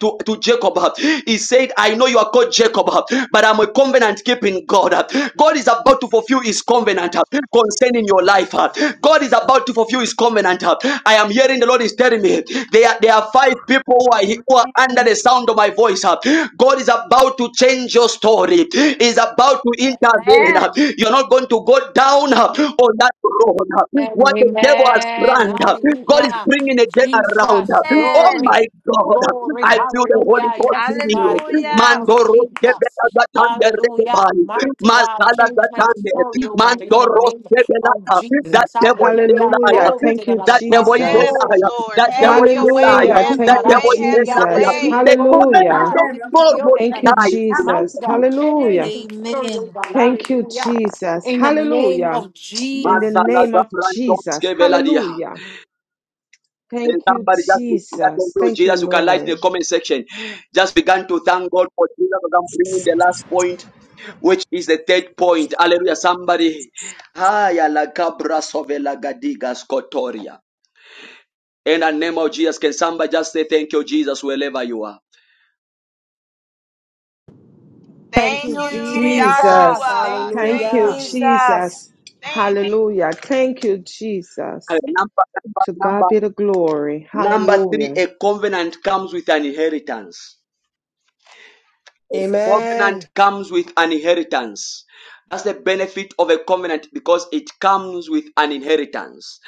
[SPEAKER 1] to, to Jacob. He said, I know you are called Jacob, but I'm a covenant keeping God. God is about to fulfill his covenant concerning your life.
[SPEAKER 16] Excellent.
[SPEAKER 1] God is about to fulfill his covenant. I am hearing the Lord is telling me there, are- there are five people who are, who are under the sound of my voice. God is about to change your story. He is about to intervene.
[SPEAKER 17] Amen.
[SPEAKER 1] uh, You're not going to go down uh, on that road. uh, What the devil has
[SPEAKER 2] Amen.
[SPEAKER 1] planned, uh, God is
[SPEAKER 2] Hallelujah.
[SPEAKER 1] bringing it then around. uh.
[SPEAKER 2] Jesus.
[SPEAKER 1] Oh
[SPEAKER 17] Amen.
[SPEAKER 2] Glory.
[SPEAKER 1] my God, uh,
[SPEAKER 2] Glory.
[SPEAKER 1] I feel the Holy
[SPEAKER 2] Hallelujah.
[SPEAKER 1] Ghost
[SPEAKER 2] Yes,
[SPEAKER 1] in me.
[SPEAKER 2] God. In the name
[SPEAKER 17] Hallelujah.
[SPEAKER 2] of
[SPEAKER 1] Mandoro
[SPEAKER 2] Jesus.
[SPEAKER 1] sebela gatande
[SPEAKER 2] Hallelujah.
[SPEAKER 1] rekebali.
[SPEAKER 2] Mighty God.
[SPEAKER 1] Masala
[SPEAKER 2] Change my
[SPEAKER 1] gatande.
[SPEAKER 2] story, oh God. In the
[SPEAKER 1] Mandoro
[SPEAKER 2] name
[SPEAKER 1] sebela
[SPEAKER 2] of
[SPEAKER 1] ta. That
[SPEAKER 2] Jesus.
[SPEAKER 1] devil is
[SPEAKER 2] Hallelujah.
[SPEAKER 1] a
[SPEAKER 12] Hallelujah.
[SPEAKER 2] Glory
[SPEAKER 1] liar.
[SPEAKER 2] to
[SPEAKER 12] Thank
[SPEAKER 2] the
[SPEAKER 12] you,
[SPEAKER 2] Lamb
[SPEAKER 1] That
[SPEAKER 2] of
[SPEAKER 1] devil
[SPEAKER 2] God.
[SPEAKER 1] is
[SPEAKER 11] Yes,
[SPEAKER 12] Jesus.
[SPEAKER 1] a
[SPEAKER 2] Glory.
[SPEAKER 1] liar.
[SPEAKER 11] Lord.
[SPEAKER 1] That devil
[SPEAKER 11] Have
[SPEAKER 2] Change
[SPEAKER 1] is
[SPEAKER 2] my
[SPEAKER 11] your
[SPEAKER 1] a
[SPEAKER 11] way.
[SPEAKER 2] story,
[SPEAKER 1] liar.
[SPEAKER 12] Hallelujah.
[SPEAKER 2] oh
[SPEAKER 11] Have
[SPEAKER 1] That
[SPEAKER 2] God.
[SPEAKER 12] Thank
[SPEAKER 11] your
[SPEAKER 12] you,
[SPEAKER 1] devil
[SPEAKER 11] way.
[SPEAKER 1] is
[SPEAKER 11] Have
[SPEAKER 1] a
[SPEAKER 2] Hallelujah.
[SPEAKER 11] your
[SPEAKER 12] Jesus.
[SPEAKER 1] liar.
[SPEAKER 11] way.
[SPEAKER 1] The covenant
[SPEAKER 12] Hallelujah.
[SPEAKER 1] of God will
[SPEAKER 12] Thank you,
[SPEAKER 2] Mighty
[SPEAKER 12] Jesus.
[SPEAKER 1] die.
[SPEAKER 2] God. Change
[SPEAKER 12] Hallelujah.
[SPEAKER 2] my story, oh
[SPEAKER 5] Amen.
[SPEAKER 2] God.
[SPEAKER 12] Thank you,
[SPEAKER 2] Hallelujah.
[SPEAKER 12] Jesus.
[SPEAKER 2] In the name
[SPEAKER 12] Hallelujah.
[SPEAKER 2] of
[SPEAKER 12] In the
[SPEAKER 2] Jesus.
[SPEAKER 12] name
[SPEAKER 1] Matalaga
[SPEAKER 12] of Jesus.
[SPEAKER 1] Brandoske Veladia.
[SPEAKER 12] Hallelujah. Thank
[SPEAKER 1] And
[SPEAKER 12] you,
[SPEAKER 1] somebody just to thank
[SPEAKER 12] Jesus.
[SPEAKER 1] you,
[SPEAKER 12] Thank you,
[SPEAKER 1] Jesus. You can like the
[SPEAKER 12] Lord.
[SPEAKER 1] comment section. Just began to thank God for Jesus. I'm bringing the last point, which is the third point. Hallelujah. Somebody. Haya la cabra sovela gadigas kotoria. In the name of Jesus, can somebody just say thank you, Jesus, wherever you are?
[SPEAKER 2] Thank
[SPEAKER 17] Thank
[SPEAKER 2] you,
[SPEAKER 11] Thank you,
[SPEAKER 17] you,
[SPEAKER 2] Jesus.
[SPEAKER 12] Jesus.
[SPEAKER 17] Jesus. Thank
[SPEAKER 11] Yahshua.
[SPEAKER 12] Thank
[SPEAKER 17] you,
[SPEAKER 11] Thank
[SPEAKER 12] you,
[SPEAKER 2] Hallelujah.
[SPEAKER 11] you.
[SPEAKER 17] Jesus.
[SPEAKER 12] Jesus.
[SPEAKER 11] Thank you.
[SPEAKER 12] Hallelujah. Thank you,
[SPEAKER 1] Hey,
[SPEAKER 12] Jesus.
[SPEAKER 1] Number,
[SPEAKER 12] To
[SPEAKER 1] number,
[SPEAKER 12] God be the glory.
[SPEAKER 1] number, number three,
[SPEAKER 12] Hallelujah.
[SPEAKER 1] a covenant comes with an inheritance. Covenant
[SPEAKER 2] Amen.
[SPEAKER 1] comes with an inheritance. That's the benefit of a covenant because it comes with an inheritance.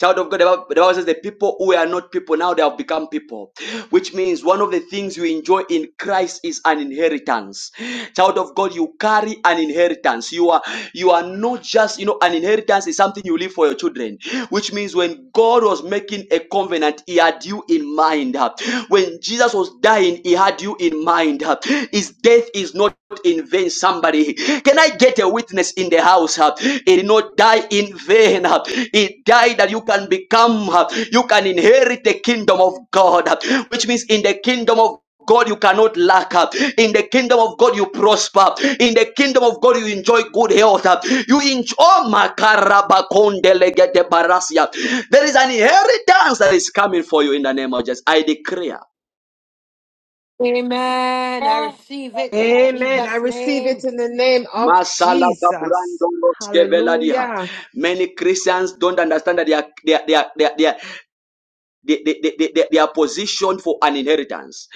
[SPEAKER 1] Child of God, the Bible the Bible says the people who are not people now they have become people, which means one of the things you enjoy in Christ is an inheritance. Child of God, you carry an inheritance. You are you are not just you know an inheritance is something you leave for your children, which means when God was making a covenant, He had you in mind. When Jesus was dying, He had you in mind. His death is not in vain somebody can i get a witness in the house huh? it did not die in vain huh? it died that you can become huh? you can inherit the kingdom of god huh? which means in the kingdom of God, you cannot lack up. In the kingdom of God, you prosper. In the kingdom of God, you enjoy good health. Up. You enjoy. Oh, makarabakondelegete barasia. There is an inheritance that is coming for you in the name of Jesus. I declare.
[SPEAKER 2] Amen. I
[SPEAKER 17] Amen.
[SPEAKER 2] receive it in
[SPEAKER 17] Amen.
[SPEAKER 12] Amen. I
[SPEAKER 2] Jesus'
[SPEAKER 12] receive it
[SPEAKER 2] name.
[SPEAKER 12] in the name of
[SPEAKER 1] Masala
[SPEAKER 12] Jesus.
[SPEAKER 1] Kaprando Skeveladia.
[SPEAKER 12] Hallelujah.
[SPEAKER 1] Many Christians don't understand that they are, they are, they are, they are, they, they, they, they, they are positioned for an inheritance.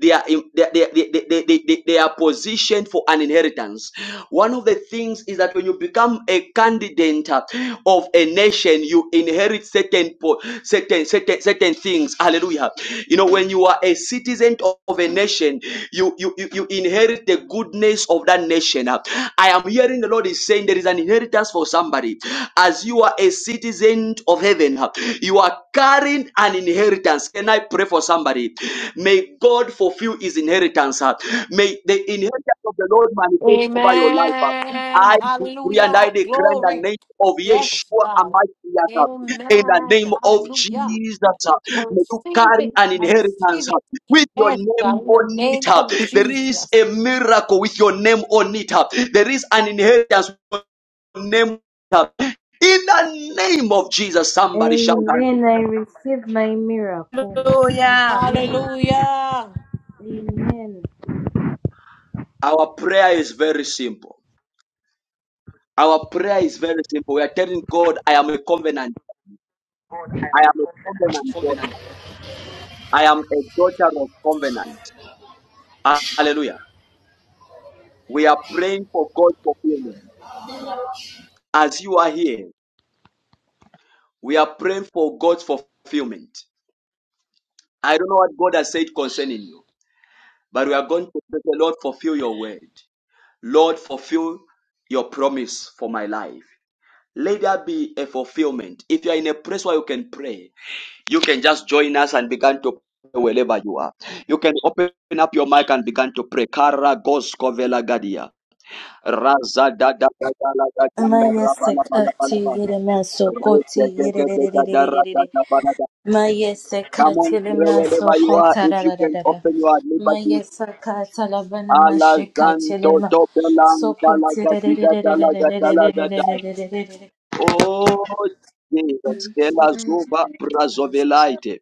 [SPEAKER 1] They are, in- they, they, they, they, they, they they- they are positioned for an inheritance. One of the things is that when you become a candidate uh, of a nation, you inherit certain, po- certain, certain, certain things. Hallelujah. You know, when you are a citizen of a nation, you, you, you, you inherit the goodness of that nation. Uh, I am hearing the Lord is saying there is an inheritance for somebody as you are a citizen of heaven, you are carrying an inheritance. Can I pray for somebody? May God fulfill his inheritance. May the inheritance of the Lord manifest over your life.
[SPEAKER 2] Amen.
[SPEAKER 1] I decree and
[SPEAKER 2] Hallelujah.
[SPEAKER 1] I declare in the
[SPEAKER 2] Glory.
[SPEAKER 1] name of
[SPEAKER 2] Yes,
[SPEAKER 1] Yeshua
[SPEAKER 2] God.
[SPEAKER 1] Amashiyata, in the
[SPEAKER 2] Amen.
[SPEAKER 1] name of
[SPEAKER 2] Hallelujah.
[SPEAKER 1] Jesus,
[SPEAKER 2] I
[SPEAKER 1] may you
[SPEAKER 2] receive
[SPEAKER 1] carry
[SPEAKER 2] it.
[SPEAKER 1] an
[SPEAKER 2] I receive
[SPEAKER 1] inheritance
[SPEAKER 2] it.
[SPEAKER 1] with your
[SPEAKER 2] Yes,
[SPEAKER 1] name
[SPEAKER 2] God, in the
[SPEAKER 1] on
[SPEAKER 2] name of
[SPEAKER 1] it. There is
[SPEAKER 2] Jesus.
[SPEAKER 1] a miracle with your name on it. There is an inheritance name in the name of Jesus. Somebody shout out.
[SPEAKER 5] Amen. I receive my miracle.
[SPEAKER 17] Hallelujah.
[SPEAKER 5] Amen.
[SPEAKER 2] Hallelujah.
[SPEAKER 5] Amen.
[SPEAKER 1] Our prayer is very simple. Our prayer is very simple. We are telling God, I am a covenant. I am a covenant
[SPEAKER 18] Kombinant.
[SPEAKER 1] daughter. I am a daughter of covenant. Hallelujah. We are praying for God's fulfillment. As you are here, we are praying for God's fulfillment. I don't know what God has said concerning you, but we are going to pray, the Lord, fulfill your word. Lord, fulfill your promise for my life. Let there be a fulfillment. If you are in a place where you can pray, you can just join us and begin to pray wherever you are. You can open up your mic and begin to pray. Kara gosko vela gadia. Raza da da da da la da da da ra ba la ba la ba la
[SPEAKER 5] Mayesekati
[SPEAKER 1] ba.
[SPEAKER 5] yere maso
[SPEAKER 1] Re
[SPEAKER 5] masokoti
[SPEAKER 1] de de de
[SPEAKER 5] yere re
[SPEAKER 1] de
[SPEAKER 5] re re
[SPEAKER 1] da
[SPEAKER 5] re
[SPEAKER 1] da
[SPEAKER 5] re re
[SPEAKER 1] ra
[SPEAKER 5] re
[SPEAKER 1] da
[SPEAKER 5] re.
[SPEAKER 1] da ba la da. Come
[SPEAKER 5] Mayesekati
[SPEAKER 1] on,
[SPEAKER 5] le
[SPEAKER 1] pray wherever you are.
[SPEAKER 5] masokota
[SPEAKER 1] If
[SPEAKER 5] ra
[SPEAKER 1] you
[SPEAKER 5] ra ra
[SPEAKER 1] can
[SPEAKER 5] ra ra.
[SPEAKER 1] open your liberty.
[SPEAKER 5] Mayesekata la bana mashekati le
[SPEAKER 1] Alazanto
[SPEAKER 5] ma
[SPEAKER 1] to belang da la
[SPEAKER 5] sokoti
[SPEAKER 1] da
[SPEAKER 5] re re re
[SPEAKER 1] da
[SPEAKER 5] re
[SPEAKER 1] da da
[SPEAKER 5] re
[SPEAKER 1] la
[SPEAKER 5] re
[SPEAKER 1] da
[SPEAKER 5] re re
[SPEAKER 1] da la
[SPEAKER 5] re
[SPEAKER 1] da.
[SPEAKER 5] re
[SPEAKER 1] da.
[SPEAKER 5] re re re re re.
[SPEAKER 1] Oh, Jesus, Kela Zuba Brazovelaite,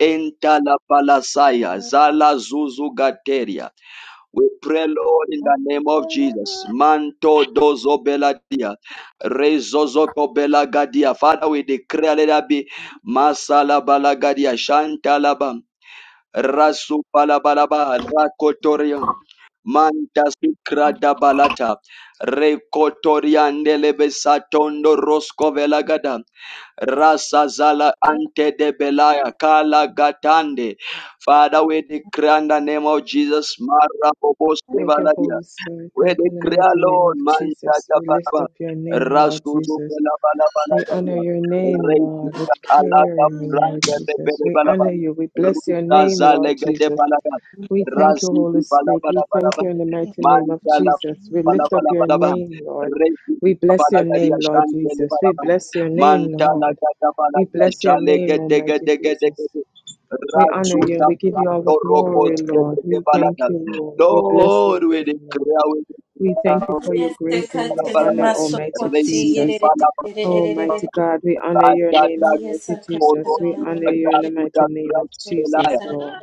[SPEAKER 1] Entala Palasaya,
[SPEAKER 14] Hallelujah.
[SPEAKER 1] Zala Zuzu Gateria. We pray, Lord, in the name of Jesus. Manto dozo beladia, rezozoto belagadia. Father, we declare let there be masala balagadia, shantalabam, rasu palabalaba, rakotorian, manta sukrada balata, rekotorian delebesatondo rosco velagada. Rasa zala ante de belaya kala gatande. Father, we declare in the name of Jesus, Mara Bobos
[SPEAKER 12] Thank you,
[SPEAKER 1] Devaladia.
[SPEAKER 12] Holy Spirit.
[SPEAKER 1] We
[SPEAKER 12] Thank
[SPEAKER 1] they
[SPEAKER 12] you in the
[SPEAKER 1] cry
[SPEAKER 12] mighty name of
[SPEAKER 1] alone, man,
[SPEAKER 12] Jesus.
[SPEAKER 1] Tata
[SPEAKER 12] We lift
[SPEAKER 1] Baba,
[SPEAKER 12] up your name, Lord
[SPEAKER 1] Rasuzu
[SPEAKER 12] Jesus.
[SPEAKER 1] Bala Bala Bala
[SPEAKER 12] We honor
[SPEAKER 1] Gabia,
[SPEAKER 12] your name, Lord. We
[SPEAKER 1] Reikita
[SPEAKER 12] declare
[SPEAKER 1] Alaka
[SPEAKER 12] your name, Lord
[SPEAKER 1] Brande
[SPEAKER 12] Jesus.
[SPEAKER 1] Rebele
[SPEAKER 12] We
[SPEAKER 1] Bala Bala,
[SPEAKER 12] honor you. We bless your
[SPEAKER 1] Ruta
[SPEAKER 12] name, Lord
[SPEAKER 1] Zalegate
[SPEAKER 12] Jesus.
[SPEAKER 1] Bala Bala,
[SPEAKER 12] We thank you, Holy
[SPEAKER 1] Rasidu Bala
[SPEAKER 12] Spirit.
[SPEAKER 1] Bala
[SPEAKER 12] We
[SPEAKER 1] Bala
[SPEAKER 12] thank
[SPEAKER 1] Bala,
[SPEAKER 12] you in the mighty name of
[SPEAKER 1] Mantala
[SPEAKER 12] Jesus. We
[SPEAKER 1] Bala
[SPEAKER 12] lift up
[SPEAKER 1] Bala
[SPEAKER 12] your
[SPEAKER 1] Bala Bala,
[SPEAKER 12] name, Lord. We
[SPEAKER 1] Reikita
[SPEAKER 12] bless
[SPEAKER 1] Bala
[SPEAKER 12] your
[SPEAKER 1] Gadia
[SPEAKER 12] name, Lord
[SPEAKER 1] Shantele
[SPEAKER 12] Jesus.
[SPEAKER 1] Bala
[SPEAKER 12] We
[SPEAKER 1] Bala,
[SPEAKER 12] bless your name,
[SPEAKER 1] Mantala
[SPEAKER 12] Lord.
[SPEAKER 1] Gata Bala
[SPEAKER 12] We
[SPEAKER 1] Gadia
[SPEAKER 12] bless your
[SPEAKER 1] Shale
[SPEAKER 12] name,
[SPEAKER 1] Gete
[SPEAKER 12] Almighty
[SPEAKER 1] Gete Gete
[SPEAKER 12] Jesus.
[SPEAKER 1] Gete,
[SPEAKER 12] We honor you.
[SPEAKER 1] Rasuta
[SPEAKER 12] We give you all the
[SPEAKER 1] Brato Rokos
[SPEAKER 12] glory, Lord.
[SPEAKER 1] Gete
[SPEAKER 12] We
[SPEAKER 1] Bala
[SPEAKER 12] thank
[SPEAKER 1] Bala,
[SPEAKER 12] you, Lord. We bless your
[SPEAKER 1] Lord, we
[SPEAKER 12] name, Lord.
[SPEAKER 1] declare, we
[SPEAKER 12] We thank
[SPEAKER 1] declare,
[SPEAKER 12] you
[SPEAKER 1] we
[SPEAKER 12] for your grace and your
[SPEAKER 5] Yesekatele
[SPEAKER 1] declare,
[SPEAKER 12] honor, Almighty
[SPEAKER 5] masokoti
[SPEAKER 1] Receive the
[SPEAKER 12] Jesus.
[SPEAKER 1] Father,
[SPEAKER 12] Almighty
[SPEAKER 5] yerererererererere.
[SPEAKER 12] God, we honor your name,
[SPEAKER 1] Raja,
[SPEAKER 12] Almighty
[SPEAKER 1] Koro,
[SPEAKER 12] Jesus.
[SPEAKER 5] Mayesakatala
[SPEAKER 12] We honor
[SPEAKER 5] banana
[SPEAKER 1] Raja,
[SPEAKER 12] you in the mighty
[SPEAKER 1] Kuda,
[SPEAKER 12] name of
[SPEAKER 1] Christ, Elaya.
[SPEAKER 12] Jesus,
[SPEAKER 5] sokotara.
[SPEAKER 12] Lord.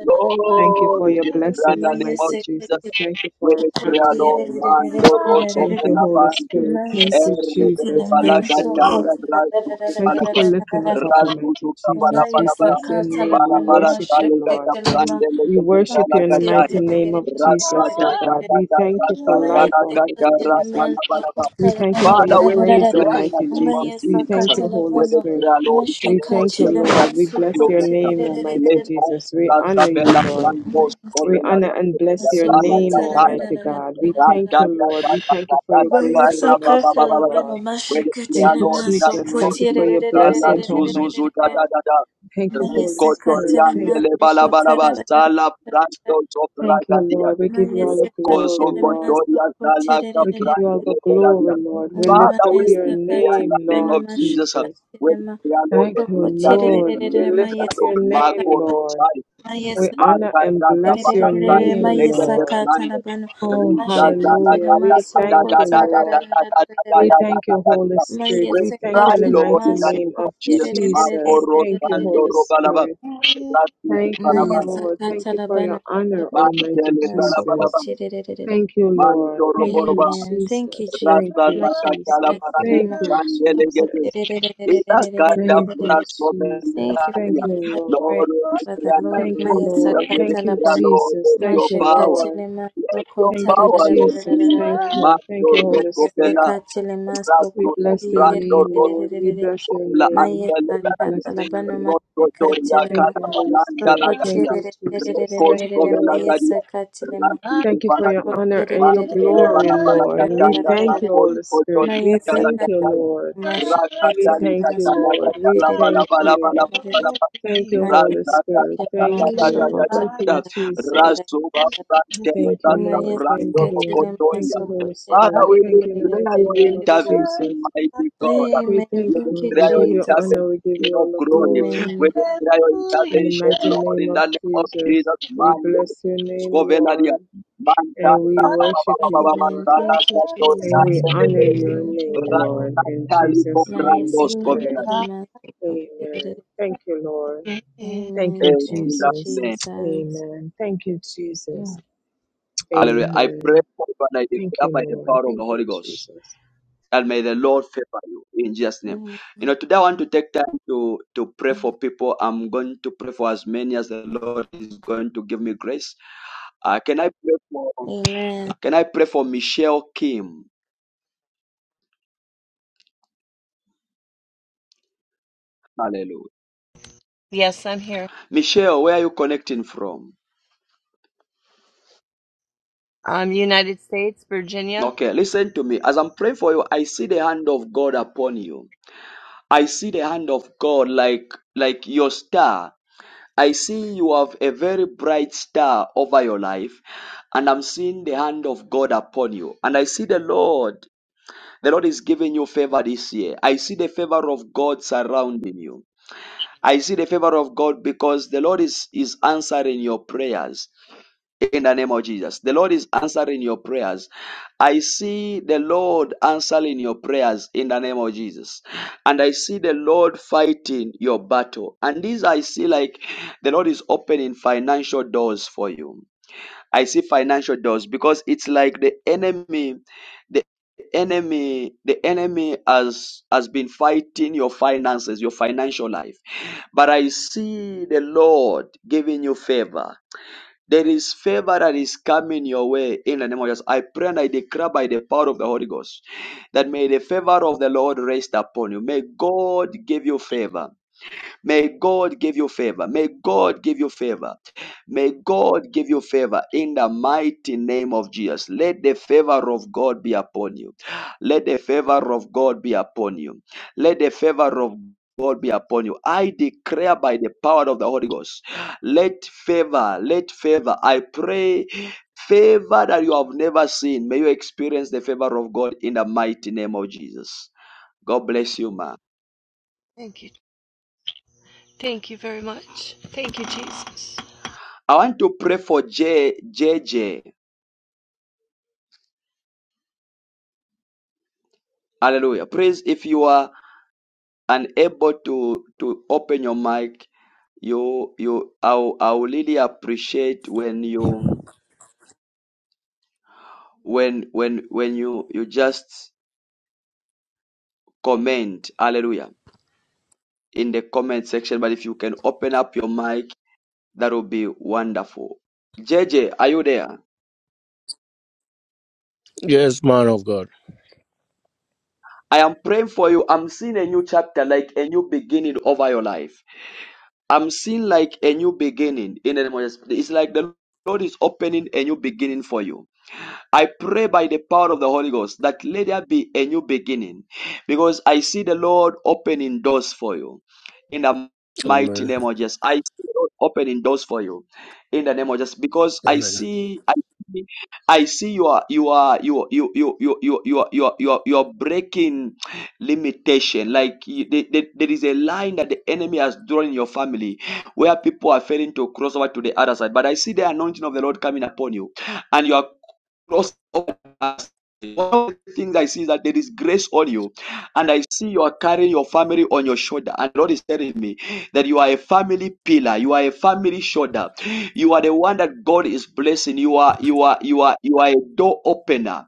[SPEAKER 12] Thank you
[SPEAKER 1] Lord,
[SPEAKER 12] for
[SPEAKER 1] we
[SPEAKER 12] your
[SPEAKER 1] declare
[SPEAKER 12] blessing,
[SPEAKER 1] the name of
[SPEAKER 12] Almighty
[SPEAKER 1] Jesus.
[SPEAKER 5] Mayesekatele
[SPEAKER 12] Jesus. Thank you
[SPEAKER 1] We
[SPEAKER 12] for our
[SPEAKER 5] sokoti
[SPEAKER 1] declare,
[SPEAKER 12] family,
[SPEAKER 1] Lord,
[SPEAKER 12] O Lord.
[SPEAKER 1] Mando, Rosso,
[SPEAKER 12] Thank
[SPEAKER 5] yerererererererere.
[SPEAKER 12] you, Holy
[SPEAKER 1] Benavante,
[SPEAKER 12] Spirit. Thank you,
[SPEAKER 1] Erre, de
[SPEAKER 5] Mayesakatele
[SPEAKER 12] Jesus. Thank
[SPEAKER 1] Balaga,
[SPEAKER 12] you,
[SPEAKER 14] Hallelujah.
[SPEAKER 1] Danga,
[SPEAKER 12] Lord.
[SPEAKER 5] masokotala
[SPEAKER 1] Rasu,
[SPEAKER 12] Thank you
[SPEAKER 1] Palaya,
[SPEAKER 12] for lifting
[SPEAKER 5] rararararararara.
[SPEAKER 12] us up,
[SPEAKER 1] Rasu,
[SPEAKER 12] Almighty
[SPEAKER 1] Kapala,
[SPEAKER 12] Jesus. We
[SPEAKER 1] Palabara,
[SPEAKER 12] bless your
[SPEAKER 5] Mayesakatala
[SPEAKER 12] name. We
[SPEAKER 1] Palabara,
[SPEAKER 5] banana
[SPEAKER 12] worship you,
[SPEAKER 1] Salega,
[SPEAKER 12] Lord.
[SPEAKER 5] sheketele
[SPEAKER 1] Taprande,
[SPEAKER 12] We worship
[SPEAKER 1] Lega,
[SPEAKER 12] you in the
[SPEAKER 5] masokoti
[SPEAKER 12] mighty
[SPEAKER 1] Gajaya.
[SPEAKER 12] name of
[SPEAKER 1] Rasa
[SPEAKER 12] Jesus,
[SPEAKER 1] da
[SPEAKER 12] O
[SPEAKER 5] yerererererererere.
[SPEAKER 1] da
[SPEAKER 12] God.
[SPEAKER 1] da
[SPEAKER 12] We
[SPEAKER 1] da
[SPEAKER 12] thank you
[SPEAKER 1] rasa
[SPEAKER 12] for
[SPEAKER 1] da
[SPEAKER 5] Maya
[SPEAKER 12] life,
[SPEAKER 1] da da da
[SPEAKER 12] Almighty
[SPEAKER 1] rasa
[SPEAKER 12] Jesus.
[SPEAKER 5] Sakatalaman
[SPEAKER 1] la ba la ba.
[SPEAKER 12] We
[SPEAKER 5] Sokotala
[SPEAKER 12] thank you for
[SPEAKER 1] Father,
[SPEAKER 12] your
[SPEAKER 1] we
[SPEAKER 12] praise,
[SPEAKER 1] declare in the
[SPEAKER 12] Almighty
[SPEAKER 1] name of
[SPEAKER 5] Maya
[SPEAKER 12] Jesus. We
[SPEAKER 1] Jesus,
[SPEAKER 12] thank you,
[SPEAKER 1] we
[SPEAKER 12] Holy
[SPEAKER 5] Sakatalamano
[SPEAKER 12] Spirit.
[SPEAKER 1] declare, Lord, in the
[SPEAKER 12] We
[SPEAKER 5] Mashika
[SPEAKER 1] name of
[SPEAKER 12] thank you,
[SPEAKER 1] Jesus, let us
[SPEAKER 5] Chilaman
[SPEAKER 12] Lord.
[SPEAKER 1] be
[SPEAKER 12] We bless your
[SPEAKER 1] fulfillment.
[SPEAKER 12] name, Almighty
[SPEAKER 1] Let
[SPEAKER 5] Sukotala
[SPEAKER 1] all
[SPEAKER 12] Jesus. We
[SPEAKER 1] that the
[SPEAKER 12] honor you,
[SPEAKER 1] bella plan
[SPEAKER 12] Lord.
[SPEAKER 1] goes, go
[SPEAKER 12] We
[SPEAKER 1] bella
[SPEAKER 12] honor
[SPEAKER 1] the
[SPEAKER 12] and bless your
[SPEAKER 1] Dana
[SPEAKER 12] name,
[SPEAKER 1] Gataya.
[SPEAKER 12] Almighty
[SPEAKER 5] Sukotala
[SPEAKER 12] God. We thank
[SPEAKER 1] Raja
[SPEAKER 12] you, Lord. We
[SPEAKER 1] Gataya,
[SPEAKER 12] thank you for your grace
[SPEAKER 5] Maya
[SPEAKER 12] and your
[SPEAKER 1] Baba
[SPEAKER 12] mercy,
[SPEAKER 1] Baba
[SPEAKER 12] O
[SPEAKER 1] Baba.
[SPEAKER 5] Sakatalamano
[SPEAKER 12] Lord.
[SPEAKER 1] We
[SPEAKER 5] Mashika
[SPEAKER 1] declare,
[SPEAKER 12] Thank you,
[SPEAKER 1] Lord,
[SPEAKER 5] Chilaman
[SPEAKER 1] in the
[SPEAKER 12] Jesus.
[SPEAKER 1] name of
[SPEAKER 12] Thank you
[SPEAKER 5] Sukotala
[SPEAKER 12] for
[SPEAKER 1] Jesus,
[SPEAKER 12] your
[SPEAKER 1] Gala
[SPEAKER 12] blessing,
[SPEAKER 1] Zuzu Zuzu,
[SPEAKER 12] Almighty
[SPEAKER 1] da da
[SPEAKER 12] God.
[SPEAKER 1] da da.
[SPEAKER 12] Thank you,
[SPEAKER 5] Maya
[SPEAKER 12] Holy Spirit. Thank
[SPEAKER 5] Sakatalaman
[SPEAKER 1] Recotoriandele
[SPEAKER 12] you,
[SPEAKER 1] balabalaba
[SPEAKER 5] Sukotala
[SPEAKER 12] Jesus.
[SPEAKER 1] sala prando
[SPEAKER 12] Thank you,
[SPEAKER 1] sopragadia.
[SPEAKER 12] Lord. We give you
[SPEAKER 5] Maya
[SPEAKER 12] all the
[SPEAKER 1] Recoso
[SPEAKER 12] glory,
[SPEAKER 5] Sakatalaman
[SPEAKER 12] Lord.
[SPEAKER 1] gotoria sala
[SPEAKER 12] We give
[SPEAKER 5] Sukotala
[SPEAKER 12] you all
[SPEAKER 1] caprandele
[SPEAKER 12] the
[SPEAKER 1] beladia.
[SPEAKER 12] glory, Lord. We lift
[SPEAKER 1] Father,
[SPEAKER 12] up
[SPEAKER 1] we
[SPEAKER 12] your
[SPEAKER 1] pray in the
[SPEAKER 12] name,
[SPEAKER 1] name
[SPEAKER 5] Umayasakatalabano
[SPEAKER 1] of
[SPEAKER 12] Lord
[SPEAKER 1] Jesus.
[SPEAKER 12] Jesus.
[SPEAKER 1] We
[SPEAKER 5] mashakatilema
[SPEAKER 1] pray, Lord,
[SPEAKER 12] Thank
[SPEAKER 1] for
[SPEAKER 12] you, Lord.
[SPEAKER 1] intervention. We
[SPEAKER 12] We
[SPEAKER 5] sokotirirererema
[SPEAKER 12] lift
[SPEAKER 1] pray,
[SPEAKER 12] up
[SPEAKER 1] Lord,
[SPEAKER 12] your
[SPEAKER 1] Marco
[SPEAKER 12] name,
[SPEAKER 5] yesakatalabano
[SPEAKER 12] Lord. We
[SPEAKER 1] we cry,
[SPEAKER 12] honor and bless your
[SPEAKER 5] mayesakatirererema
[SPEAKER 12] name, Lord.
[SPEAKER 5] yesakatalabano
[SPEAKER 12] Oh, hallelujah.
[SPEAKER 5] mashakatilema
[SPEAKER 12] We thank you, Lord. We
[SPEAKER 5] sokotararararararara
[SPEAKER 12] thank you, Holy Spirit. We thank you in the
[SPEAKER 1] Lord,
[SPEAKER 5] mayesakatilema
[SPEAKER 12] mighty
[SPEAKER 1] in the name
[SPEAKER 12] name
[SPEAKER 1] of
[SPEAKER 12] of
[SPEAKER 1] Jesus.
[SPEAKER 12] Jesus.
[SPEAKER 1] Makoro
[SPEAKER 12] Thank you,
[SPEAKER 1] Sando
[SPEAKER 5] sokotirerererererererere
[SPEAKER 12] Holy
[SPEAKER 1] Robalaba.
[SPEAKER 12] Spirit.
[SPEAKER 1] Rasi
[SPEAKER 12] Thank you,
[SPEAKER 1] Balaban.
[SPEAKER 12] Lord. Thank you for
[SPEAKER 5] mayasakatalabano
[SPEAKER 12] your honor, Almighty
[SPEAKER 1] Mantele
[SPEAKER 5] mashakatilema
[SPEAKER 12] Jesus.
[SPEAKER 1] Balabalaban.
[SPEAKER 5] sokotirererere
[SPEAKER 12] Thank you, Lord.
[SPEAKER 1] Manto
[SPEAKER 12] Thank you,
[SPEAKER 1] Roboroba.
[SPEAKER 5] Amen. Thank you,
[SPEAKER 12] Jesus.
[SPEAKER 5] Jesus.
[SPEAKER 12] Thank
[SPEAKER 1] Rasa
[SPEAKER 12] you,
[SPEAKER 5] My
[SPEAKER 1] Zakachala
[SPEAKER 12] Jesus. Thank
[SPEAKER 5] Mayasekatelema,
[SPEAKER 12] you,
[SPEAKER 1] Paradio.
[SPEAKER 12] Jesus. Thank you,
[SPEAKER 5] sapotererererererererererererere. Thank
[SPEAKER 12] Jesus.
[SPEAKER 5] you for the
[SPEAKER 12] Thank
[SPEAKER 1] Ekagadabranchobendaria.
[SPEAKER 12] you,
[SPEAKER 5] answered
[SPEAKER 12] Lord.
[SPEAKER 5] prayer,
[SPEAKER 1] Lord, we
[SPEAKER 5] Father
[SPEAKER 1] declare in the
[SPEAKER 5] Lord.
[SPEAKER 12] Thank
[SPEAKER 1] name
[SPEAKER 12] you,
[SPEAKER 1] of Jesus,
[SPEAKER 12] Lord.
[SPEAKER 1] we
[SPEAKER 12] Thank you,
[SPEAKER 1] declare,
[SPEAKER 5] Mayasakatalabana,
[SPEAKER 1] Lord,
[SPEAKER 12] Jesus.
[SPEAKER 1] of
[SPEAKER 12] Thank
[SPEAKER 1] your
[SPEAKER 12] you,
[SPEAKER 1] power.
[SPEAKER 12] Lord.
[SPEAKER 5] mashekatelema,
[SPEAKER 1] Yes, your
[SPEAKER 12] Thank you,
[SPEAKER 1] power, Lord
[SPEAKER 12] Jesus.
[SPEAKER 1] Jesus.
[SPEAKER 12] Thank
[SPEAKER 5] sokotarararararararara.
[SPEAKER 12] you. Thank
[SPEAKER 1] Master
[SPEAKER 12] you, Holy Spirit.
[SPEAKER 1] Rosopela.
[SPEAKER 5] Mayasekatelema,
[SPEAKER 12] We
[SPEAKER 1] Rasto,
[SPEAKER 12] bless your name,
[SPEAKER 1] Rancho
[SPEAKER 12] Lord. We
[SPEAKER 5] sokotiyererererererere.
[SPEAKER 12] bless your
[SPEAKER 1] la
[SPEAKER 12] name.
[SPEAKER 1] antele
[SPEAKER 12] We
[SPEAKER 1] daraja
[SPEAKER 12] bless your
[SPEAKER 5] Mayesakatalabana,
[SPEAKER 12] name.
[SPEAKER 1] rototoria
[SPEAKER 5] mashekatelema,
[SPEAKER 12] Thank
[SPEAKER 1] kala
[SPEAKER 12] you, Holy
[SPEAKER 1] balanda la
[SPEAKER 12] Spirit. Thank
[SPEAKER 1] garia
[SPEAKER 12] you, Jesus.
[SPEAKER 1] rokos
[SPEAKER 12] Thank you,
[SPEAKER 5] sokotererererererererere.
[SPEAKER 1] kovela
[SPEAKER 12] Lord.
[SPEAKER 1] garia
[SPEAKER 5] Mayesakatelema.
[SPEAKER 1] rasi
[SPEAKER 12] Thank you for your
[SPEAKER 1] kipalaria
[SPEAKER 12] honor and your
[SPEAKER 1] mantele
[SPEAKER 12] glory,
[SPEAKER 1] bana bana
[SPEAKER 12] Lord. We
[SPEAKER 1] katanga
[SPEAKER 12] thank you,
[SPEAKER 1] rakos
[SPEAKER 12] Holy Spirit.
[SPEAKER 1] otori
[SPEAKER 5] Maya
[SPEAKER 12] We
[SPEAKER 1] kala
[SPEAKER 12] thank you,
[SPEAKER 5] sakata
[SPEAKER 1] garia
[SPEAKER 12] Lord. We
[SPEAKER 5] mashikitele
[SPEAKER 1] rakatari
[SPEAKER 12] thank you,
[SPEAKER 5] maso
[SPEAKER 1] katala
[SPEAKER 12] Lord. We
[SPEAKER 1] katala
[SPEAKER 5] kotere
[SPEAKER 1] bala
[SPEAKER 12] thank
[SPEAKER 1] bala bala
[SPEAKER 12] you.
[SPEAKER 1] bala bala
[SPEAKER 12] Thank you,
[SPEAKER 5] maya
[SPEAKER 12] Holy Spirit.
[SPEAKER 5] sikitele
[SPEAKER 12] Thank
[SPEAKER 5] maso
[SPEAKER 12] you. Thank you, Jesus.
[SPEAKER 5] kotere
[SPEAKER 1] Razuba
[SPEAKER 12] Thank you,
[SPEAKER 1] Brandelata
[SPEAKER 5] maya
[SPEAKER 12] Lord. Thank
[SPEAKER 1] Brando
[SPEAKER 5] sikitele
[SPEAKER 12] you. Thank
[SPEAKER 1] Mokotoria.
[SPEAKER 5] maso
[SPEAKER 12] you, Holy
[SPEAKER 5] kotere
[SPEAKER 1] Father,
[SPEAKER 12] Spirit.
[SPEAKER 1] we
[SPEAKER 12] Thank you in the mighty
[SPEAKER 1] declare your
[SPEAKER 12] name of
[SPEAKER 1] intervention,
[SPEAKER 12] Jesus.
[SPEAKER 1] mighty God.
[SPEAKER 12] We
[SPEAKER 5] Amen.
[SPEAKER 1] We
[SPEAKER 12] thank
[SPEAKER 5] Thank you,
[SPEAKER 12] you.
[SPEAKER 1] declare
[SPEAKER 12] We
[SPEAKER 1] your
[SPEAKER 12] give you
[SPEAKER 5] Jesus.
[SPEAKER 12] honor. We give
[SPEAKER 1] intervention
[SPEAKER 12] you
[SPEAKER 1] of
[SPEAKER 12] all the
[SPEAKER 1] glory.
[SPEAKER 12] glory.
[SPEAKER 1] We
[SPEAKER 5] Amen.
[SPEAKER 1] declare your
[SPEAKER 12] In the
[SPEAKER 1] intervention,
[SPEAKER 12] mighty
[SPEAKER 1] Lord,
[SPEAKER 12] name
[SPEAKER 1] in
[SPEAKER 12] of
[SPEAKER 1] the name of
[SPEAKER 12] Jesus.
[SPEAKER 1] Jesus.
[SPEAKER 12] We
[SPEAKER 1] Man, Lord.
[SPEAKER 12] bless your name,
[SPEAKER 1] Scovelaria.
[SPEAKER 12] Lord.
[SPEAKER 1] Man,
[SPEAKER 12] And
[SPEAKER 1] Tara,
[SPEAKER 12] we
[SPEAKER 1] Ba, Ba, Ba,
[SPEAKER 12] worship
[SPEAKER 1] Ba, Ba,
[SPEAKER 12] you,
[SPEAKER 1] Ba, Ba,
[SPEAKER 5] Amen.
[SPEAKER 12] Lord.
[SPEAKER 1] Tara,
[SPEAKER 5] Thank you,
[SPEAKER 1] Gato,
[SPEAKER 12] And
[SPEAKER 5] Jesus.
[SPEAKER 12] we
[SPEAKER 1] Gato,
[SPEAKER 12] honor
[SPEAKER 1] Gato,
[SPEAKER 12] your
[SPEAKER 5] Amen. Thank
[SPEAKER 1] Gato,
[SPEAKER 5] you,
[SPEAKER 12] name,
[SPEAKER 5] Lord.
[SPEAKER 12] Lord. In
[SPEAKER 1] Ratali,
[SPEAKER 12] Jesus'
[SPEAKER 5] Maya
[SPEAKER 12] name we
[SPEAKER 1] Cobrando,
[SPEAKER 12] pray.
[SPEAKER 5] sikitele
[SPEAKER 1] Scovelaria.
[SPEAKER 5] maso kotere
[SPEAKER 12] Amen. Thank you, Lord. Thank
[SPEAKER 5] Amen.
[SPEAKER 12] you,
[SPEAKER 1] In
[SPEAKER 5] Thank you,
[SPEAKER 1] Jesus'
[SPEAKER 12] Jesus.
[SPEAKER 1] name.
[SPEAKER 5] Jesus.
[SPEAKER 12] Amen. Thank you, Jesus.
[SPEAKER 1] Hallelujah. I pray
[SPEAKER 12] Amen.
[SPEAKER 1] for you and I
[SPEAKER 12] Thank
[SPEAKER 1] declare
[SPEAKER 12] you,
[SPEAKER 1] by the
[SPEAKER 12] Lord.
[SPEAKER 1] power of the
[SPEAKER 12] Thank
[SPEAKER 1] Holy
[SPEAKER 12] you,
[SPEAKER 1] Ghost
[SPEAKER 12] Jesus.
[SPEAKER 1] And may the Lord favor you in Jesus' name.
[SPEAKER 5] Amen.
[SPEAKER 1] You know, today I want to take time to to pray for people. I'm going to pray for as many as the Lord is going to give me grace. Uh, can I pray for
[SPEAKER 5] Amen.
[SPEAKER 1] Can I pray for Michelle Kim? Hallelujah.
[SPEAKER 14] Yes, I'm here.
[SPEAKER 1] Michelle, where are you connecting from?
[SPEAKER 14] Um, United States, Virginia.
[SPEAKER 1] Okay, listen to me. As I'm praying for you, I see the hand of God upon you. I see the hand of God like like your star. I see you have a very bright star over your life, and I'm seeing the hand of God upon you. And I see the Lord, the Lord is giving you favor this year. I see the favor of God surrounding you. I see the favor of God because the Lord is, is answering your prayers in the name of Jesus. The Lord is answering your prayers. I see the Lord answering your prayers in the name of Jesus. And I see the Lord fighting your battle. And this I see like the Lord is opening financial doors for you. I see financial doors because it's like the enemy, the enemy, the enemy has has been fighting your finances, your financial life. But I see the Lord giving you favor. There is favor that is coming your way in the name of Jesus. I pray and I declare by the power of the Holy Ghost that may the favor of the Lord rest upon you. May God give you favor. May God give you favor. May God give you favor. May God give you favor in the mighty name of Jesus. Let the favor of God be upon you. Let the favor of God be upon you. Let the favor of God be upon you. I declare by the power of the Holy Ghost. Let favor, let favor. I pray favor that you have never seen. May you experience the favor of God in the mighty name of Jesus. God bless you, man.
[SPEAKER 14] Thank you. Thank you very much. Thank you, Jesus.
[SPEAKER 1] I want to pray for J, JJ. Hallelujah. Praise if you are unable to to open your mic, you you I will- I will really appreciate when you when when when you you just comment. Hallelujah. In the comment section, but if you can open up your mic, that will be wonderful. J J, are you there?
[SPEAKER 19] Yes, man of God.
[SPEAKER 1] I am praying for you. I'm seeing a new chapter, like a new beginning over your life. I'm seeing like a new beginning in the name of Jesus. It's like the Lord is opening a new beginning for you. I pray by the power of the Holy Ghost that let there be a new beginning because I see the Lord opening doors for you in the mighty
[SPEAKER 19] Amen.
[SPEAKER 1] name of Jesus. I see the Lord opening doors for you in the name of Jesus because I
[SPEAKER 19] Amen.
[SPEAKER 1] see I see, I see you are you are you you you you you you are, you are, you are, you are breaking limitation like you- there there- there is a line that the enemy has drawn in your family where people are failing to cross over to the other side but I see the anointing of the Lord coming upon you and you are cross One of the things I see is that there is grace on you, and I see you are carrying your family on your shoulder. And Lord is telling me that you are a family pillar, you are a family shoulder, you are the one that God is blessing. You are you are you are you are a door opener.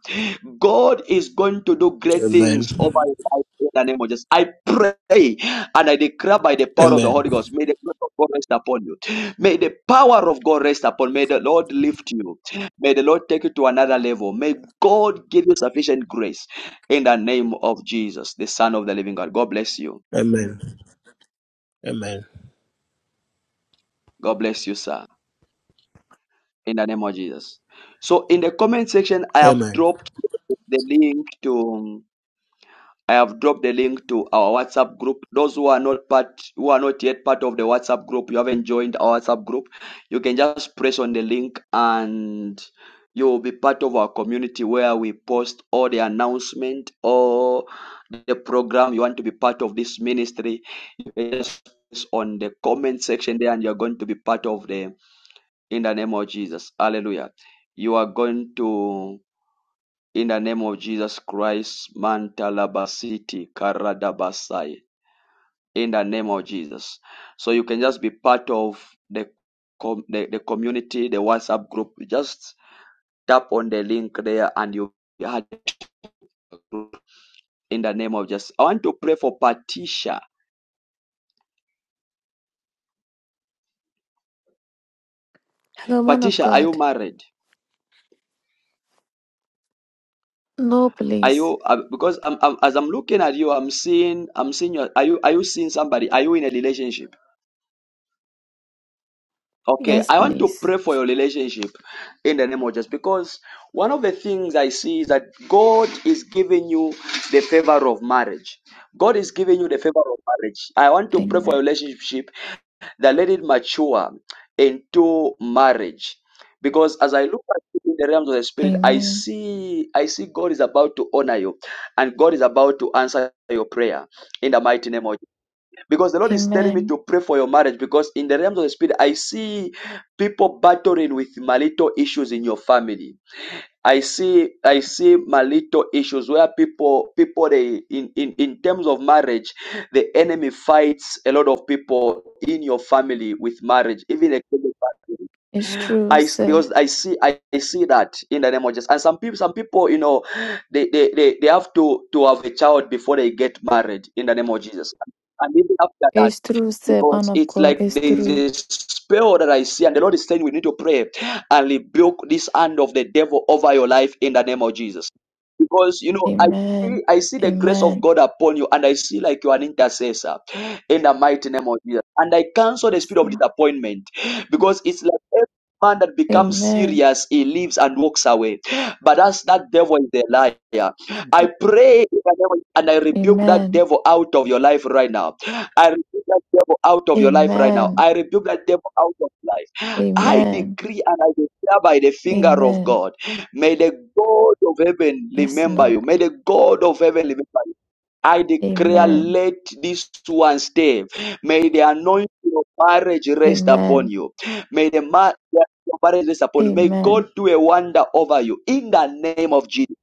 [SPEAKER 1] God is going to do great
[SPEAKER 19] Amen.
[SPEAKER 1] things over your life in the name of Jesus. I pray and I declare by the power of the
[SPEAKER 19] Amen.
[SPEAKER 1] Holy Ghost, may the grace of God rest upon you. May the power of God rest upon. May the Lord lift you. May the Lord take you to another level. May God give you sufficient grace in the name of Jesus, the Son of the living God. God bless you.
[SPEAKER 19] Amen. Amen.
[SPEAKER 1] God bless you, sir, in the name of Jesus. So, in the comment section, I have
[SPEAKER 19] Amen.
[SPEAKER 1] dropped the link to. I have dropped the link to our WhatsApp group. Those who are not part, who are not yet part of the WhatsApp group, you haven't joined our WhatsApp group. You can just press on the link and you will be part of our community where we post all the announcement, all the program, you want to be part of this ministry, you just on the comment section there and you're going to be part of the in the name of Jesus. Hallelujah. You are going to in the name of Jesus Christ, Mantalabasiti, Karadabasai. In the name of Jesus. So you can just be part of the com- the, the community, the WhatsApp group. Just tap on the link there and you you in the name of Jesus. I want to pray for Patricia.
[SPEAKER 20] Hello, man of
[SPEAKER 1] Patricia, are you
[SPEAKER 20] God.
[SPEAKER 1] married?
[SPEAKER 20] No,
[SPEAKER 1] Are
[SPEAKER 20] please.
[SPEAKER 1] you uh, because I'm, I'm, as I'm looking at you, I'm seeing I'm seeing you. Are you are you seeing somebody? Are you in a relationship? Okay,
[SPEAKER 20] Yes,
[SPEAKER 1] I want to
[SPEAKER 20] please.
[SPEAKER 1] pray for your relationship in the name of Jesus because one of the things I see is that God is giving you the favor of marriage. God is giving you the favor of marriage. I want to pray for
[SPEAKER 20] Amen.
[SPEAKER 1] your relationship that let it mature into marriage. Because as I look at it in the realms of the spirit, I
[SPEAKER 20] Amen.
[SPEAKER 1] see I see God is about to honor you and God is about to answer your prayer in the mighty name of Jesus. Because the Lord is telling me
[SPEAKER 20] Amen.
[SPEAKER 1] to pray for your marriage because in the realms of the spirit, I see people battling with marital issues in your family I see I see my little issues where people people they in, in in terms of marriage, the enemy fights a lot of people in your family with marriage, even extended family.
[SPEAKER 20] It's true,
[SPEAKER 1] I s-
[SPEAKER 20] sir.
[SPEAKER 1] because I see I, I see that in the name of Jesus. And some people some people you know they, they, they, they have to to have a child before they get married in the name of Jesus. And even after that
[SPEAKER 20] It's true, sir, man
[SPEAKER 1] because
[SPEAKER 20] of
[SPEAKER 1] it's
[SPEAKER 20] God.
[SPEAKER 1] like
[SPEAKER 20] It's
[SPEAKER 1] there's
[SPEAKER 20] true.
[SPEAKER 1] a spell that I see, and the Lord is saying we need to pray and rebuke this hand of the devil over your life in the name of Jesus. Because you know, I see,
[SPEAKER 20] Amen.
[SPEAKER 1] I see the grace of
[SPEAKER 20] Amen.
[SPEAKER 1] God upon you, and I see like you're an intercessor in the mighty name of Jesus. And I cancel the spirit of
[SPEAKER 20] Amen.
[SPEAKER 1] disappointment because it's like every man that becomes
[SPEAKER 20] Amen.
[SPEAKER 1] serious, he leaves and walks away. But that's that devil is a liar. I pray in the name of- and I rebuke that devil out of your life right now I rebuke that devil out of your life right now.
[SPEAKER 20] Amen.
[SPEAKER 1] I rebuke that devil out of your life. I
[SPEAKER 20] Amen.
[SPEAKER 1] decree and I declare by the finger of
[SPEAKER 20] Amen.
[SPEAKER 1] God. May the God of heaven
[SPEAKER 20] Yes,
[SPEAKER 1] remember
[SPEAKER 20] Lord.
[SPEAKER 1] you. May the God of heaven remember you. I declare,
[SPEAKER 20] Amen.
[SPEAKER 1] let this one stay. May the anointing of marriage rest upon
[SPEAKER 20] Amen.
[SPEAKER 1] you. May the ma- the marriage rest upon you. May
[SPEAKER 20] Amen.
[SPEAKER 1] God do a wonder over you in the name of Jesus.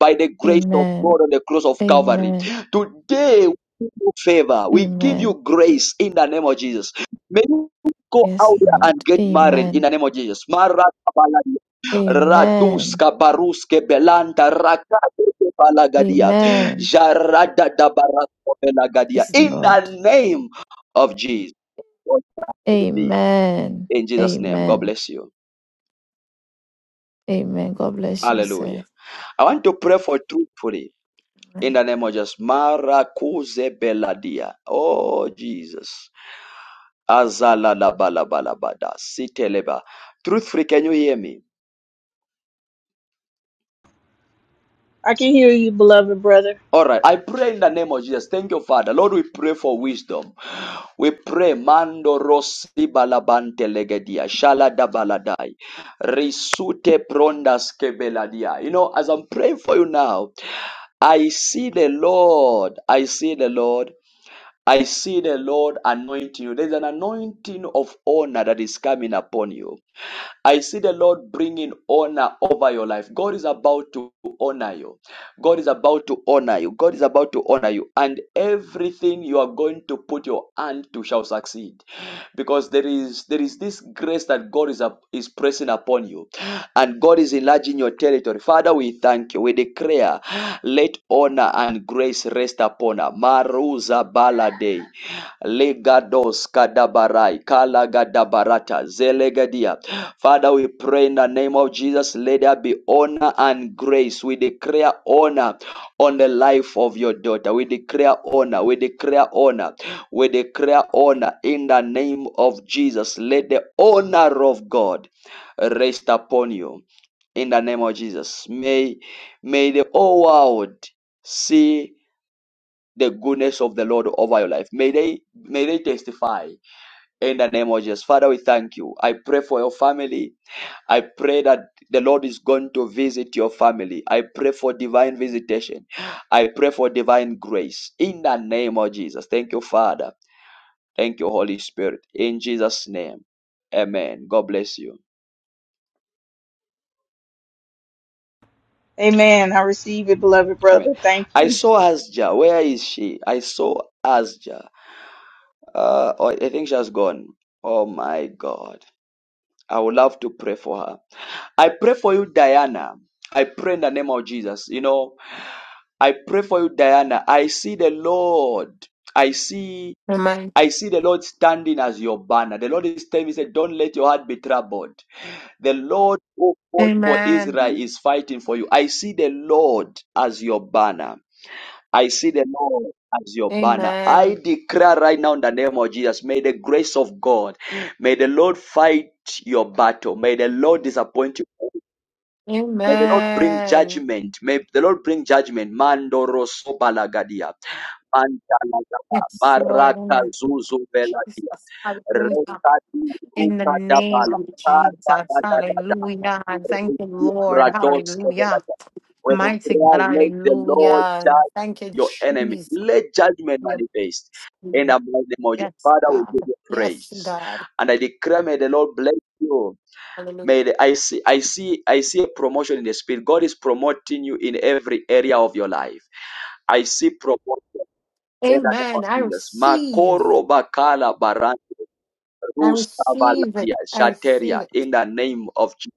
[SPEAKER 1] By the grace of
[SPEAKER 20] Amen.
[SPEAKER 1] God on the cross of Calvary.
[SPEAKER 20] Amen.
[SPEAKER 1] Today, we give you favor. We give
[SPEAKER 20] Amen.
[SPEAKER 1] you grace in the name of Jesus. May you go
[SPEAKER 20] Yes,
[SPEAKER 1] out there and
[SPEAKER 20] Lord.
[SPEAKER 1] get married in
[SPEAKER 20] Amen.
[SPEAKER 1] the name of Jesus.
[SPEAKER 20] Amen.
[SPEAKER 1] Raduska baruske belanta rakate balagadia.
[SPEAKER 20] Amen.
[SPEAKER 1] Jarada da barasko belagadia.
[SPEAKER 20] Yes,
[SPEAKER 1] In
[SPEAKER 20] Lord.
[SPEAKER 1] the name of Jesus.
[SPEAKER 20] Amen.
[SPEAKER 1] In Jesus' name. God
[SPEAKER 20] Amen.
[SPEAKER 1] bless you.
[SPEAKER 20] Amen. God bless you,
[SPEAKER 1] Hallelujah.
[SPEAKER 20] sir.
[SPEAKER 1] I want to pray for truthfully. In the name of Jesus. Marakuze beladia. Oh Jesus. Azala la bala bala bada. Siteleba. Truthfully, can you hear me?
[SPEAKER 11] I can hear you, beloved brother.
[SPEAKER 1] All right, I pray in the name of Jesus. Thank you, Father. Lord, we pray for wisdom. We pray, Mando Rossi Balabante Legedia, Shala da baladai, Risute Prondas Kebeladia. You know, as I'm praying for you now, I see the Lord. I see the Lord. I see the Lord anointing you. There's an anointing of honor that is coming upon you. I see the Lord bringing honor over your life. God is about to honor you. God is about to honor you. God is about to honor you. And everything you are going to put your hand to shall succeed. Because there is there is this grace that God is, up, is pressing upon you. And God is enlarging your territory. Father, we thank you. We declare, let honor and grace rest upon her. Maruza Balade. Legados Kadabarai, Kala Gadabarata, Zelegadia. Father, we pray in the name of Jesus, let there be honor and grace. We declare honor on the life of your daughter. We declare honor. We declare honor. We declare honor in the name of Jesus. Let the honor of God rest upon you in the name of Jesus. May may the whole world see the goodness of the Lord over your life. May they may they testify in the name of Jesus. Father, we thank you. I pray for your family. I pray that the Lord is going to visit your family. I pray for divine visitation. I pray for divine grace in the name of Jesus. Thank you, Father. Thank you, Holy Spirit. In Jesus' name. Amen. God bless you.
[SPEAKER 11] Amen. I receive it, beloved
[SPEAKER 1] Amen.
[SPEAKER 11] brother. Thank
[SPEAKER 1] I
[SPEAKER 11] you.
[SPEAKER 1] saw Asja. Where is she? I saw Asja. Uh, I I think she has gone. Oh my God. I would love to pray for her. I pray for you, Diana. I pray in the name of Jesus. You know, I pray for you, Diana. I see the Lord. I see.
[SPEAKER 2] Amen.
[SPEAKER 1] I see the Lord standing as your banner. The Lord is telling me, he said, Don't let your heart be troubled. The Lord who fought for Israel
[SPEAKER 2] Amen.
[SPEAKER 1] is fighting for you. I see the Lord as your banner. I see the Lord as your banner. I
[SPEAKER 2] Amen.
[SPEAKER 1] declare right now in the name of Jesus, may the grace of God, may the Lord fight your battle. May the Lord disappoint you. May the Lord bring
[SPEAKER 2] Amen.
[SPEAKER 1] judgment. May the Lord bring judgment. Mandoro sobalagadia. Mantalagaba.
[SPEAKER 2] Yes, Lord.
[SPEAKER 1] Baraka
[SPEAKER 2] Amen. Jesus.
[SPEAKER 1] beladia.
[SPEAKER 2] Hallelujah.
[SPEAKER 1] Rekadi
[SPEAKER 2] In the name
[SPEAKER 1] rukadabala.
[SPEAKER 2] of Jesus. Hallelujah. Thank you, Lord. Hallelujah.
[SPEAKER 1] Radoskevelaga. When you
[SPEAKER 2] Mighty God.
[SPEAKER 1] pray, let the Lord
[SPEAKER 2] Hallelujah.
[SPEAKER 1] judge
[SPEAKER 2] Thank you,
[SPEAKER 1] your enemy.
[SPEAKER 2] Jesus.
[SPEAKER 1] Let judgment
[SPEAKER 2] We
[SPEAKER 1] manifest. In
[SPEAKER 2] approve
[SPEAKER 1] the
[SPEAKER 2] that.
[SPEAKER 1] mighty name of your
[SPEAKER 2] Yes,
[SPEAKER 1] Father, we
[SPEAKER 2] God.
[SPEAKER 1] give you
[SPEAKER 2] Yes,
[SPEAKER 1] praise.
[SPEAKER 2] God.
[SPEAKER 1] And I declare, may the Lord bless you.
[SPEAKER 2] Hallelujah.
[SPEAKER 1] May the, I see, I see, I see a promotion in the spirit. God is promoting you in every area of your life. I see promotion in the name of
[SPEAKER 2] Amen. I
[SPEAKER 1] Jesus.
[SPEAKER 2] receive.
[SPEAKER 1] Makoro bakala barante
[SPEAKER 2] I
[SPEAKER 1] rusa
[SPEAKER 2] receive it.
[SPEAKER 1] valadia
[SPEAKER 2] I receive
[SPEAKER 1] shateria
[SPEAKER 2] it.
[SPEAKER 1] in the name of Jesus.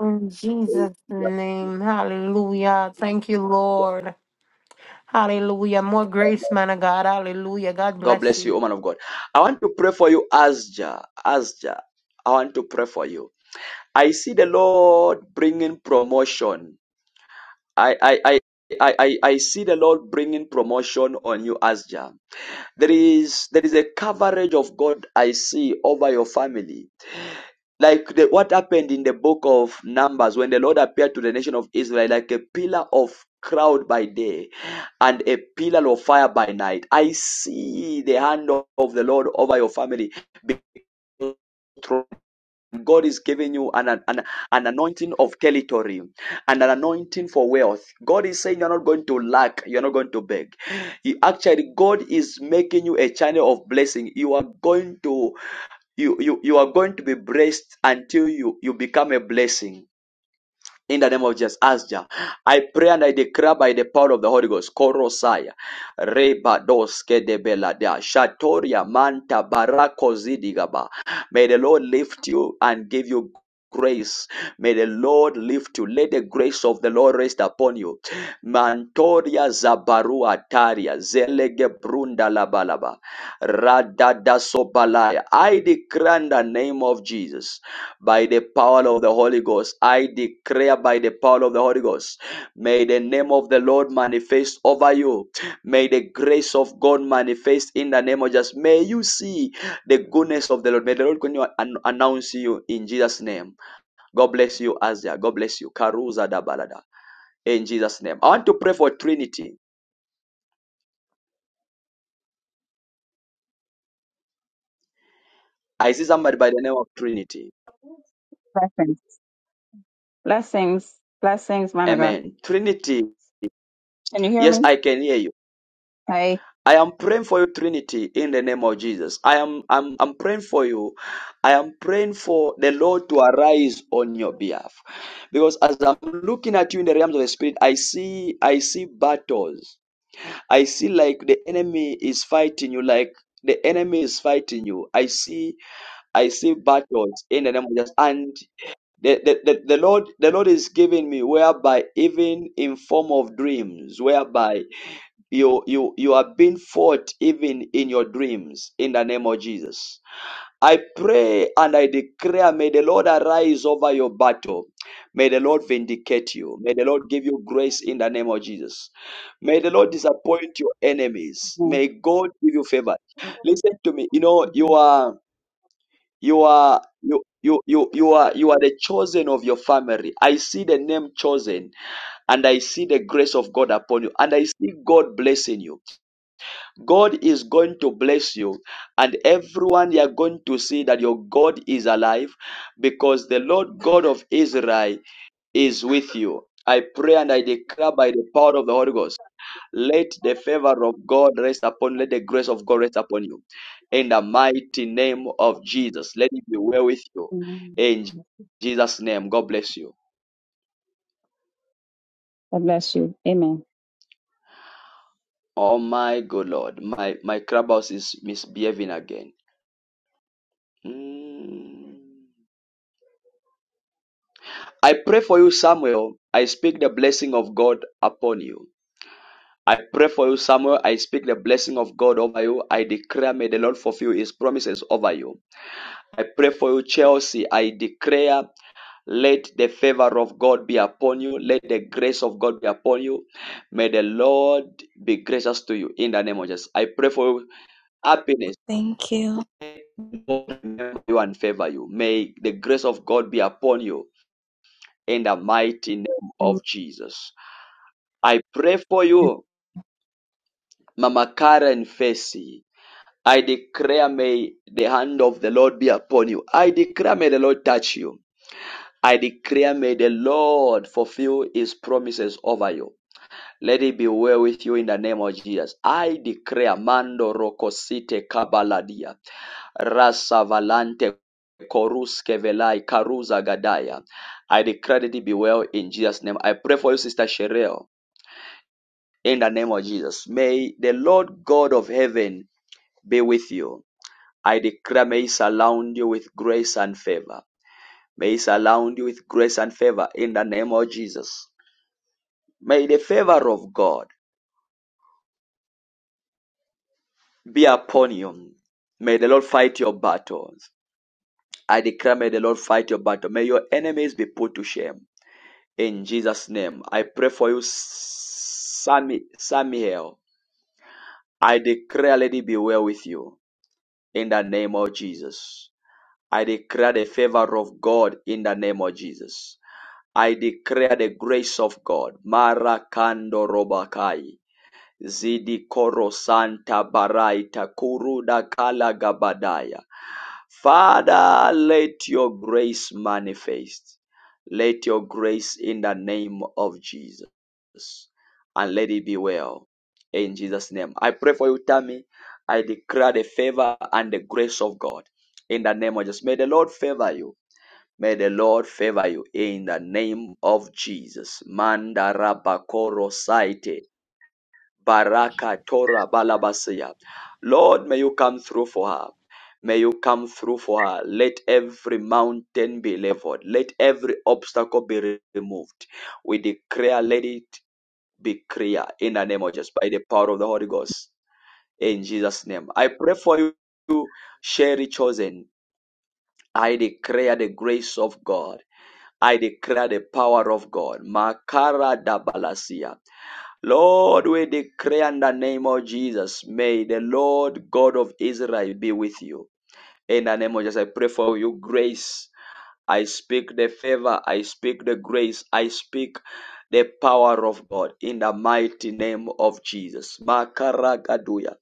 [SPEAKER 2] In Jesus' name. Hallelujah. Thank you, Lord. Hallelujah. More grace, man of God. Hallelujah. God
[SPEAKER 1] God
[SPEAKER 2] bless
[SPEAKER 1] bless
[SPEAKER 2] you.
[SPEAKER 1] you, woman of God. I want to pray for you, Asja. Asja, I want to pray for you. I see the Lord bringing promotion. I, I, I. I, I, I see the Lord bringing promotion on you, Asja. There is there is a coverage of God I see over your family like the, what happened in the book of numbers when the lord appeared to the nation of israel like a pillar of cloud by day and a pillar of fire by night i see the hand of of the lord over your family God is giving you an, an, an anointing of territory and an anointing for wealth. God is saying you're not going to lack, you're not going to beg. He, actually, God is making you a channel of blessing. You are going to you, you, you are going to be blessed until you, you become a blessing. In the name of Jesus, Asja, I pray and I declare by the power of the Holy Ghost, Korosaya, Reba de Belada, Shatoria Manta Barako May the Lord lift you and give you grace. May the Lord lift you. Let the grace of the Lord rest upon you. Mantoria Zabarua Taria, Zelege Brunda Labalaba, Radada Sobalaya. I declare in the name of Jesus by the power of the Holy Ghost. I declare by the power of the Holy Ghost, may the name of the Lord manifest over you. May the grace of God manifest in the name of Jesus. May you see the goodness of the Lord. May the Lord continue to an- announce you in Jesus' name. God bless you, Azia. God bless you. Karuza da balada. In Jesus' name. I want to pray for Trinity. I see somebody by the name of Trinity.
[SPEAKER 7] Blessings. Blessings. Blessings, man of God.
[SPEAKER 1] Amen. Trinity.
[SPEAKER 7] Can you hear
[SPEAKER 1] Yes,
[SPEAKER 7] me?
[SPEAKER 1] I can hear you.
[SPEAKER 7] Hi.
[SPEAKER 1] I am praying for you, Trinity, in the name of Jesus. I am I'm, I'm praying for you. I am praying for the Lord to arise on your behalf. Because as I'm looking at you in the realms of the spirit, I see I see battles. I see like the enemy is fighting you, like the enemy is fighting you. I see I see battles in the name of Jesus. And the, the, the, the Lord the Lord is giving me whereby even in form of dreams, whereby you you you are being fought even in your dreams in the name of jesus i pray and i declare may the lord arise over your battle may the lord vindicate you may the lord give you grace in the name of jesus may the lord disappoint your enemies may god give you favor listen to me you know you
[SPEAKER 7] Amen.
[SPEAKER 1] are you are you you you, you are you are the chosen of your family i see the name chosen and I see the grace of God upon you, and I see God blessing you. God is going to bless you, and everyone you are going to see that your God is alive because the Lord God of Israel is with you. I pray and I declare by the power of the Holy Ghost, let the favor of God rest upon, let the grace of God rest upon you. In the mighty name of Jesus, let it be well with you.
[SPEAKER 7] Amen.
[SPEAKER 1] In Jesus' name, God bless you.
[SPEAKER 7] God bless you. Amen.
[SPEAKER 1] Oh my good Lord, my, my clubhouse is misbehaving again. Mm. I pray for you, Samuel. I speak the blessing of God upon you. I pray for you, Samuel. I speak the blessing of God over you. I declare, may the Lord fulfill his promises over you. I pray for you, Chelsea. I declare, let the favor of God be upon you. Let the grace of God be upon you. May the Lord be gracious to you in the name of Jesus. I pray for you, happiness.
[SPEAKER 5] Thank you.
[SPEAKER 1] May God remember you and favor you. May the grace of God be upon you in the mighty name of
[SPEAKER 9] Amen.
[SPEAKER 1] Jesus. I pray for you, Mama Karen Fesi. I declare may the hand of the Lord be upon you. I declare may the Lord touch you. I declare may the Lord fulfill his promises over you. Let it be well with you in the name of Jesus. I declare Mando Rokosite Kabaladia. Rasavalante Koruske Velai Karuza Gadaya. I declare that it be well in Jesus' name. I pray for you, Sister Sherelle. In the name of Jesus, may the Lord God of heaven be with you. I declare, may He surround you with grace and favor. May He surround you with grace and favor in the name of Jesus. May the favor of God be upon you. May the Lord fight your battles. I declare, may the Lord fight your battle. May your enemies be put to shame. In Jesus' name, I pray for you, Sami- Samuel. I declare, let it be well with you. In the name of Jesus. I declare the favor of God in the name of Jesus. I declare the grace of God. Marakando robakai. Zidi koro santa baraita kuruda kala gabadaya. Father, let your grace manifest. Let your grace in the name of Jesus. And let it be well. In Jesus' name. I pray for you, Tammy. I declare the favor and the grace of God. In the name of Jesus. May the Lord favor you. May the Lord favor you in the name of Jesus. Mandarabakoro saite. Baraka Torah Balabasia. Lord, may you come through for her. May you come through for her. Let every mountain be leveled. Let every obstacle be re- removed. We declare, let it be clear in the name of Jesus, by the power of the Holy Ghost. In Jesus' name. I pray for you, Sherry Chosen. I declare the grace of God. I declare the power of God. Makara da dabalasia. Lord, we declare in the name of Jesus, may the Lord God of Israel be with you. In the name of Jesus, I pray for you grace. I speak the favor. I speak the grace. I speak the power of God in the mighty name of Jesus. Makaragaduya.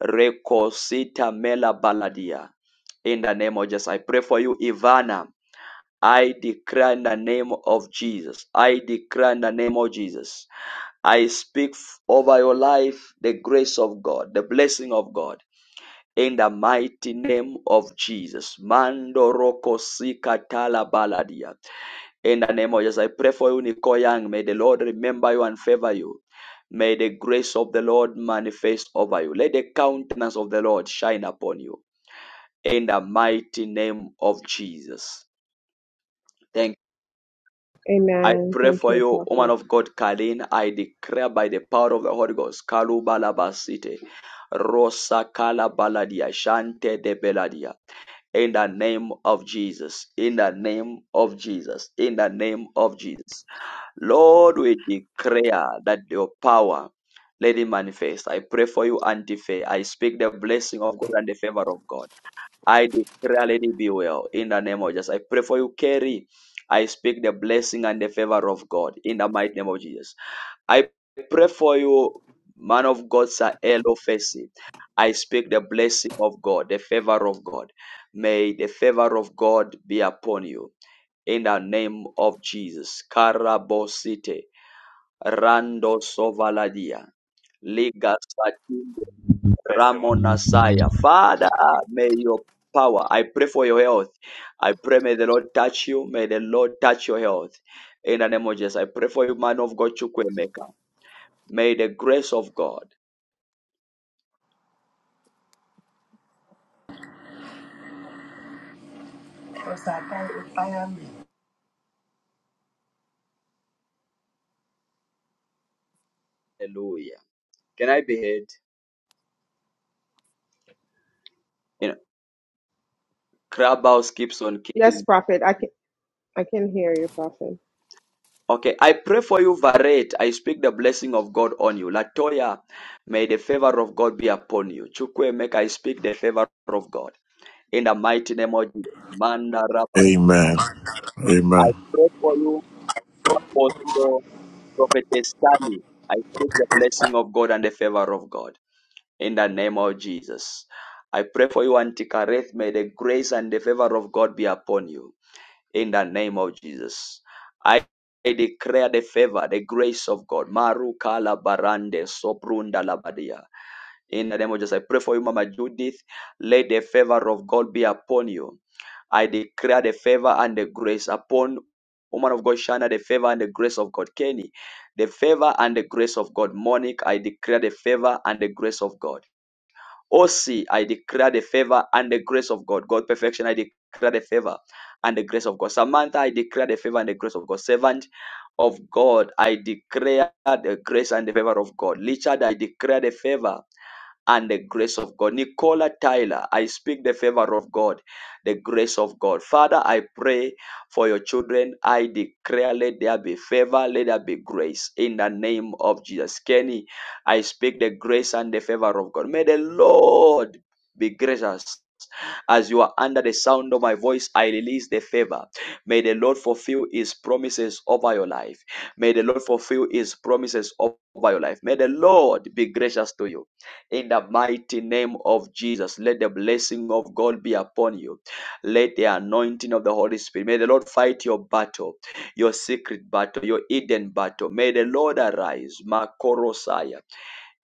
[SPEAKER 1] Rekosita mela baladia. In the name of Jesus, I pray for you, Ivana. I declare in the name of Jesus. I declare in the name of Jesus I speak f- over your life the grace of God, the blessing of God. In the mighty name of Jesus. Mando roko sika tala baladia. In the name of Jesus, I pray for you, Nico Young. May the Lord remember you and favor you. May the grace of the Lord manifest over you. Let the countenance of the Lord shine upon you. In the mighty name of Jesus. Thank. I
[SPEAKER 12] Amen.
[SPEAKER 1] pray
[SPEAKER 12] Thank
[SPEAKER 1] for
[SPEAKER 12] you,
[SPEAKER 1] you, woman
[SPEAKER 12] Prophet.
[SPEAKER 1] of God, Kalin. I declare by the power of the Holy Ghost, Kalubalabasite, Rosa Kalabaladia, Shante de Beladia. In the name of Jesus, in the name of Jesus, in the name of Jesus. Lord, we declare that your power let it manifest. I pray for you, Antife. I speak the blessing of God and the favor of God. I declare, let it be well. In the name of Jesus, I pray for you, Kerry. I speak the blessing and the favor of God in the mighty name of Jesus. I pray for you, man of God, Sir Elo Fesi. I speak the blessing of God, the favor of God. May the favor of God be upon you in the name of Jesus. Karabosite. Rando Sovaladia. Liga Satindo Ramonasaya. Father, may your power. I pray for your health. I pray may the Lord touch you. May the Lord touch your health. In the name of Jesus. I pray for you, man of God, Chukwemeka. May the grace of God.
[SPEAKER 21] Yes,
[SPEAKER 1] Hallelujah. Can I be heard? You know, Crab House keeps on kicking.
[SPEAKER 12] Yes, Prophet. I can I can hear you, Prophet.
[SPEAKER 1] Okay, I pray for you, Varet. I speak the blessing of God on you. Latoya, may the favor of God be upon you. Chukwe, make I speak the favor of God. In the mighty name of Jesus. Manda Raba.
[SPEAKER 21] Amen.
[SPEAKER 1] I
[SPEAKER 21] Amen.
[SPEAKER 1] pray for you, Apostle Prophetess Stanley. I speak the blessing of God and the favor of God. In the name of Jesus. I pray for you, Antikareth. May the grace and the favor of God be upon you. in the name of Jesus. I I declare the favor, the grace of God. Maru kala barande soprunda labadia. In the name of Jesus, I pray for you, Mama Judith. Let the favor of God be upon you. I declare the favor and the grace upon woman of God, Shana, the favor and the grace of God. Kenny, the favor and the grace of God. Monique, I declare the favor and the grace of God. Oh, see, I declare the favor and the grace of God. God, perfection, I declare the favor and the grace of God. Samantha, I declare the favor and the grace of God. Servant of God, I declare the grace and the favor of God. Richard, I declare the favor and the grace of God. Nicola Tyler, I speak the favor of God, the grace of God. Father, I pray for your children. I declare, let there be favor, let there be grace in the name of Jesus. Kenny, I speak the grace and the favor of God. May the Lord be gracious. As you are under the sound of my voice, I release the favor. May the Lord fulfill his promises over your life. May the Lord fulfill his promises over your life. May the Lord be gracious to you in the mighty name of Jesus. Let the blessing of God be upon you. Let the anointing of the Holy Spirit. May the Lord fight your battle, your secret battle, your hidden battle. May the Lord arise, Makorosaya,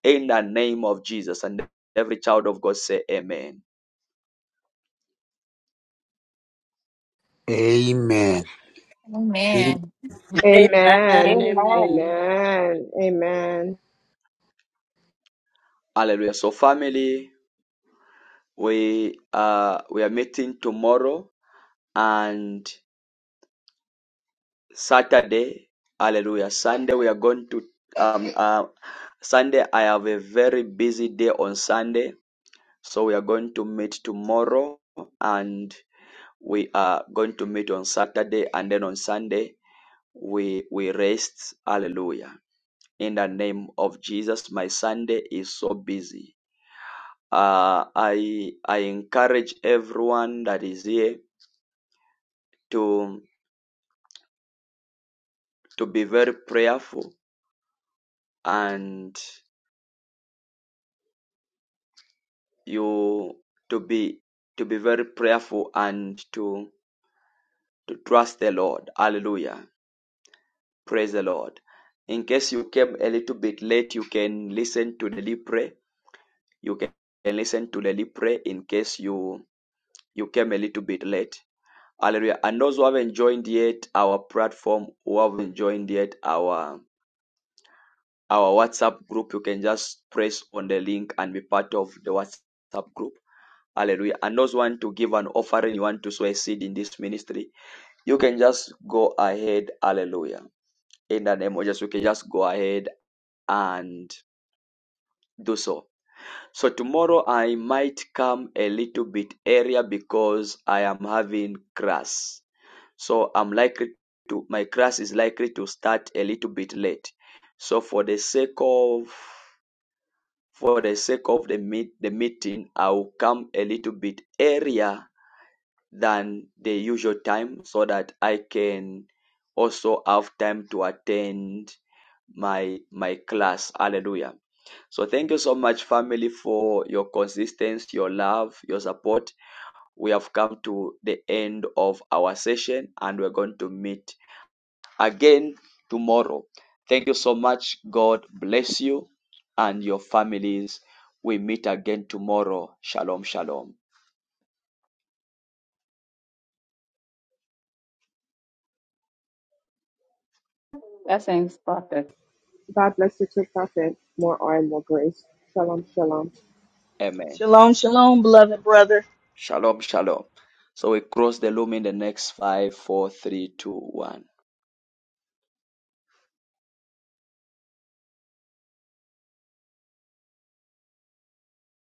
[SPEAKER 1] in the name of Jesus. And every child of God say Amen.
[SPEAKER 22] Amen.
[SPEAKER 23] Amen.
[SPEAKER 24] Amen.
[SPEAKER 12] Amen.
[SPEAKER 7] Amen.
[SPEAKER 24] Amen.
[SPEAKER 12] Amen. Amen.
[SPEAKER 1] Hallelujah. So family, we uh we are meeting tomorrow and Saturday, hallelujah. Sunday, we are going to, um, uh, Sunday, I have a very busy day on Sunday. So we are going to meet tomorrow and we are going to meet on Saturday and then on Sunday, we, we rest. Hallelujah. In the name of Jesus, my Sunday is so busy. Uh, I, I encourage everyone that is here to, to be very prayerful and you to be to be very prayerful and to to trust the Lord. Hallelujah. Praise the Lord. In case you came a little bit late, you can listen to the lead pray. You can can listen to the lead pray in case you you came a little bit late. Hallelujah. And those who haven't joined yet our platform, who haven't joined yet our our WhatsApp group, you can just press on the link and be part of the WhatsApp group Hallelujah. And those want to give an offering, you want to sow a seed in this ministry, you can just go ahead. Hallelujah. In the name of Jesus, you can just go ahead and do so. So tomorrow I might come a little bit earlier because I am having class. So I'm likely to my class is likely to start a little bit late. So for the sake of for the sake of the meet the meeting, I will come a little bit earlier than the usual time so that I can also have time to attend my my class hallelujah so thank you so much family for your consistency your love your support we have come to the end of our session and we're going to meet again tomorrow thank you so much god bless you and your families we meet again tomorrow shalom shalom
[SPEAKER 7] Blessings, prophet.
[SPEAKER 12] God bless you too, Prophet. More oil, more grace. Shalom, shalom.
[SPEAKER 1] amen
[SPEAKER 11] Shalom, shalom, beloved brother.
[SPEAKER 1] Shalom, shalom. So we cross the loom in the next five, four, three, two, one.